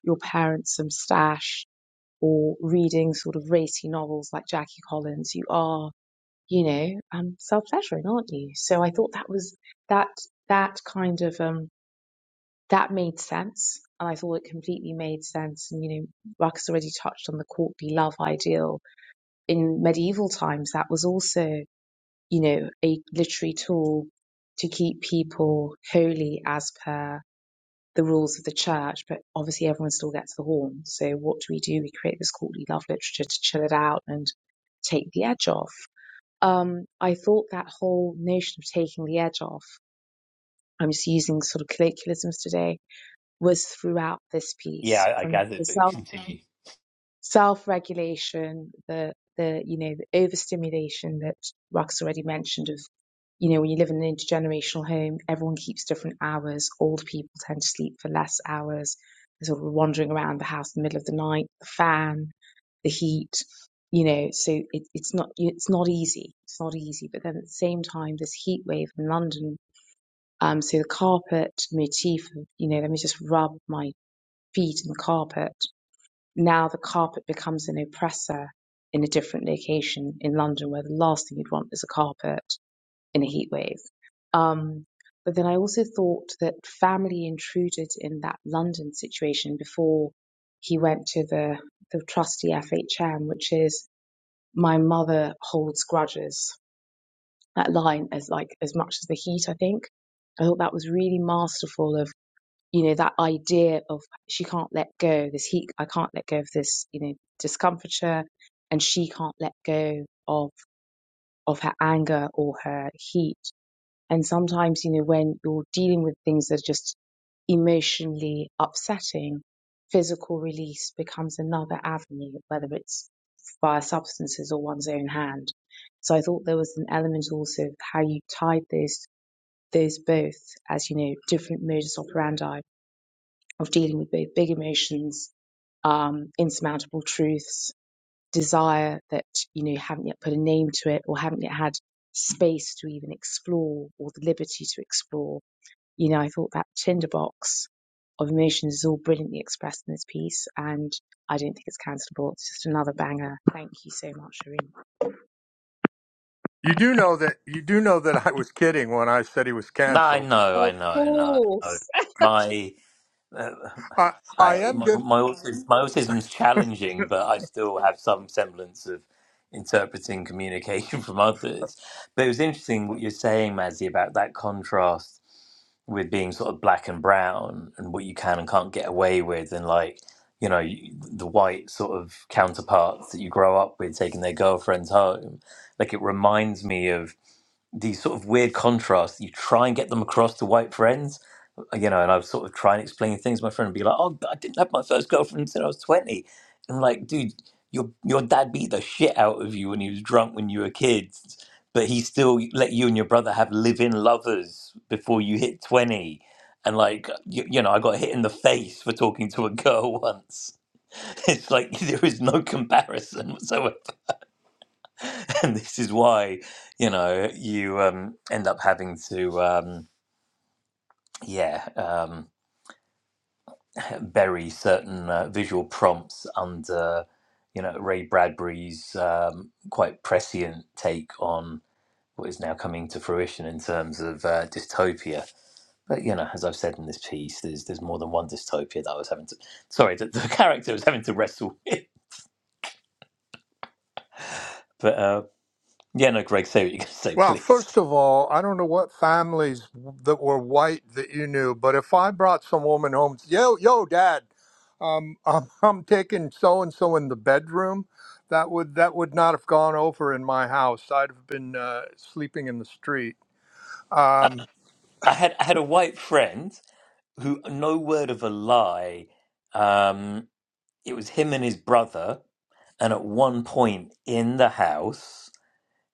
Speaker 3: your parents some stash or reading sort of racy novels like Jackie Collins, you are, you know, um, self-pleasuring, aren't you? So I thought that was that, that kind of, um, that made sense. And I thought it completely made sense. And, you know, Marcus already touched on the courtly love ideal in medieval times. That was also, you know, a literary tool to keep people holy as per the rules of the church, but obviously everyone still gets the horn. So what do we do? We create this courtly love literature to chill it out and take the edge off. Um, I thought that whole notion of taking the edge off, I'm just using sort of colloquialisms today, was throughout this
Speaker 1: Yeah,
Speaker 3: piece
Speaker 1: I, I
Speaker 3: from the
Speaker 1: gathered, but
Speaker 3: self
Speaker 1: continue.
Speaker 3: self-regulation, the the you know the overstimulation that Rox already mentioned of you know when you live in an intergenerational home, everyone keeps different hours. Old people tend to sleep for less hours. They're sort of wandering around the house in the middle of the night. The fan, the heat, you know. So it, it's not it's not easy. It's not easy. But then at the same time, this heat wave in London. Um, so the carpet motif, of, you know, let me just rub my feet in the carpet now the carpet becomes an oppressor in a different location in London, where the last thing you'd want is a carpet in a heat wave. Um, but then I also thought that family intruded in that London situation before he went to the, the trusty FHM, which is my mother holds grudges. That line as like as much as the heat, I think. I thought that was really masterful of you know that idea of she can't let go this heat i can't let go of this you know discomfiture and she can't let go of of her anger or her heat and sometimes you know when you're dealing with things that are just emotionally upsetting physical release becomes another avenue whether it's via substances or one's own hand so i thought there was an element also of how you tied those those both as you know different modus operandi of dealing with both big emotions, um, insurmountable truths, desire that you know you haven't yet put a name to it or haven't yet had space to even explore or the liberty to explore. You know, I thought that tinderbox of emotions is all brilliantly expressed in this piece, and I don't think it's cancelable. It's just another banger. Thank you so much, Shireen.
Speaker 6: you do know that you do know that I was kidding when I said he was
Speaker 1: No, I
Speaker 6: canceled.
Speaker 1: know, I
Speaker 3: Of
Speaker 1: know, I know. I know.
Speaker 3: course,
Speaker 1: My Uh,
Speaker 6: I, I
Speaker 1: I
Speaker 6: am
Speaker 1: my
Speaker 6: gonna.
Speaker 1: my autism, my autism's challenging, but I still have some semblance of interpreting communication from others. But it was interesting what you're saying, Mazzy, about that contrast with being sort of black and brown and what you can and can't get away with, and like you know you- the white sort of counterparts that you grow up with taking their girlfriends home. Like it reminds me of these sort of weird contrasts. You try and get them across to white friends you know, and I would sort of try and explain things to my friend and be like, "Oh, I didn't have my first girlfriend until I was 20." And I'm like, dude, your your dad beat the shit out of you when he was drunk when you were kids, but he still let you and your brother have live-in lovers before you hit 20. And like, you, you know, I got hit in the face for talking to a girl once. It's like there is no comparison whatsoever, and this is why, you know, you um, end up having to, um, yeah. Um, bury certain uh, visual prompts under, you know, Ray Bradbury's um, quite prescient take on what is now coming to fruition in terms of uh, dystopia. But you know, as I've said in this piece, there's there's more than one dystopia that I was having to. Sorry, that the character was having to wrestle with. But uh, yeah, no, Greg, say what you're going to say,
Speaker 6: Well, first
Speaker 1: please.
Speaker 6: of all, I don't know what families that were white that you knew, but if I brought some woman home, yo, yo, dad, um, I'm, I'm taking so and so in the bedroom, that would that would not have gone over in my house. I'd have been uh, sleeping in the street. Um,
Speaker 1: I had I had a white friend who, no word of a lie. Um, it was him and his brother. And at one point in the house,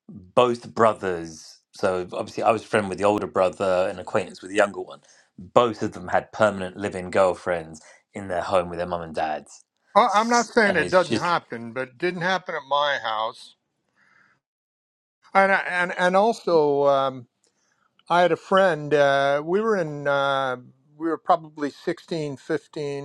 Speaker 1: both brothers, so obviously I was a friend with the older brother and acquaintance with the younger one, both of them had permanent living girlfriends in their home with their mum and dads.
Speaker 6: I- I'm not
Speaker 1: S-
Speaker 6: saying
Speaker 1: And
Speaker 6: it
Speaker 1: it's
Speaker 6: doesn't
Speaker 1: just,
Speaker 6: happen, but it didn't happen at my house. And I- and and also, um, I had a friend. Uh, we were in. Uh, we were probably 16, 15.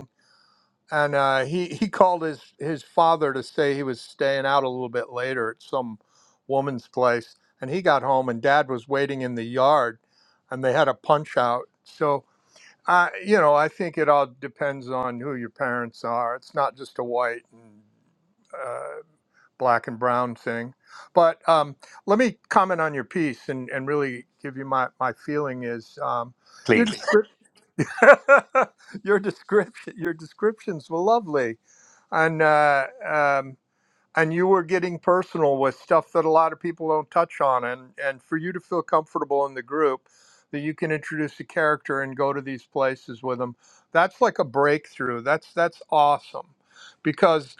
Speaker 6: and uh, he he called his his father to say he was staying out a little bit later at some woman's place, and he got home and Dad was waiting in the yard, and they had a punch out. So I you know I think it all depends on who your parents are. It's not just a white and uh, black and brown thing. But um, let me comment on your piece and, and really give you my, my feeling is um, your
Speaker 1: please,
Speaker 6: descrip- your description your descriptions were lovely and uh, um, and you were getting personal with stuff that a lot of people don't touch on, and and for you to feel comfortable in the group that you can introduce a character and go to these places with them, that's like a breakthrough. That's that's awesome, because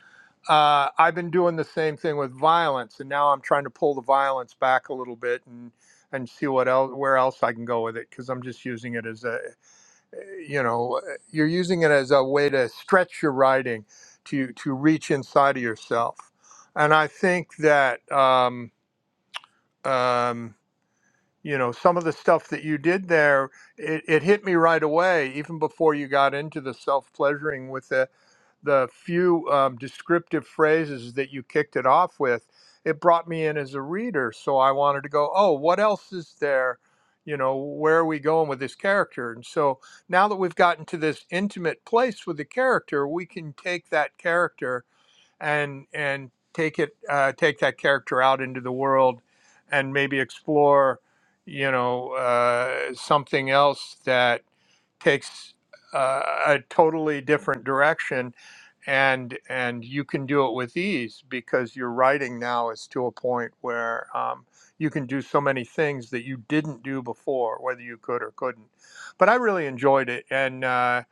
Speaker 6: uh, I've been doing the same thing with violence, and now I'm trying to pull the violence back a little bit and and see what else where else I can go with it because I'm just using it as a you know uh, you're using it as a way to stretch your writing to to reach inside of yourself and i think that um, um, you know some of the stuff that you did there it, it hit me right away even before you got into the self-pleasuring with it the few um, descriptive phrases that you kicked it off with, it brought me in as a reader. So I wanted to go, oh, what else is there? You know, where are we going with this character? And so now that we've gotten to this intimate place with the character, we can take that character and and take it uh, take that character out into the world and maybe explore you know uh, something else that takes uh, a totally different direction and and you can do it with ease because your writing now is to a point where um, you can do so many things that you didn't do before whether you could or couldn't but i really enjoyed it and uh,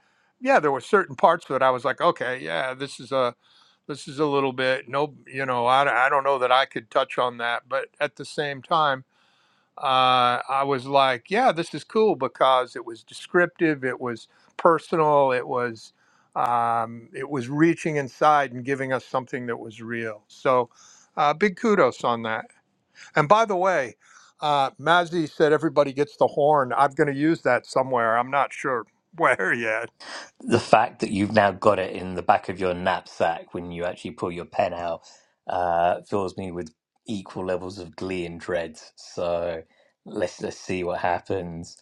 Speaker 6: yeah there were certain parts of it i was like okay yeah this is a this is a little bit no you know I, I don't know that i could touch on that but at the same time uh, i was like yeah this is cool because it was descriptive it was personal it was um, it was reaching inside and giving us something that was real so uh, big kudos on that and by the way uh, mazzy said everybody gets the horn i'm going to use that somewhere i'm not sure where yet
Speaker 1: the fact that you've now got it in the back of your knapsack when you actually pull your pen out uh, fills me with equal levels of glee and dread. So let's, let's see what happens.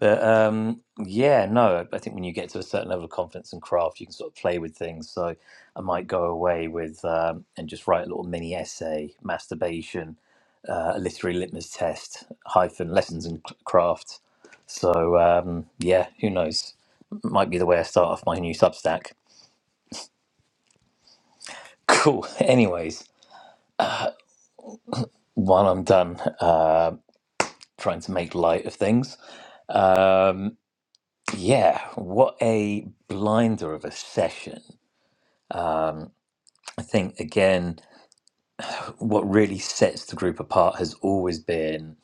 Speaker 1: But um, yeah, no, I think when you get to a certain level of confidence and craft, you can sort of play with things. So I might go away with um, and just write a little mini essay, masturbation, uh, a literary litmus test, hyphen, lessons in c- craft. So um, yeah, who knows? Might be the way I start off my new Substack. Cool. Anyways, while I'm done uh, trying to make light of things, um, yeah, what a blinder of a session. I think again. what really sets the group apart has always been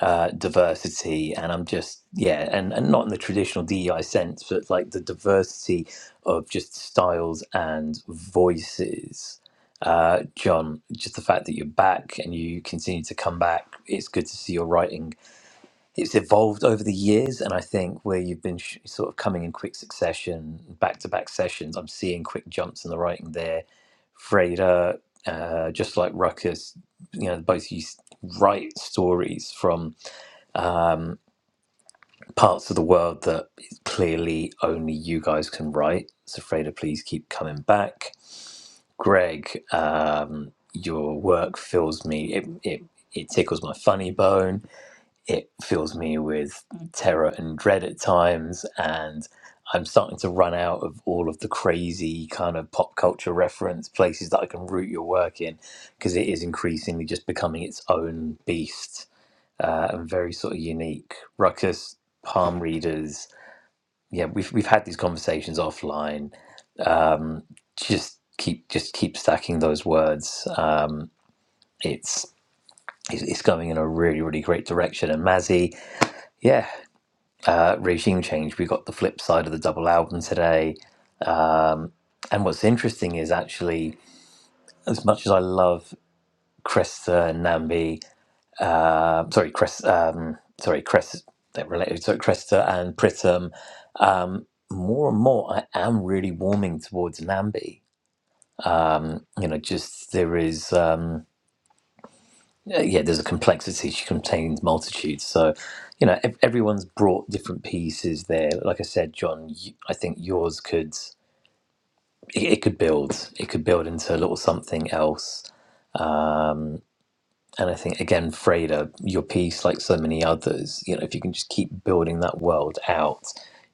Speaker 1: uh, diversity, and I'm just yeah, and and not in the traditional DEI sense, but like the diversity of just styles and voices. Uh, John, just the fact that you're back and you continue to come back, it's good to see your writing. It's evolved over the years, and I think where you've been sh- sort of coming in quick succession, back to back sessions, I'm seeing quick jumps in the writing there Freda, uh, just like Ruckus, you know, both you s- write stories from um, parts of the world that clearly only you guys can write. So, Freda, please keep coming back. Greg, um, your work fills me, it, it, it tickles my funny bone it fills me with terror and dread at times and i'm starting to run out of all of the crazy kind of pop culture reference places that i can root your work in because it is increasingly just becoming its own beast uh, and very sort of unique ruckus palm readers yeah we've, we've had these conversations offline um, just keep just keep stacking those words um, it's it's it's going in a really really great direction and mazzy yeah, uh, regime change. We got the flip side of the double album today. Um, and what's interesting is actually, as much as I love Cresta and Nambi, uh, sorry, Crest, um, sorry, Crest, they're related, so Cresta and Pritam, um, more and more I am really warming towards Nambi. Um, you know, just there is, um, yeah, yeah, there's a complexity. She contains multitudes. So, you know, ev- everyone's brought different pieces there. Like I said, John, you, I think yours could. it it could build. It could build into a little something else. Um, and I think again, Freda, your piece, like so many others, you know, if you can just keep building that world out,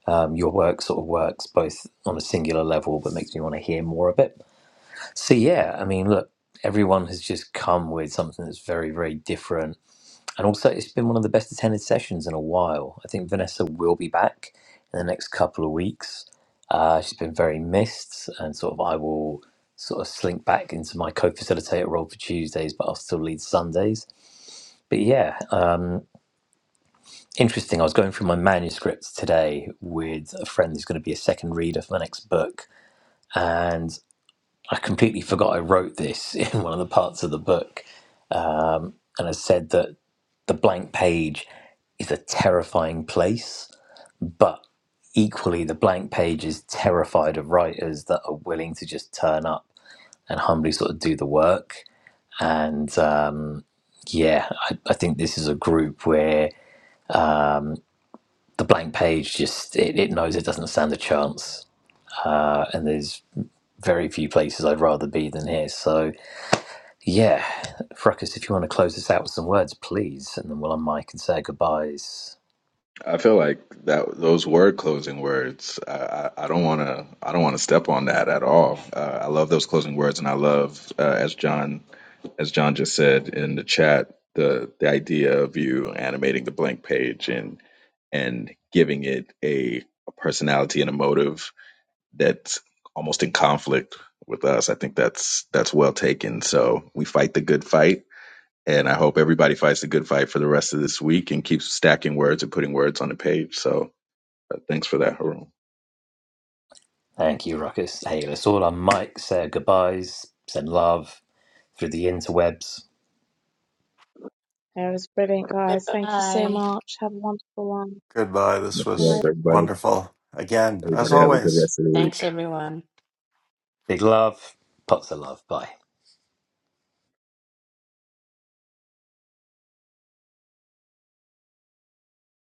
Speaker 1: um, your work sort of works both on a singular level, but makes me want to hear more of it. So yeah, I mean, look, everyone has just come with something that's very, very different and also, it's been one of the best attended sessions in a while. I think Vanessa will be back in the next couple of weeks. Uh, she's been very missed, and sort of I will sort of slink back into my co-facilitator role for Tuesdays, but I'll still lead Sundays. But yeah, uh, interesting. I was going through my manuscript today with a friend who's going to be a second reader for my next book, and I completely forgot I wrote this in one of the parts of the book. Um, and I said that the blank page is a terrifying place But equally, the blank page is terrified of writers that are willing to just turn up and humbly sort of do the work. And um, yeah, I, I think this is a group where the blank page just it, it knows it doesn't stand a chance, uh, and there's very few places I'd rather be than here. So yeah, Ruckus, if you want to close this out with some words, please, and then we'll unmic and say our goodbyes.
Speaker 5: I feel like that those word closing words. I, I, I don't want to. I don't want to step on that at all. Uh, I love those closing words, and I love uh, as John as John just said in the chat the the idea of you animating the blank page and and giving it a, a personality and a motive that's almost in conflict with us. I think that's that's well taken. So we fight the good fight. And I hope everybody fights the good fight for the rest of this week and keeps stacking words and putting words on the page. So uh, thanks for that, Haroon.
Speaker 1: Thank you, Ruckus. Hey, let's all unmic, say our goodbyes, send love through the interwebs.
Speaker 3: that was brilliant, guys. Thank you so much. Have a wonderful one.
Speaker 2: Goodbye. This
Speaker 5: Much love,
Speaker 3: Bye.
Speaker 2: was
Speaker 5: everybody.
Speaker 2: wonderful. Again, as
Speaker 5: Everybody have a good
Speaker 2: always.
Speaker 5: rest of the week.
Speaker 1: Big love, pots of love. Bye.